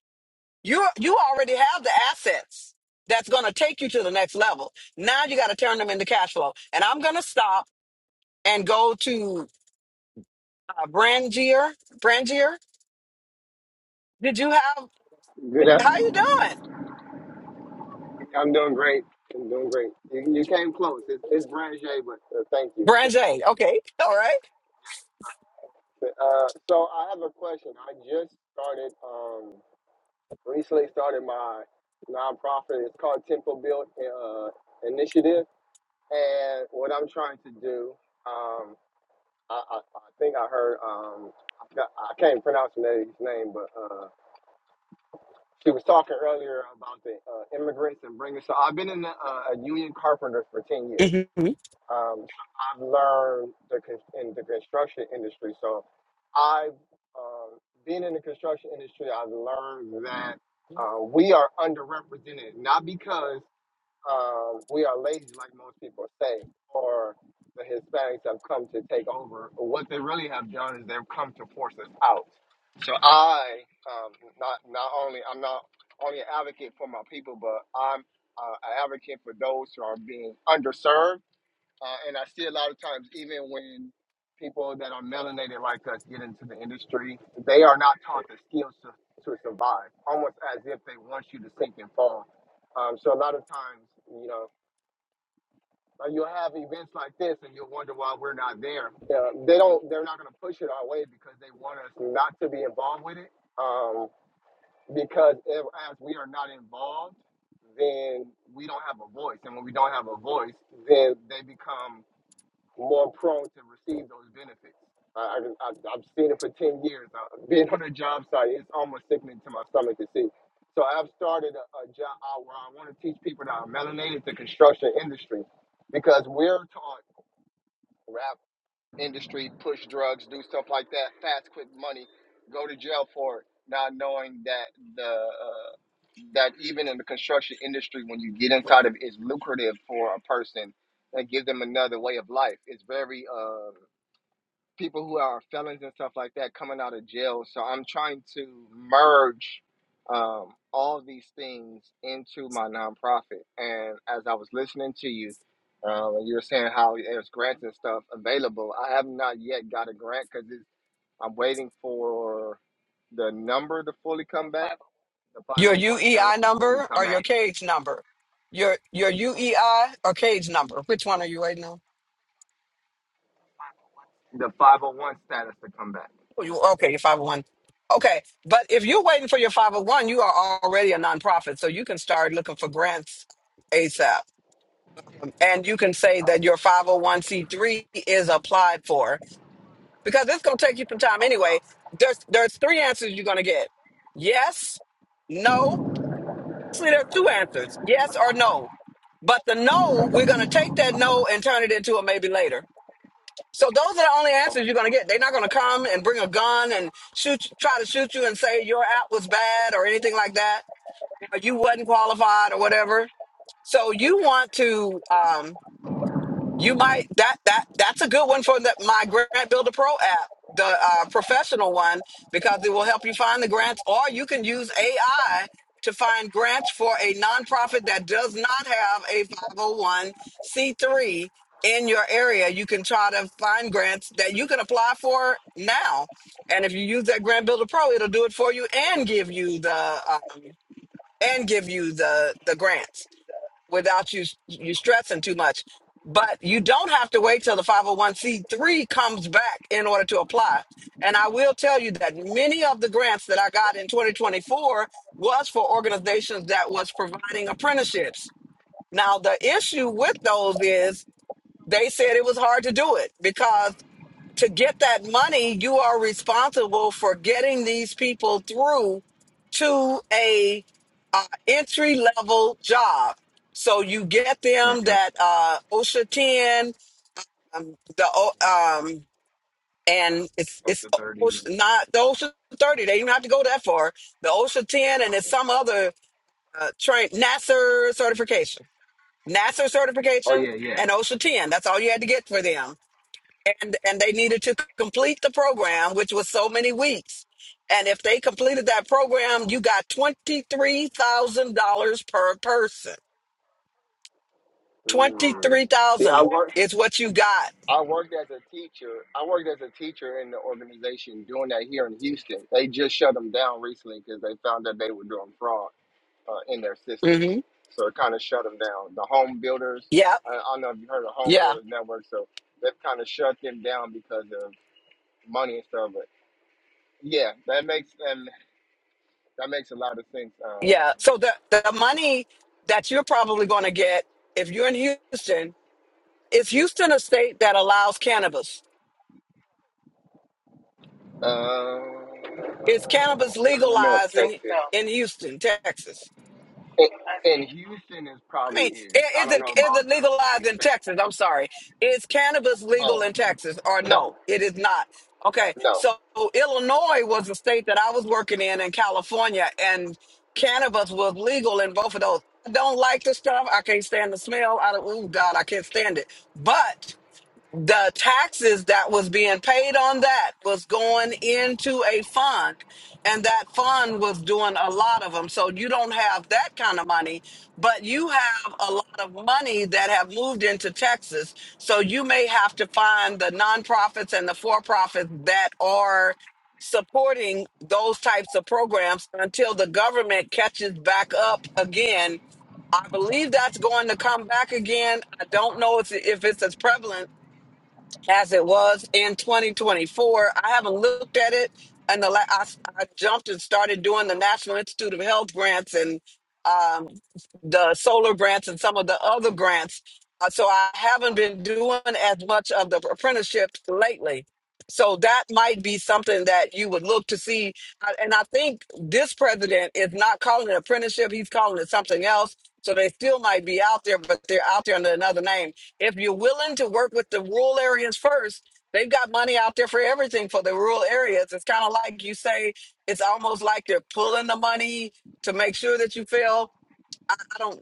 Speaker 1: You you already have the assets that's going to take you to the next level. Now you got to turn them into cash flow. And I'm going to stop and go to uh, Brangier. Brangier, did you have?
Speaker 8: Good.
Speaker 1: How
Speaker 8: up-
Speaker 1: you doing?
Speaker 8: I'm doing great. I'm doing great. You, you came close. It's, it's Brand J, but uh, thank you.
Speaker 1: Branch A. Okay. All
Speaker 8: Uh, so I have a question. I just started, um, recently started my nonprofit. It's called Temple Build uh, Initiative. And what I'm trying to do, um, I, I, I think I heard, um, I forgot- I can't pronounce the lady's name, but uh, she was talking earlier about the uh, immigrants and bringers. So I've been in the, uh, a union carpenter for 10 years.
Speaker 1: right. hmm
Speaker 8: Um, I've learned the con- in the construction industry, so I've uh, being in the construction industry, I've learned that uh, we are underrepresented, not because um, we are lazy, like most people say, or the Hispanics have come to take over. What they really have done is they've come to force us out. So I, um, not not only I'm not only an advocate for my people, but I'm uh, an advocate for those who are being underserved uh, and I see a lot of times, even when people that are melanated like us get into the industry, they are not taught the skills to, to survive, almost as if they want you to sink and fall. Um, so a lot of times, you know, uh, you'll have events like this and you'll wonder why we're not there. Uh, they don't, they're not going to push it our way because they want us not to be involved with it. Um, because if, as we are not involved, then we don't have a voice. And when we don't have a voice, then they become more prone to receive those benefits. I, I, I, I've seen it for 10 years. Uh, being on a job site, it's almost sickening to my stomach to see. So I've started a, a job uh, where I want to teach people that are melanated to construction industry because we're taught rap industry, push drugs, do stuff like that, fast, quick money, go to jail for it, not knowing that the uh, that even in the construction industry, when you get inside of it, is lucrative for a person and give them another way of life. It's very uh, people who are felons and stuff like that coming out of jail. So I'm trying to merge um, all these things into my nonprofit. And as I was listening to you, um, and you were saying how there's grants and stuff available. I have not yet got a grant because I'm waiting for the number to fully come back, the
Speaker 1: Your
Speaker 8: 501 status
Speaker 1: UEI
Speaker 8: to fully
Speaker 1: number
Speaker 8: come
Speaker 1: or your
Speaker 8: back,
Speaker 1: cage number? Your your UEI or cage number? Which one are you waiting on?
Speaker 8: the 501 status to come back.
Speaker 1: Oh, you okay, your 501. Okay. But if you're waiting for your 501, you are already a nonprofit. So you can start looking for grants ASAP. And you can say that your 501c3 is applied for because it's gonna take you some time anyway. There's there's three answers you're gonna get. Yes, no, Actually, there are two answers yes or no. But the no, we're going to take that no and turn it into a maybe later. So those are the only answers you're
Speaker 8: Okay,
Speaker 1: going to get. They're not going to come and bring a gun and shoot, you- try to shoot you and say your app was bad or anything like that, or you wasn't qualified or whatever. So you want to. um, you might that that that's a good one for the, my Grant Builder Pro app, the uh, professional one, because it will help you find the grants, or you can use AI to find grants for a nonprofit that does not have a 501c3 in your area. You can try to find grants that you can apply for now, and if you use that Grant Builder Pro, it'll do it for you and give you the um, and give you the the grants without you you stressing too much. But you don't have to wait till the 501c3 comes back in order to apply. And I will tell you that many of the grants that I got in 2024 was for organizations that was providing apprenticeships. Now the issue with those is they said it was hard to do it because to get that money, you are responsible for getting these people through to a uh, entry level job. So you get
Speaker 8: okay.
Speaker 1: them
Speaker 8: hmm
Speaker 1: that uh, OSHA ten, um, the O- um, and it's it's
Speaker 8: OSHA 30.
Speaker 1: OSHA, not the OSHA thirty. They don't have to go that far. The OSHA ten, and it's
Speaker 8: Okay.
Speaker 1: some other uh, train NASA certification, NASA
Speaker 8: Oh,
Speaker 1: certification,
Speaker 8: yeah, yeah.
Speaker 1: and OSHA ten. That's all you had to get for them and and they needed to complete the program which was so many weeks and if they completed that program you got $23000 per person
Speaker 8: Mm. See, I
Speaker 1: 23000
Speaker 8: worked.
Speaker 1: is what you got
Speaker 8: I worked as a teacher. I worked as a teacher in the organization doing that here in Houston. They just shut them down recently because they found that they were doing fraud uh, in their systems.
Speaker 1: hmm
Speaker 8: So it kind of shut them down. The home builders.
Speaker 1: yep
Speaker 8: I, I don't know if you heard of Home
Speaker 1: yeah
Speaker 8: Builders Network. So they've kind of shut them down because of money and stuff. But yeah, that makes and that makes a lot of sense.
Speaker 1: yeah
Speaker 8: Um,
Speaker 1: so the, the money that you're probably going to get if you're in houston is houston a state that allows cannabis
Speaker 8: uh,
Speaker 1: is cannabis
Speaker 8: I don't know if
Speaker 1: legalized in
Speaker 8: Texas.
Speaker 1: in houston texas
Speaker 8: And, and Houston is
Speaker 1: I
Speaker 8: probably
Speaker 1: mean,
Speaker 8: is.
Speaker 1: i-
Speaker 8: I
Speaker 1: is
Speaker 8: don't
Speaker 1: it
Speaker 8: know
Speaker 1: is
Speaker 8: about
Speaker 1: it
Speaker 8: the whole
Speaker 1: legalized in
Speaker 8: state.
Speaker 1: Texas? I'm sorry. Is cannabis legal
Speaker 8: Oh,
Speaker 1: in Texas or
Speaker 8: no,
Speaker 1: no? It is not. Okay.
Speaker 8: no.
Speaker 1: So Illinois was the state that I was working in in California and cannabis was legal in both of those. I don't like the stuff. I can't stand the smell. I don't, oh God, I can't stand it. But the taxes that was being paid on that was going into a fund and that fund was doing a lot of them so you don't have that kind of money but you have a lot of money that have moved into texas so you may have to find the nonprofits and the for-profits that are supporting those types of programs until the government catches back up again I believe that's going to come back again. I don't know if, if it's as prevalent as it was in 2024. I haven't looked at it, and the la- I, I jumped and started doing the National Institute of Health grants and um, the solar grants and some of the other grants. Uh, so I haven't been doing as much of the apprenticeship lately. So that might be something that you would look to see. Uh, And I think this president is not calling it apprenticeship; he's calling it something else. So they still might be out there, but they're out there under another name. If you're willing to work with the rural areas first, they've got money out there for everything for the rural areas. It's kind of like you say, it's almost like they're pulling the money to make sure that you fail. I, I don't,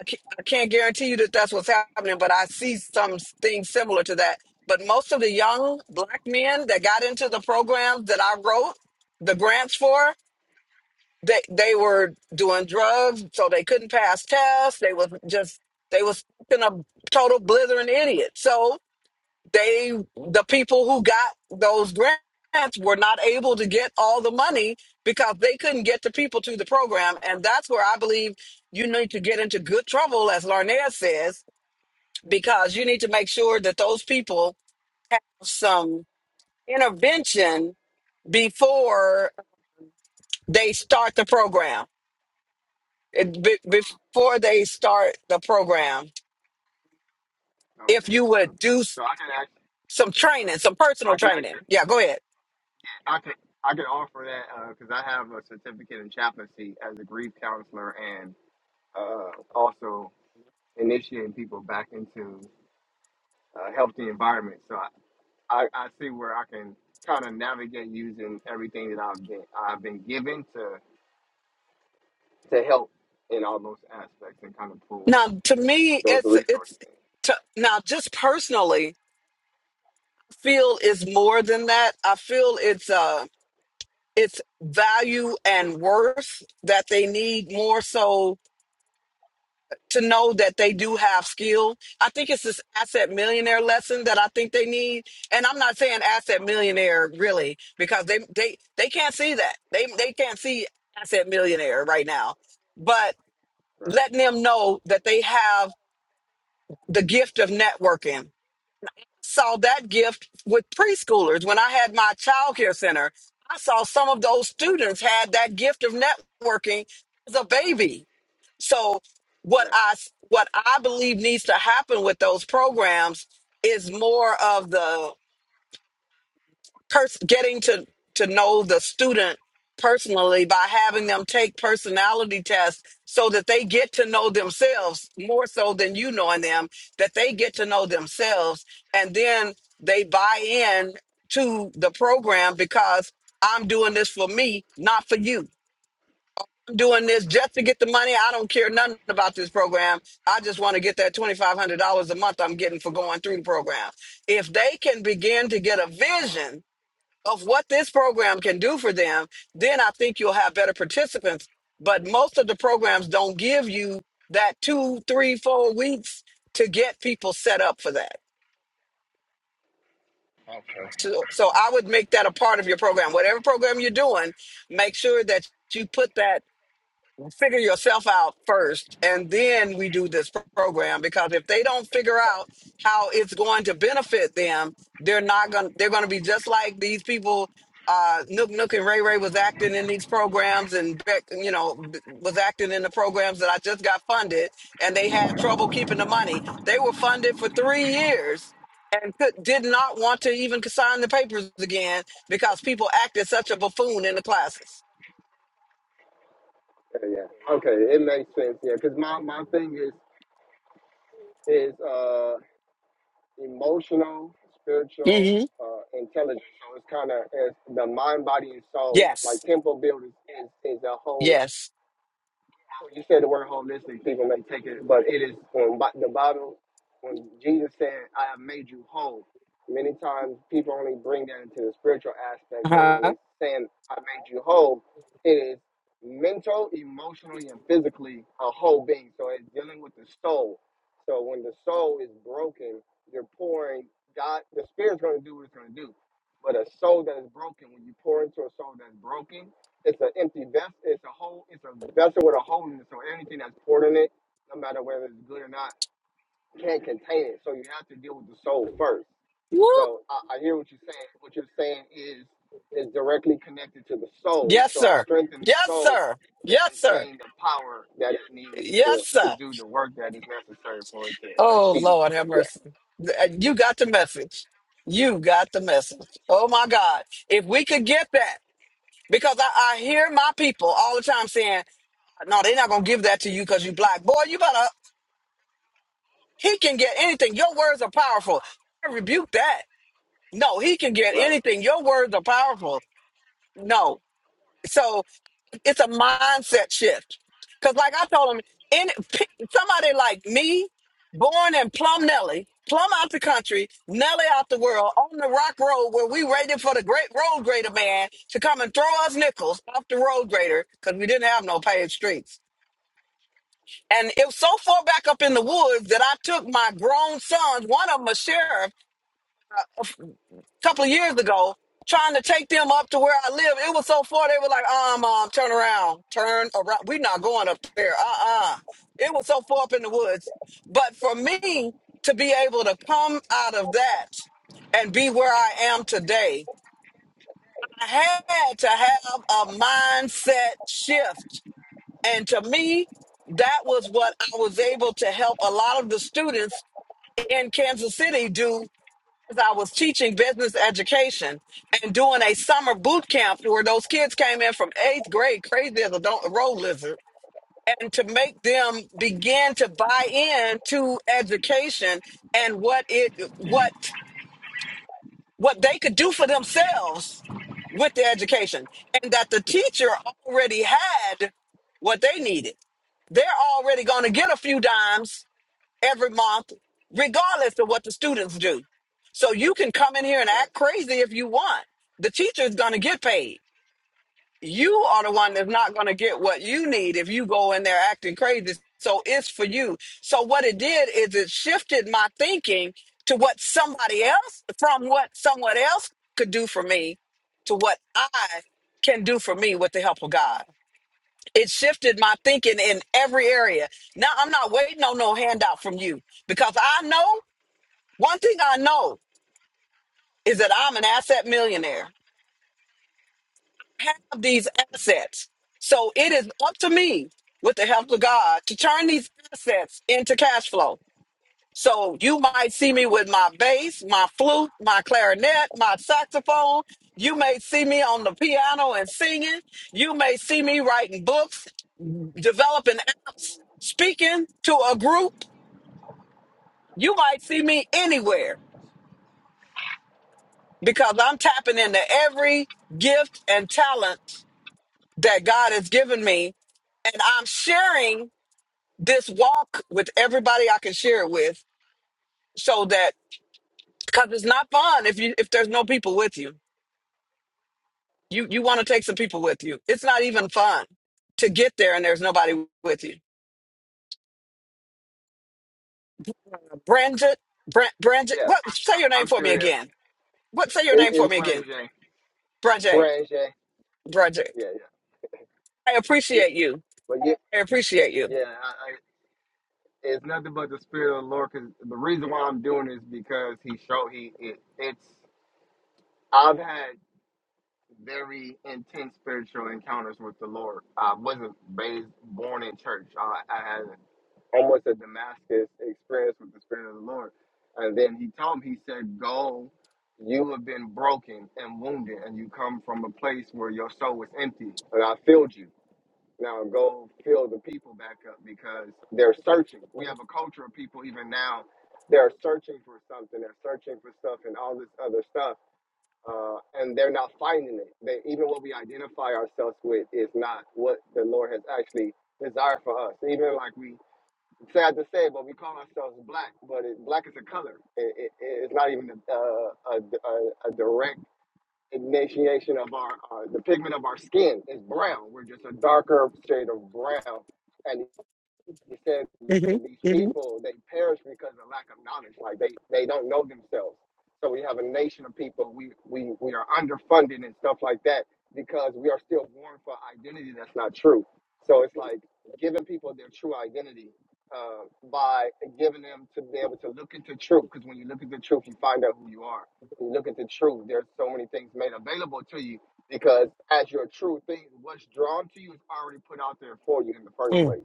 Speaker 1: I can't, I can't guarantee you that that's what's happening, but I see some s- things similar to that. But most of the young black men that got into the programs that I wrote the grants for, they they were doing drugs, so they couldn't pass tests. They was just they was in a total blithering idiot. So they the people who got those grants were not able to get all the money because they couldn't get the people to the program, and that's where I believe you need to get into good trouble, as Larnea says, because you need to make sure that those people have some intervention before they start the program it, be, before they start the program, if
Speaker 8: Okay,
Speaker 1: you would
Speaker 8: okay.
Speaker 1: do s-
Speaker 8: So I can act.
Speaker 1: some training, some personal
Speaker 8: I can
Speaker 1: training.
Speaker 8: actually.
Speaker 1: Yeah, go ahead.
Speaker 8: I can. I can offer that because I have a certificate in chaplaincy as a grief counselor and uh, also initiating people back into uh, healthy environments. So I, I, I see where I can kind of navigate using everything that I've been I've been given to to help in all those aspects and kind of pull
Speaker 1: Now, to me,
Speaker 8: those
Speaker 1: it's it's
Speaker 8: resources
Speaker 1: to, now just personally feel is more than that. I feel it's uh it's value and worth that they need more so to know that they do have skill. I think it's this asset millionaire lesson that I think they need. And I'm not saying asset millionaire really because they they they can't see that. They they can't see asset millionaire right now. But
Speaker 8: Right.
Speaker 1: letting them know that they have the gift of networking. Saw that gift with preschoolers when I had my childcare center. I saw some of those students had that gift of networking as a baby so what
Speaker 8: Right.
Speaker 1: I what I believe needs to happen with those programs is more of the pers- getting to to know the student personally by having them take personality tests so that they get to know themselves more so than you knowing them that they get to know themselves and then they buy in to the program because I'm doing this for me not for you doing this just to get the money. I don't care nothing about this program. I just want to get that $2,500 a month I'm getting for going through the program. If they can begin to get a vision of what this program can do for them, then I think you'll have better participants. But most of the programs don't give you that two, three, four weeks to get people set up for that.
Speaker 8: Okay.
Speaker 1: So, so I would make that a part of your program. Whatever program you're doing, make sure that you put that figure yourself out first and then we do this program because if they don't figure out how it's going to benefit them they're not going to they're going to be just like these people uh nook nook and ray ray was acting in these programs and Beck, you know b- was acting in the programs that i just got funded and they had trouble keeping the money they were funded for three years and could, did not want to even sign the papers again because people acted such a buffoon in the classes
Speaker 8: Yeah. yeah. Okay. It makes sense. Yeah. Because my, my thing is is uh emotional,
Speaker 1: Mhm.
Speaker 8: spiritual, uh, intelligence. So it's kind of it's the mind, body, and soul. Like
Speaker 1: yes
Speaker 8: temple builders is is a whole
Speaker 1: yes
Speaker 8: you said the word holistic, people may take it, but it is on Bi- the Bible. When Jesus said, "I have made you whole," many times people only bring that into the spiritual aspect, but when he's saying, "I made you whole," it is mental, emotionally, and physically a whole being. So it's dealing with the soul. So when the soul is broken, you're pouring God. The spirit's going to do what it's going to do, but a soul that is broken, when you pour into a soul that's broken it's an empty vessel. It's a hole. It's a vessel with a hole in it. So anything that's poured in it, no matter whether it's good or not, can't contain it. So you have to deal with the soul first. So I, I hear what you're saying. What you're saying is is directly connected to the soul.
Speaker 1: Yes,
Speaker 8: So I
Speaker 1: sir.
Speaker 8: strengthen the
Speaker 1: Yes,
Speaker 8: soul
Speaker 1: sir.
Speaker 8: to
Speaker 1: Yes, sir.
Speaker 8: contain the power that it needs
Speaker 1: Yes,
Speaker 8: to to
Speaker 1: sir.
Speaker 8: do the work that is necessary for it to
Speaker 1: Oh,
Speaker 8: achieve.
Speaker 1: Lord, have
Speaker 8: Yeah.
Speaker 1: mercy. Th- uh, You got the message. You got the message. Oh, my God. If we could get that, because I, I hear my people all the time saying, no, they're not going to give that to you because you black. Boy, you better, he can get anything. Your words are powerful. I rebuke that. No, he can get
Speaker 8: Right.
Speaker 1: anything. Your words are powerful. No. So It's a mindset shift. Because, like I told him, in, p- somebody like me, born in Plum Nelly, Plum out the country, Nelly out the world, on the rock road where we waited for the great road grader man to come and throw us nickels off the road grader because we didn't have no paved streets. And it was so far back up in the woods that I took my grown sons, one of them a sheriff, a couple of years ago trying to take them up to where I live. It was so far they were like, um, um, turn around, turn around. We're not going up there. Uh-uh. It was so far up in the woods. But for me to be able to come out of that and be where I am today, I had to have a mindset shift. And to me, that was what I was able to help a lot of the students in Kansas City do because I was teaching business education and doing a summer boot camp where those kids came in from eighth grade, crazy as a do- a road lizard, and to make them begin to buy in to education and what it what what they could do for themselves with the education, and that the teacher already had what they needed. They're already going to get a few dimes every month, regardless of what the students do. So you can come in here and
Speaker 8: Right.
Speaker 1: act crazy if you want. The teacher is going to get paid. You are the one that's not going to get what you need if you go in there acting crazy. So it's for you. So what it did is it shifted my thinking to what somebody else, from what someone else could do for me to what I can do for me with the help of God it shifted my thinking in every area. Now I'm not waiting on no handout from you because I know one thing I know is that I'm an asset millionaire. I have these assets. So it is up to me with the help of God to turn these assets into cash flow. So you might see me with my bass, my flute, my clarinet, my saxophone. You may see me on the piano and singing. You may see me writing books, developing apps, speaking to a group. You might see me anywhere because I'm tapping into every gift and talent that God has given me and I'm sharing this walk with everybody I can share it with, so that because it's not fun if you if there's no people with you. You you want to take some people with you. It's not even fun to get there and there's nobody with you. Bridget, Br- Bridget,
Speaker 8: Yes.
Speaker 1: what? Say your name
Speaker 8: I'm
Speaker 1: for
Speaker 8: still
Speaker 1: me
Speaker 8: here.
Speaker 1: again. What? Say your
Speaker 8: It,
Speaker 1: name for
Speaker 8: it's
Speaker 1: me again.
Speaker 8: Brain J.
Speaker 1: Bridget,
Speaker 8: Brain J.
Speaker 1: Bridget.
Speaker 8: Yeah, yeah,
Speaker 1: I
Speaker 8: yeah.
Speaker 1: appreciate you.
Speaker 8: But yeah,
Speaker 1: I appreciate you.
Speaker 8: yeah. it's nothing but the spirit of the Lord. Because the reason why I'm doing this because He showed He it, it's I've had very intense spiritual encounters with the Lord. I wasn't raised born in church. I, I had almost a Damascus experience with the spirit of the Lord. And then He told me, He said, "Go." You have been broken and wounded, and you come from a place where your soul was empty, and I filled you. Now go fill the people back up because they're searching. We have a culture of people even now. They're searching for something. They're searching for stuff and all this other stuff, uh, and they're not finding it. They, even what we identify ourselves with is not what the Lord has actually desired for us. Even like we it's sad to say, but we call ourselves black, but it, black is a color. It, it, it's not even a, a, a, a direct ignition of our, our the pigment of our skin is brown. We're just a darker shade of brown, and. He said that these people they perish because of lack of knowledge. Like they they don't know themselves. So we have a nation of people. We we we are underfunded and stuff like that because we are still born for identity that's not true. So it's like giving people their true identity uh, by giving them to be able to look into truth. Because when you look into truth, you find out who you are. When you look into truth, there's so many things made available to you because as your true thing, what's drawn to you is already put out there for you in the first place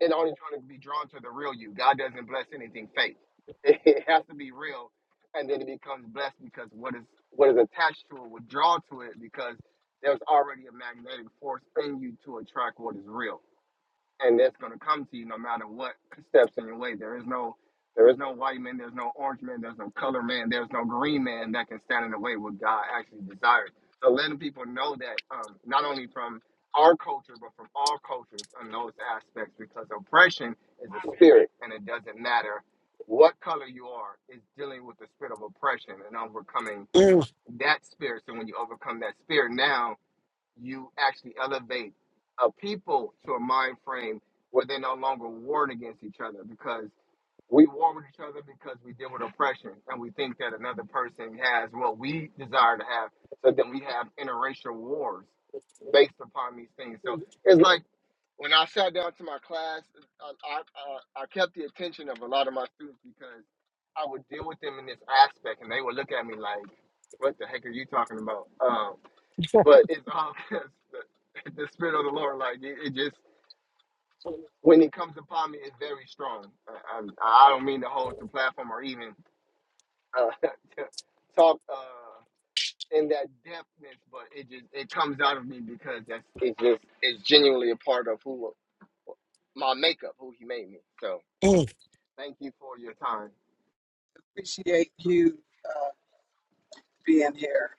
Speaker 8: and only trying to be drawn to the real you. God doesn't bless anything fake. It has to be real, and then it becomes blessed because what is what is attached to it will draw to it because there's already a magnetic force in you to attract what is real and that's going to come to you no matter what steps in your way. There is no there is no white man, there's no orange man, there's no color man, there's no green man that can stand in the way of what God actually desires. So letting people know that um, not only from our culture, but from all cultures on those aspects, because oppression is a spirit, and it doesn't matter what color you are. It's dealing with the spirit of oppression and overcoming
Speaker 1: Mm.
Speaker 8: that spirit. So when you overcome that spirit now, you actually elevate a people to a mind frame where they no longer warring against each other because we war with each other because we deal with oppression and we think that another person has what we desire to have. So then we have interracial wars based upon these things. So it's like when I sat down to my class, I, I, I, I kept the attention of a lot of my students because I would deal with them in this aspect and they would look at me like, what the heck are you talking about? Um, but it's obvious that the the spirit of the Lord, like it, it just when it comes upon me, it's very strong. I, I, I don't mean to hold the platform or even uh, to talk uh, in that depthness, but it just it comes out of me because that's it's just it's genuinely a part of who my makeup, who He made me. So thank you for your time.
Speaker 1: Appreciate you. being here.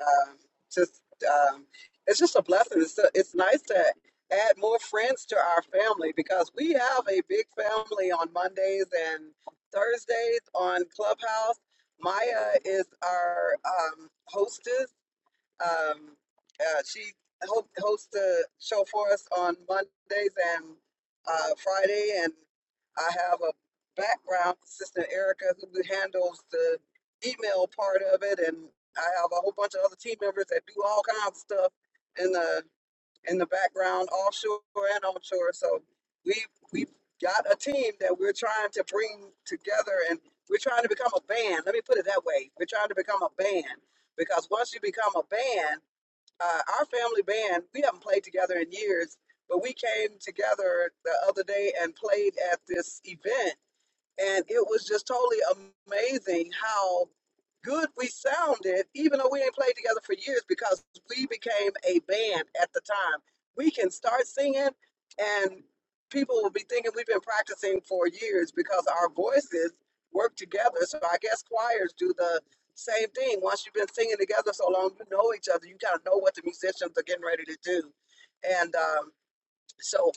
Speaker 1: Um, just um, it's just a blessing. It's it's nice to add more friends to our family because we have a big family on Mondays and Thursdays on Clubhouse. Maya is our um, hostess um, uh, she ho- hosts a show for us on Mondays and uh, Friday, and I have a background assistant, Erica, who handles the email part of it, and I have a whole bunch of other team members that do all kinds of stuff. in the in the background, offshore and onshore. So we we've got a team that we're trying to bring together, and we're trying to become a band. Let me put it that way: we're trying to become a band because once you become a band, uh, our family band, we haven't played together in years, but we came together the other day and played at this event and it was just totally amazing how good we sounded, even though we ain't played together for years because we became a band at the time. We can start singing, and people will be thinking we've been practicing for years because our voices work together. So I guess choirs do the same thing. Once you've been singing together so long, you know each other. You kind of know what the musicians are getting ready to do, and um, so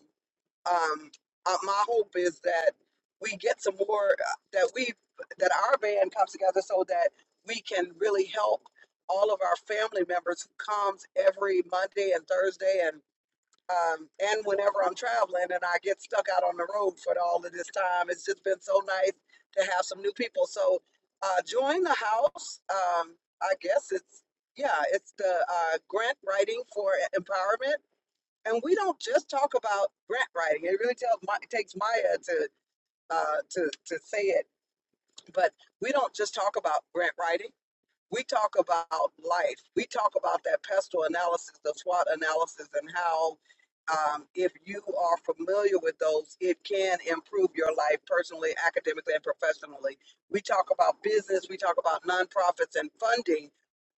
Speaker 1: um, uh, my hope is that we get some more uh, that we that our band comes together so that we can really help all of our family members who comes every Monday and Thursday and um, and whenever I'm traveling and I get stuck out on the road for all of this time. It's just been so nice to have some new people. So uh, join the house. Um, I guess it's yeah, it's the uh, grant writing for e- empowerment and we don't just talk about grant writing. It really tells my, it takes Maya to uh, to to say it, but we don't just talk about grant writing. We talk about life. We talk about that pestle analysis, the SWOT analysis, and how um, if you are familiar with those, it can improve your life personally, academically, and professionally. We talk about business. We talk about nonprofits and funding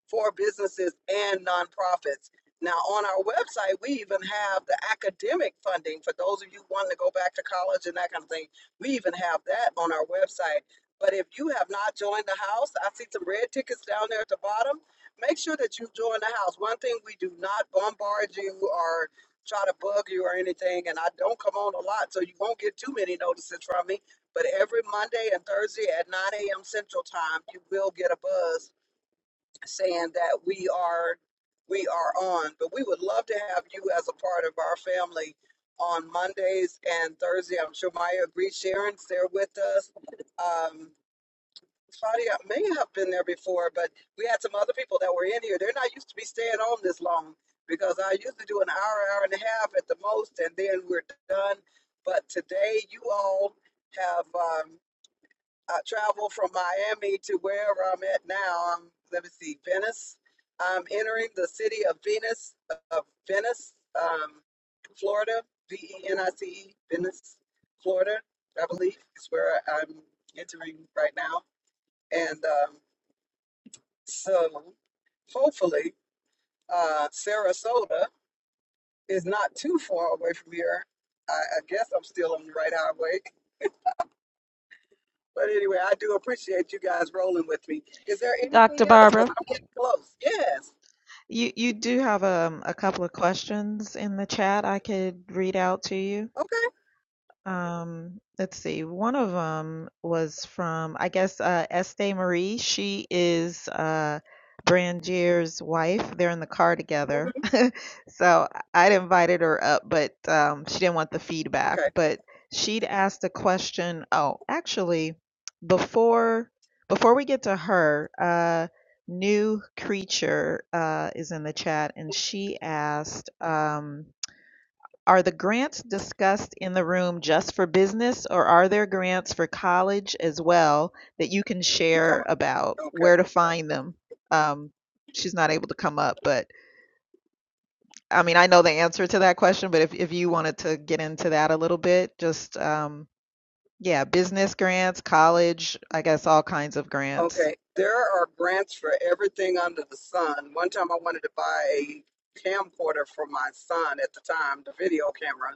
Speaker 1: for businesses and nonprofits. Now, on our website, we even have the academic funding for those of you wanting to go back to college and that kind of thing. We even have that on our website. But if you have not joined the house, I see some red tickets down there at the bottom. Make sure that you join the house. One thing we do not bombard you or try to bug you or anything, and I don't come on a lot, so you won't get too many notices from me. But every Monday and Thursday at 9 a.m. Central Time, you will get a buzz saying that we are we are on but we would love to have you as a part of our family on mondays and thursday i'm sure maya agrees sharon's there with us um Claudia may have been there before, but we had some other people that were in here. They're not used to be staying on this long because I used to do an hour, hour and a half at the most, and then we're done. But today, you all have. um, uh, travel from Miami to wherever I'm at now. I'm, let me see, Venice. I'm entering the city of Venus, of Venice, um, Florida, V E N I C E, Venice, Florida, I believe is where I'm entering right now. And um, so hopefully, uh, Sarasota is not too far away from here. I, I guess I'm still on the right highway. But anyway, I do appreciate you guys rolling with me. Is there anything
Speaker 7: Dr.
Speaker 1: else? Because
Speaker 7: Barbara,
Speaker 1: I'm getting close. Yes.
Speaker 7: you, you do have um, a couple of questions in the chat I could read out to you.
Speaker 1: Okay.
Speaker 7: Um, let's see. One of them was from, I guess, uh, Estee Marie. She is uh, Brangier's wife. They're in the car together.
Speaker 1: Mhm.
Speaker 7: So I'd invited her up, but um, she didn't want the
Speaker 1: Okay.
Speaker 7: feedback. But she'd asked a question. Oh, actually, before before we get to her, uh, new creature uh, is in the chat, and she asked. Um, are the grants discussed in the room just for business, or are there grants for college as well that you can share
Speaker 1: Okay.
Speaker 7: about
Speaker 1: Okay.
Speaker 7: where to find them? Um, she's not able to come up, but I mean, I know the answer to that question, but if, if you wanted to get into that a little bit, just um, yeah, business grants, college, I guess all kinds of grants.
Speaker 1: Okay. There are grants for everything under the sun. One time I wanted to buy a camcorder for my son at the time, the video camera.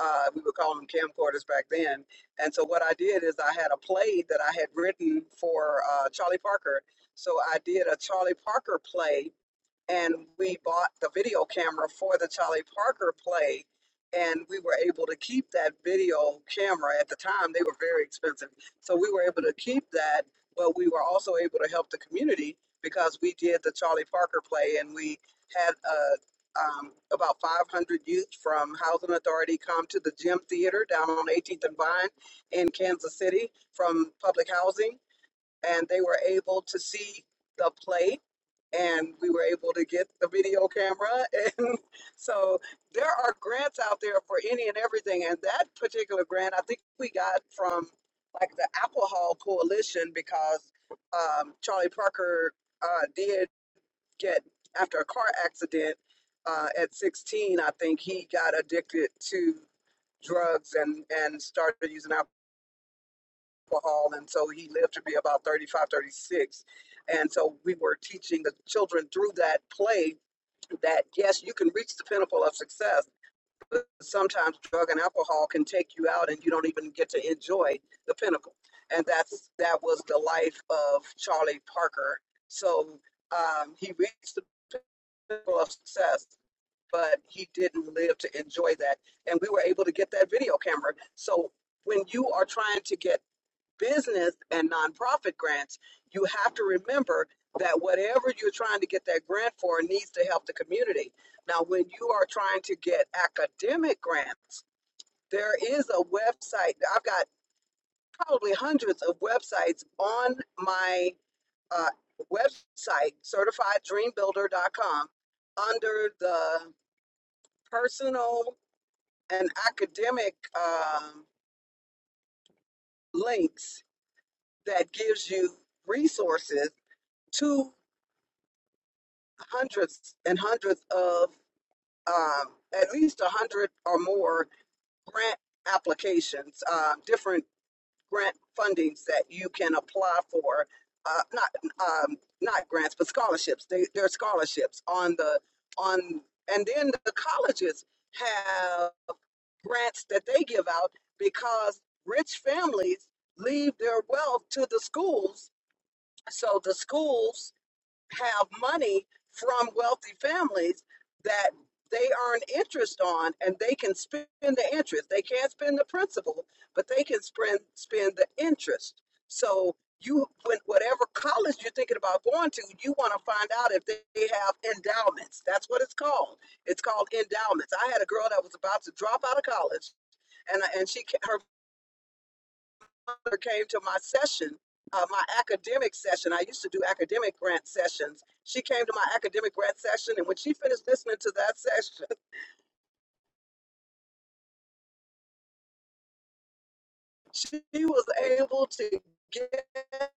Speaker 1: Uh, we would call them camcorders back then. And so what I did is I had a play that I had written for uh, Charlie Parker. So I did a Charlie Parker play and we bought the video camera for the Charlie Parker play, and we were able to keep that video camera. At the time, they were very expensive, so we were able to keep that, but we were also able to help the community because we did the Charlie Parker play, and we had uh, um, about 500 youth from Housing Authority come to the Gym Theater down on 18th and Vine in Kansas City from public housing, and they were able to see the play and we were able to get the video camera. And so there are grants out there for any and everything. And that particular grant, I think we got from like the Alcohol Coalition because um, Charlie Parker uh, did get, after a car accident uh, at 16, I think he got addicted to drugs and, and started using alcohol. And so he lived to be about 35, 36. And so we were teaching the children through that play that yes, you can reach the pinnacle of success, but sometimes drug and alcohol can take you out and you don't even get to enjoy the pinnacle. And that's that was the life of Charlie Parker. So um, he reached the pinnacle of success, but he didn't live to enjoy that. And we were able to get that video camera. So when you are trying to get business and nonprofit grants, you have to remember that whatever you're trying to get that grant for needs to help the community. Now, when you are trying to get academic grants, there is a website. I've got probably hundreds of websites on my uh, website, certifieddreambuilder.com, under the personal and academic um, links that gives you resources to. hundreds and hundreds of um, at least a hundred or more grant applications, uh, different grant fundings that you can apply for. Uh, not um, not grants, but scholarships. They they're scholarships on the on, and then the colleges have grants that they give out because rich families leave their wealth to the schools. So the schools have money from wealthy families that they earn interest on and they can spend the interest. They can't spend the principal, but they can spend spend the interest. So you when whatever college you're thinking about going to, you want to find out if they have endowments. That's what it's called. It's called endowments. I had a girl that was about to drop out of college and and she her mother came to my session, uh, my academic session. I used to do academic grant sessions. She came to my academic grant session, and when she finished listening to that session, she was able to get her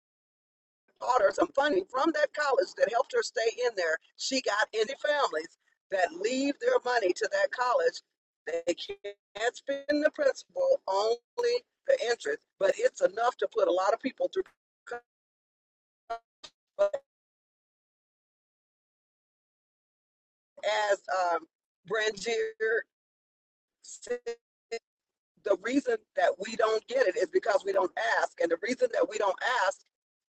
Speaker 1: daughter some funding from that college that helped her stay in there. She got into families that leave their money to that college. They can't spend the principal, only the interest, but it's enough to put a lot of people through. But as um, Brangier the reason that we don't get it is because we don't ask. And the reason that we don't ask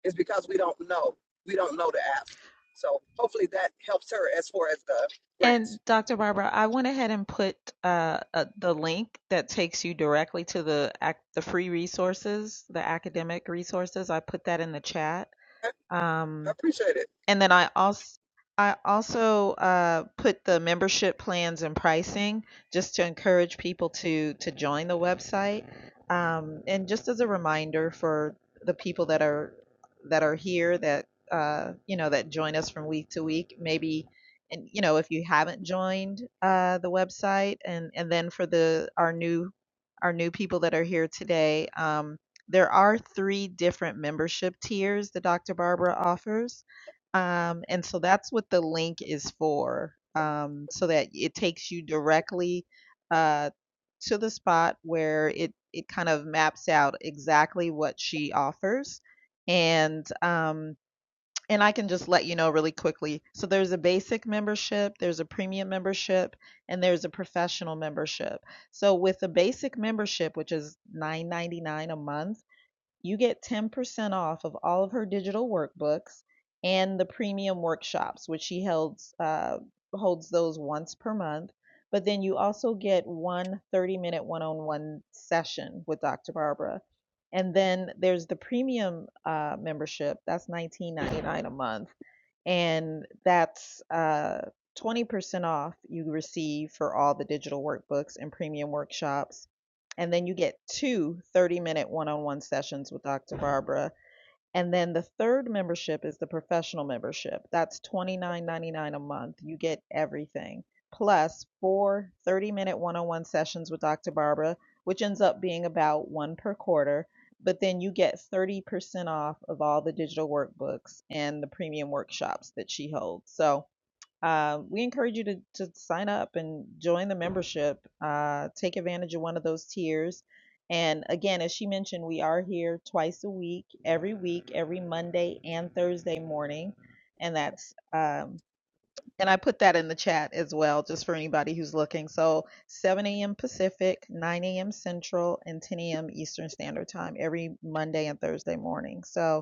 Speaker 1: is because we don't know. We don't know to ask. So hopefully that helps her as far as the
Speaker 7: And
Speaker 1: grants.
Speaker 7: Dr. Barbara, I went ahead and put uh, uh, the link that takes you directly to the ac- the free resources, the academic resources. I put that in the chat.
Speaker 1: I,
Speaker 7: Um,
Speaker 1: I appreciate it.
Speaker 7: and then I also I also, uh, put the membership plans and pricing just to encourage people to to join the website. Um, and just as a reminder for the people that are that are here that uh, you know that join us from week to week, maybe and you know if you haven't joined uh, the website, and and then for the our new our new people that are here today, um, there are three different membership tiers that Dr. Barbara offers um, and so that's what the link is for, um, so that it takes you directly, uh, to the spot where it it kind of maps out exactly what she offers. And um, and I can just let you know really quickly. So there's a basic membership, there's a premium membership, and there's a professional membership. So with the basic membership, which is $9.99 a month, you get 10% off of all of her digital workbooks and the premium workshops, which she holds, uh, holds those once per month. But then you also get one 30 minute one on one session with Dr. Barbara. And then there's the premium uh, membership, that's $19.99 a month. And that's uh, 20% off you receive for all the digital workbooks and premium workshops and then you get two 30 minute one on one sessions with Dr. Barbara. And then the third membership is the professional membership. That's $29.99 a month. You get everything, plus four 30 minute one on one sessions with Dr. Barbara, which ends up being about one per quarter. But then you get 30% off of all the digital workbooks and the premium workshops that she holds. So uh, we encourage you to, to sign up and join the membership. Uh, take advantage of one of those tiers. And again, as she mentioned, we are here twice a week, every week, every Monday and Thursday morning. And that's, um, and I put that in the chat as well, just for anybody who's looking. So 7 a.m. Pacific, 9 a.m. Central, and 10 a.m. Eastern Standard Time every Monday and Thursday morning. So,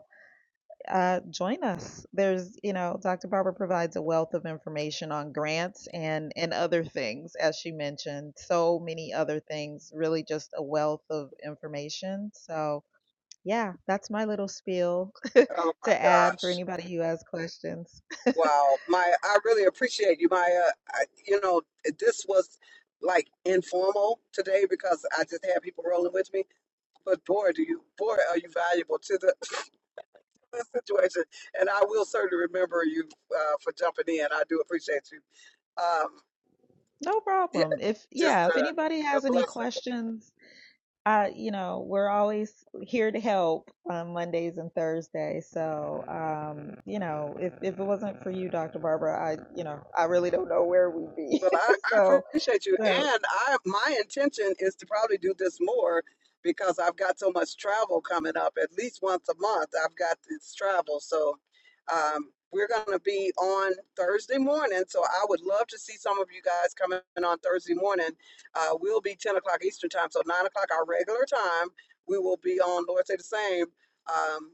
Speaker 7: uh, join us. There's, you know, Dr. Barber provides a wealth of information on grants and and other things, as she mentioned, so many other things. Really, just a wealth of information. So, yeah, that's my little spiel
Speaker 1: Oh my
Speaker 7: to add for
Speaker 1: gosh.
Speaker 7: anybody who has questions.
Speaker 1: Wow. Maya, I really appreciate you, Maya. I, you know, this was like informal today because I just had people rolling with me. But boy, do you boy are you valuable to the this situation. And I will certainly remember you uh, for jumping in. I do appreciate you. Um,
Speaker 7: No
Speaker 1: yeah,
Speaker 7: problem. If
Speaker 1: just
Speaker 7: yeah, if anybody
Speaker 1: a, a
Speaker 7: has any
Speaker 1: blessing.
Speaker 7: questions, I, you know, we're always here to help on Mondays and Thursdays. So, um, you know, if, if it wasn't for you, Dr. Barbara, I, you know, I really don't know where we'd be.
Speaker 1: Well, I, I
Speaker 7: so,
Speaker 1: appreciate you,
Speaker 7: so,
Speaker 1: and I my intention is to probably do this more because I've got so much travel coming up. At least once a month, I've got this travel, so um, we're going to be on Thursday morning. So I would love to see some of you guys coming on Thursday morning. Uh, we'll be ten o'clock Eastern time, so nine o'clock our regular time. We will be on Lord Say the Same. Um,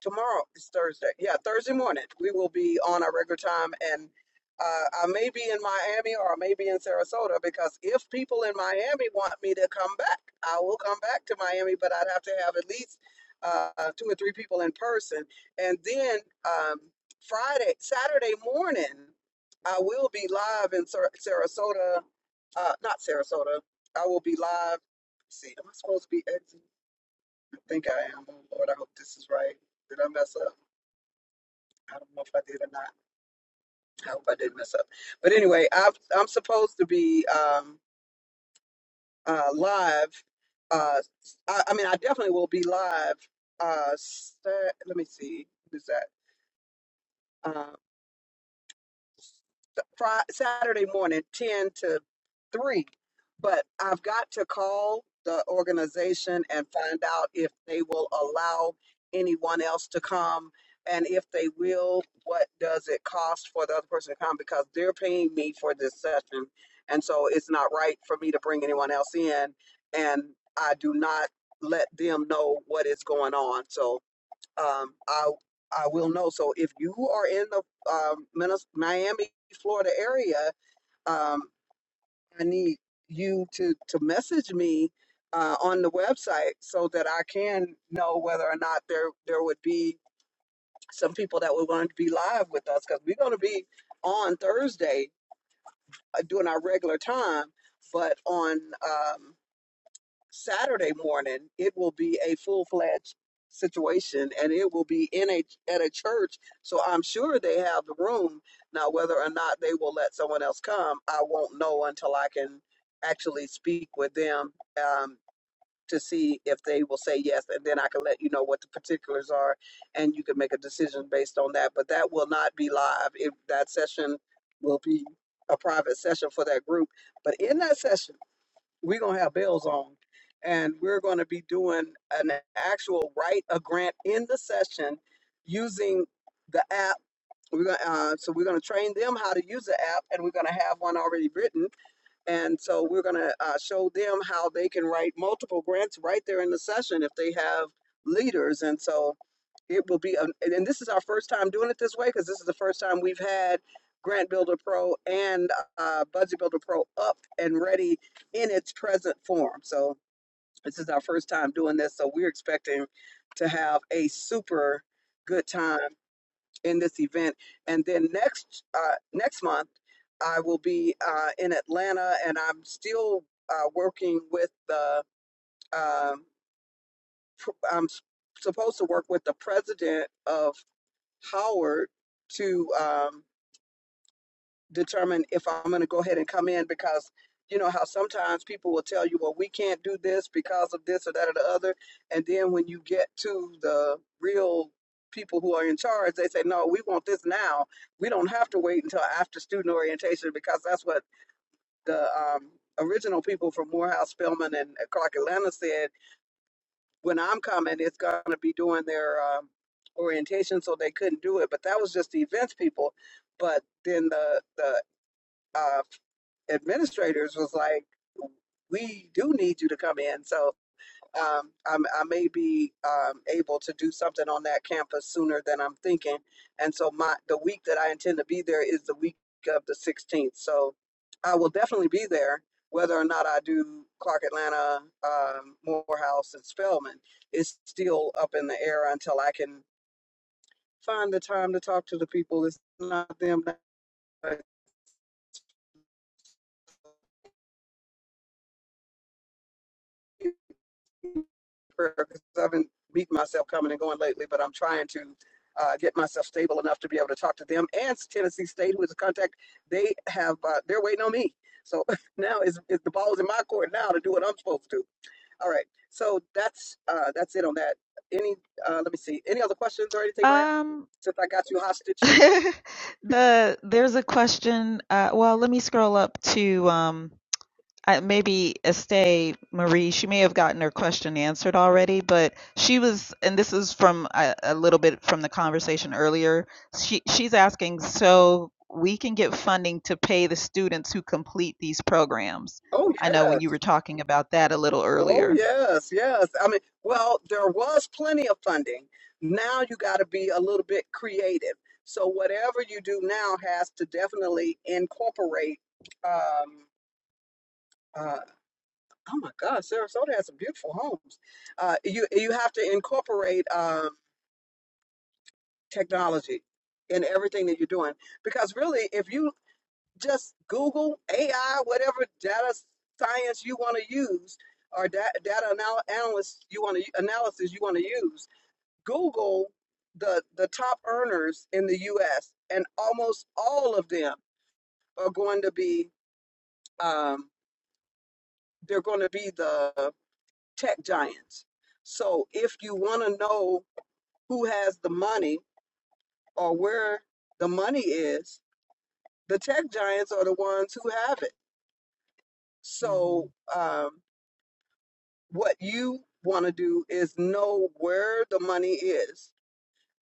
Speaker 1: tomorrow is Thursday. Yeah, Thursday morning. We will be on our regular time and uh, I may be in Miami or I may be in Sarasota because if people in Miami want me to come back, I will come back to Miami, but I'd have to have at least uh, two or three people in person. And then um, Friday, Saturday morning, I will be live in Sar- Sarasota, uh, not Sarasota. I will be live. let's see, am I supposed to be exiting? I think I am. Oh, Lord, I hope this is right. Did I mess up? I don't know if I did or not. I hope I didn't mess up. But anyway, I've, I'm supposed to be um, uh, live. Uh, I, I mean, I definitely will be live. Uh, Sat- let me see. Who's that? Um, Friday, Saturday morning, 10 to 3. But I've got to call the organization and find out if they will allow anyone else to come. And if they will, what does it cost for the other person to come? Because they're paying me for this session. And so it's not right for me to bring anyone else in. And I do not let them know what is going on. So um, I I will know. So if you are in the um, Minnes- Miami, Florida area, um, I need you to to message me uh, on the website so that I can know whether or not there there would be some people that would want to be live with us because we're going to be on Thursday uh, doing our regular time, but on um, Saturday morning, it will be a full fledged situation and it will be in a at a church. So I'm sure they have the room. Now whether or not they will let someone else come, I won't know until I can actually speak with them um, to see if they will say yes and then I can let you know what the particulars are and you can make a decision based on that. But that will not be live. If that session will be a private session for that group. But in that session we're gonna have bells on and we're gonna be doing an actual write a grant in the session using the app. We're gonna uh, so we're gonna train them how to use the app and we're gonna have one already written and so we're going to uh, show them how they can write multiple grants right there in the session if they have leaders. And so it will be, an- and and this is our first time doing it this way because this is the first time we've had Grant Builder Pro and uh, Budget Builder Pro up and ready in its present form. So this is our first time doing this. So we're expecting to have a super good time in this event. And then next uh, next month, I will be uh, in Atlanta, and I'm still uh, working with the. um pr- I'm s- supposed to work with the president of Howard to. Um, determine if I'm going to go ahead and come in because you know how sometimes people will tell you, well, we can't do this because of this or that or the other. And then when you get to the real people who are in charge, they say, no, we want this now. We don't have to wait until after student orientation because that's what the um, original people from Morehouse, Spelman, and uh, Clark Atlanta said. When I'm coming, it's going to be doing their um, orientation, so they couldn't do it. But that was just the events people. But then the the uh, administrators was like, "We do need you to come in." So um, I'm, I may be um, able to do something on that campus sooner than I'm thinking. And so my the week that I intend to be there is the week of the 16th. So I will definitely be there, whether or not I do Clark Atlanta, um, Morehouse, and Spelman. It's still up in the air until I can find the time to talk to the people. It's not them. prayer because I've been beating myself coming and going lately, but I'm trying to uh, get myself stable enough to be able to talk to them and Tennessee State, who is a contact. They have uh, they're waiting on me, so now is is the ball's in my court now to do what I'm supposed to. do. All right, so that's uh, that's it on that. Any uh, let me see any other questions or anything, Maya?
Speaker 7: um,
Speaker 1: Since I got you hostage.
Speaker 7: the, there's a question. Uh, well, let me scroll up to, um, I, maybe Estee Marie, she may have gotten her question answered already, but she was, and this is from a, a little bit from the conversation earlier. She she's asking, so we can get funding to pay the students who complete these programs.
Speaker 1: Oh,
Speaker 7: I know when you were
Speaker 1: yes.
Speaker 7: talking about that a little
Speaker 1: Oh,
Speaker 7: earlier.
Speaker 1: yes, yes. I mean, well, there was plenty of funding. Now you got to be a little bit creative. So whatever you do now has to definitely incorporate um, uh, Oh my God, Sarasota has some beautiful homes. Uh, you you have to incorporate um, technology in everything that you're doing because really, if you just Google AI, whatever data science you want to use or da- data anal- analysis you want to analysis you want to use, Google the the top earners in the U.S. and almost all of them are going to be um, they're going to be the tech giants. So if you want to know who has the money or where the money is, the tech giants are the ones who have it.
Speaker 7: hmm
Speaker 1: So, um, what you want to do is know where the money is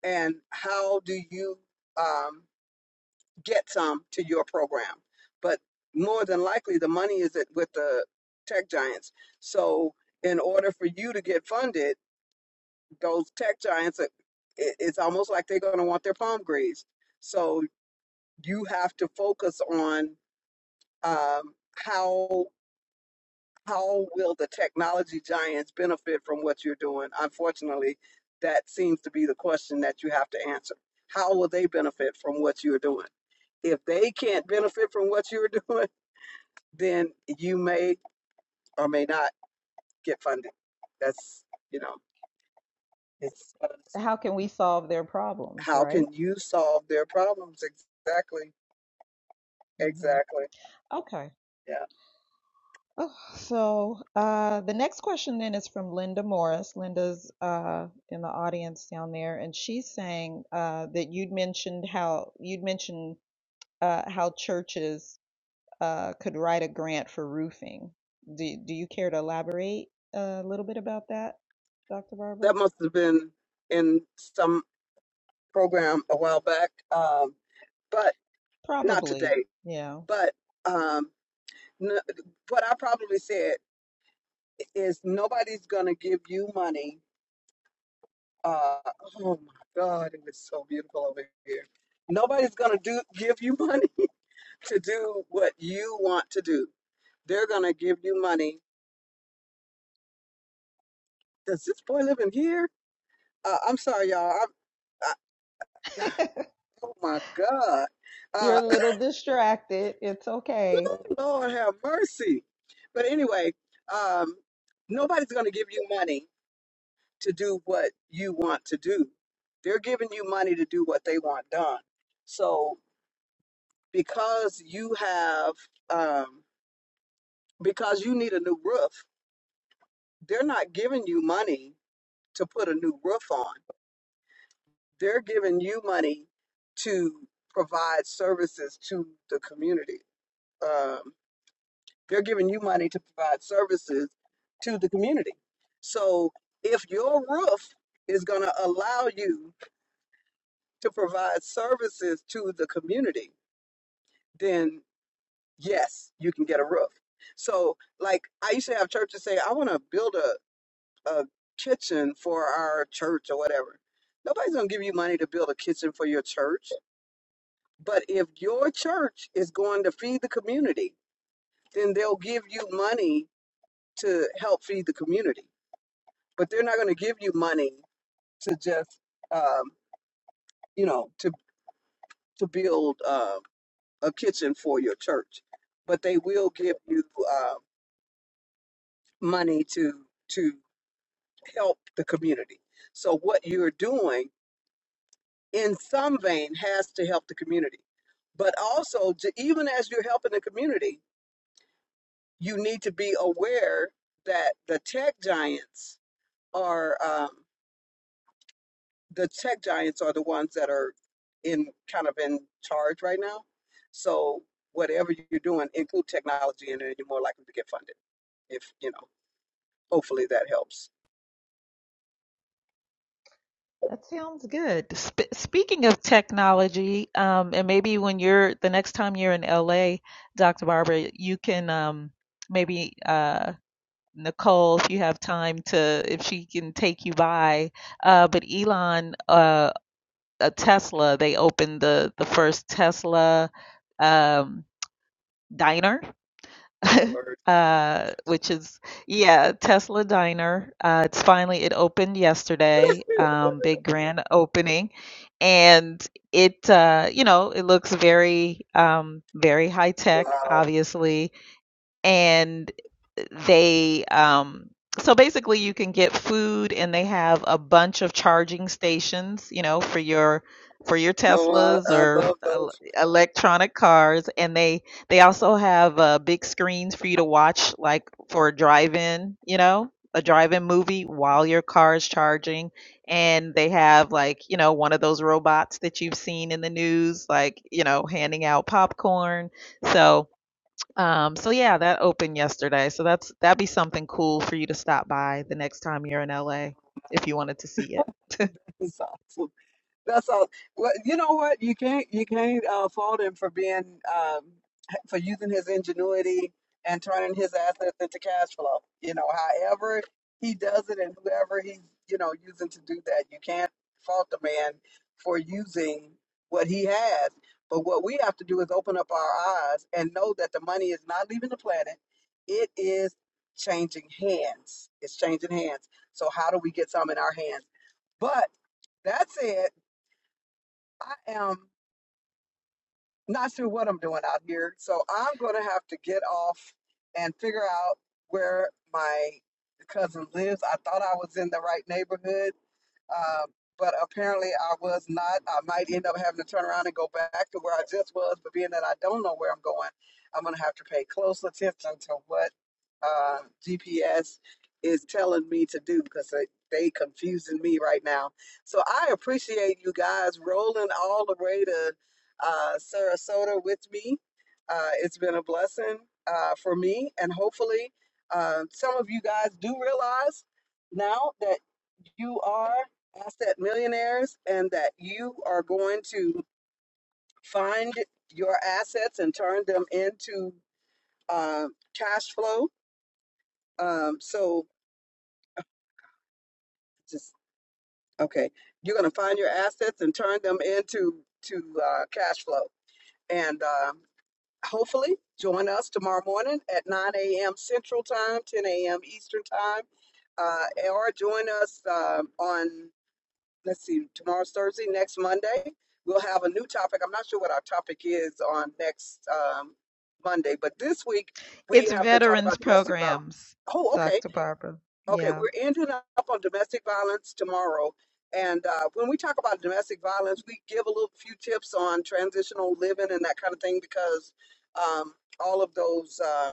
Speaker 1: and how do you um, get some to your program. But more than likely, the money is at- with the tech giants. So, in order for you to get funded, those tech giants, it- it's almost like they're going to want their palm greased. So you have to focus on um, how how will the technology giants benefit from what you're doing. Unfortunately, that seems to be the question that you have to answer. How will they benefit from what you're doing? If they can't benefit from what you're doing, then you may or may not get funding. That's you know, it's uh,
Speaker 7: How can we solve their problems,
Speaker 1: how can
Speaker 7: right?
Speaker 1: you solve their problems exactly?
Speaker 7: hmm
Speaker 1: Exactly.
Speaker 7: Okay.
Speaker 1: Yeah,
Speaker 7: Oh, so uh, the next question then is from Linda Morris. Linda's uh, in the audience down there, and she's saying uh, that you'd mentioned how you'd mentioned uh, how churches uh, could write a grant for roofing. Do, do you care to elaborate a little bit about that, Dr. Barber?
Speaker 1: that must have been in some program a while back, um, but not
Speaker 7: Probably.
Speaker 1: today.
Speaker 7: Yeah.
Speaker 1: But um, n- what I probably said is nobody's going to give you money. Uh, oh my God, it was so beautiful over here. Nobody's going to do give you money to do what you want to do. They're going to give you money. Does this boy live in here? Uh, I'm sorry, y'all. I, I, oh my God.
Speaker 7: You're
Speaker 1: Uh,
Speaker 7: a little distracted. It's okay.
Speaker 1: Ooh, Lord have mercy. But anyway, um, nobody's going to give you money to do what you want to do. They're giving you money to do what they want done. So because you have, um, because you need a new roof, they're not giving you money to put a new roof on. They're giving you money to provide services to the community. Um, They're giving you money to provide services to the community. So if your roof is going to allow you to provide services to the community, then yes, you can get a roof. So, like, I used to have churches say, I want to build a, a kitchen for our church or whatever. Nobody's going to give you money to build a kitchen for your church. But if your church is going to feed the community, then they'll give you money to help feed the community. but they're not going to give you money to just um, you know to to build uh, a kitchen for your church but they will give you uh, money to to help the community so what you're doing in some vein has to help the community but also to, even as you're helping the community you need to be aware that the tech giants are um, the tech giants are the ones that are in kind of in charge right now. So whatever you're doing, include technology in it, you're more likely to get funded. If you know, hopefully that helps.
Speaker 7: That sounds good. Sp speaking of technology, um, and maybe when you're the next time you're in LA, Dr. Barbara, you can um, maybe uh, Nicole, if you have time to, if she can take you by. Uh, but Elon, uh. a Tesla. They opened the the first Tesla um, diner, uh, which is yeah, Tesla diner. Uh, it's finally it opened yesterday. Um, big grand opening, and it uh, you know it looks very um, very high tech,
Speaker 1: Wow.
Speaker 7: obviously and they um so basically you can get food and they have a bunch of charging stations you know for your for your
Speaker 1: No, I,
Speaker 7: teslas
Speaker 1: I
Speaker 7: or
Speaker 1: love
Speaker 7: el-
Speaker 1: those
Speaker 7: electronic cars and they they also have uh, big screens for you to watch like for a drive-in you know a drive-in movie while your car is charging and they have like you know one of those robots that you've seen in the news like you know handing out popcorn so um, so yeah, that opened yesterday. So that's that'd be something cool for you to stop by the next time you're in LA if you wanted to see it.
Speaker 1: That's all. Well, you know what? You can't you can't uh, fault him for being um, for using his ingenuity and turning his assets into cash flow. You know, however he does it and whoever he's you know using to do that, you can't fault the man for using what he has. But what we have to do is open up our eyes and know that the money is not leaving the planet; it is changing hands. It's changing hands. So how do we get some in our hands? But that's it. I am not sure what I'm doing out here, so I'm going to have to get off and figure out where my cousin lives. I thought I was in the right neighborhood, um, but apparently I was not. I might end up having to turn around and go back to where I just was. But being that I don't know where I'm going, I'm going to have to pay close attention to what uh, GPS is telling me to do because they, they confusing me right now. So I appreciate you guys rolling all the way to uh, Sarasota with me. Uh, it's been a blessing uh, for me, and hopefully, uh, some of you guys do realize now that you are asset millionaires and that you are going to find your assets and turn them into um, cash flow. Um, so just okay, you're going to find your assets and turn them into to uh, cash flow. And uh, hopefully, join us tomorrow morning at 9 a.m. Central Time, 10 a.m. Eastern Time, uh, or join us um on let's see, tomorrow's Thursday, next Monday, we'll have a new topic. I'm not sure what our topic is on next um, Monday, but this week
Speaker 7: It's
Speaker 1: we have been talking
Speaker 7: veterans
Speaker 1: about domestic violence.
Speaker 7: programs,
Speaker 1: Oh, okay.
Speaker 7: Dr. Barbara.
Speaker 1: Okay,
Speaker 7: Yeah.
Speaker 1: we're ending up on domestic violence tomorrow. And uh, when we talk about domestic violence, we give a little few tips on transitional living and that kind of thing because um, all of those uh,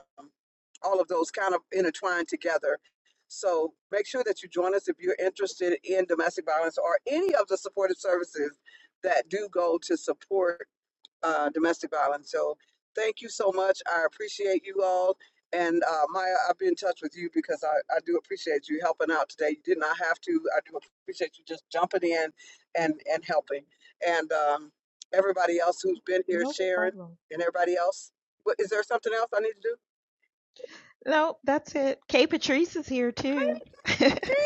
Speaker 1: all of those kind of intertwine together. So make sure that you join us if you're interested in domestic violence or any of the supportive services that do go to support uh, domestic violence. So thank you so much. I appreciate you all. And uh, Maya, I'll be in touch with you because I, I do appreciate you helping out today. You did not have to. I do appreciate you just jumping in and, and helping. And um, everybody else who's been here,
Speaker 7: No
Speaker 1: Sharon
Speaker 7: problem.
Speaker 1: and everybody else. What, is there something else I need to do?
Speaker 7: No, that's it. Kay Patrice is here too.
Speaker 1: Hey,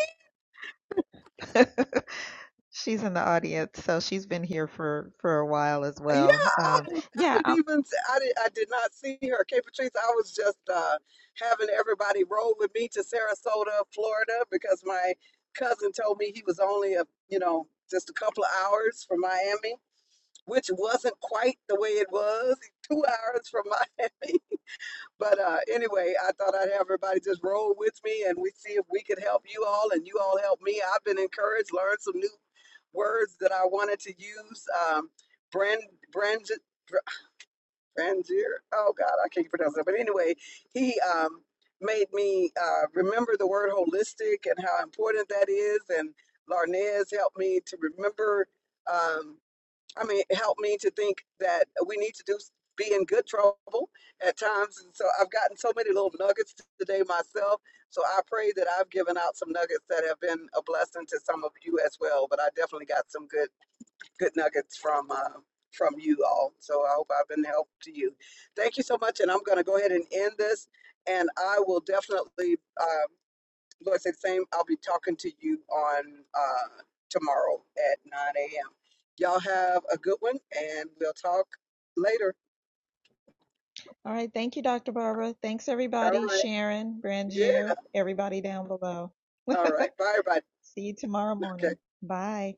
Speaker 7: she's in the audience, so she's been here for for a while as
Speaker 1: Yeah,
Speaker 7: well.
Speaker 1: I,
Speaker 7: Um,
Speaker 1: didn't- I
Speaker 7: yeah, I,
Speaker 1: didn't even I did I did not see her. K Patrice, I was just uh having everybody roll with me to Sarasota, Florida, because my cousin told me he was only a you know just a couple of hours from Miami, which wasn't quite the way it was. Two hours from Miami. But uh, anyway, I thought I'd have everybody just roll with me and we see if we could help you all and you all help me. I've been encouraged, learned some new words that I wanted to use. Um, brand, brand, Brandier. Oh God, I can't pronounce that. But anyway, he um, made me uh, remember the word holistic and how important that is. And Larnez helped me to remember. Um, I mean, it helped me to think that we need to do be in good trouble at times. And so I've gotten so many little nuggets today myself. So I pray that I've given out some nuggets that have been a blessing to some of you as well. But I definitely got some good good nuggets from uh, from you all. So I hope I've been helpful to you. Thank you so much, and I'm going to go ahead and end this. And I will definitely. uh, Lord said, same. I'll be talking to you on uh, tomorrow at 9 a.m. Y'all have a good one, and we'll talk later.
Speaker 7: All right. Thank you, Dr. Barbara. Thanks,
Speaker 1: All
Speaker 7: everybody.
Speaker 1: right.
Speaker 7: Sharon,
Speaker 1: Yeah.
Speaker 7: Brangier, everybody down below.
Speaker 1: All right. Bye, everybody.
Speaker 7: See you tomorrow
Speaker 1: Okay.
Speaker 7: morning. Bye.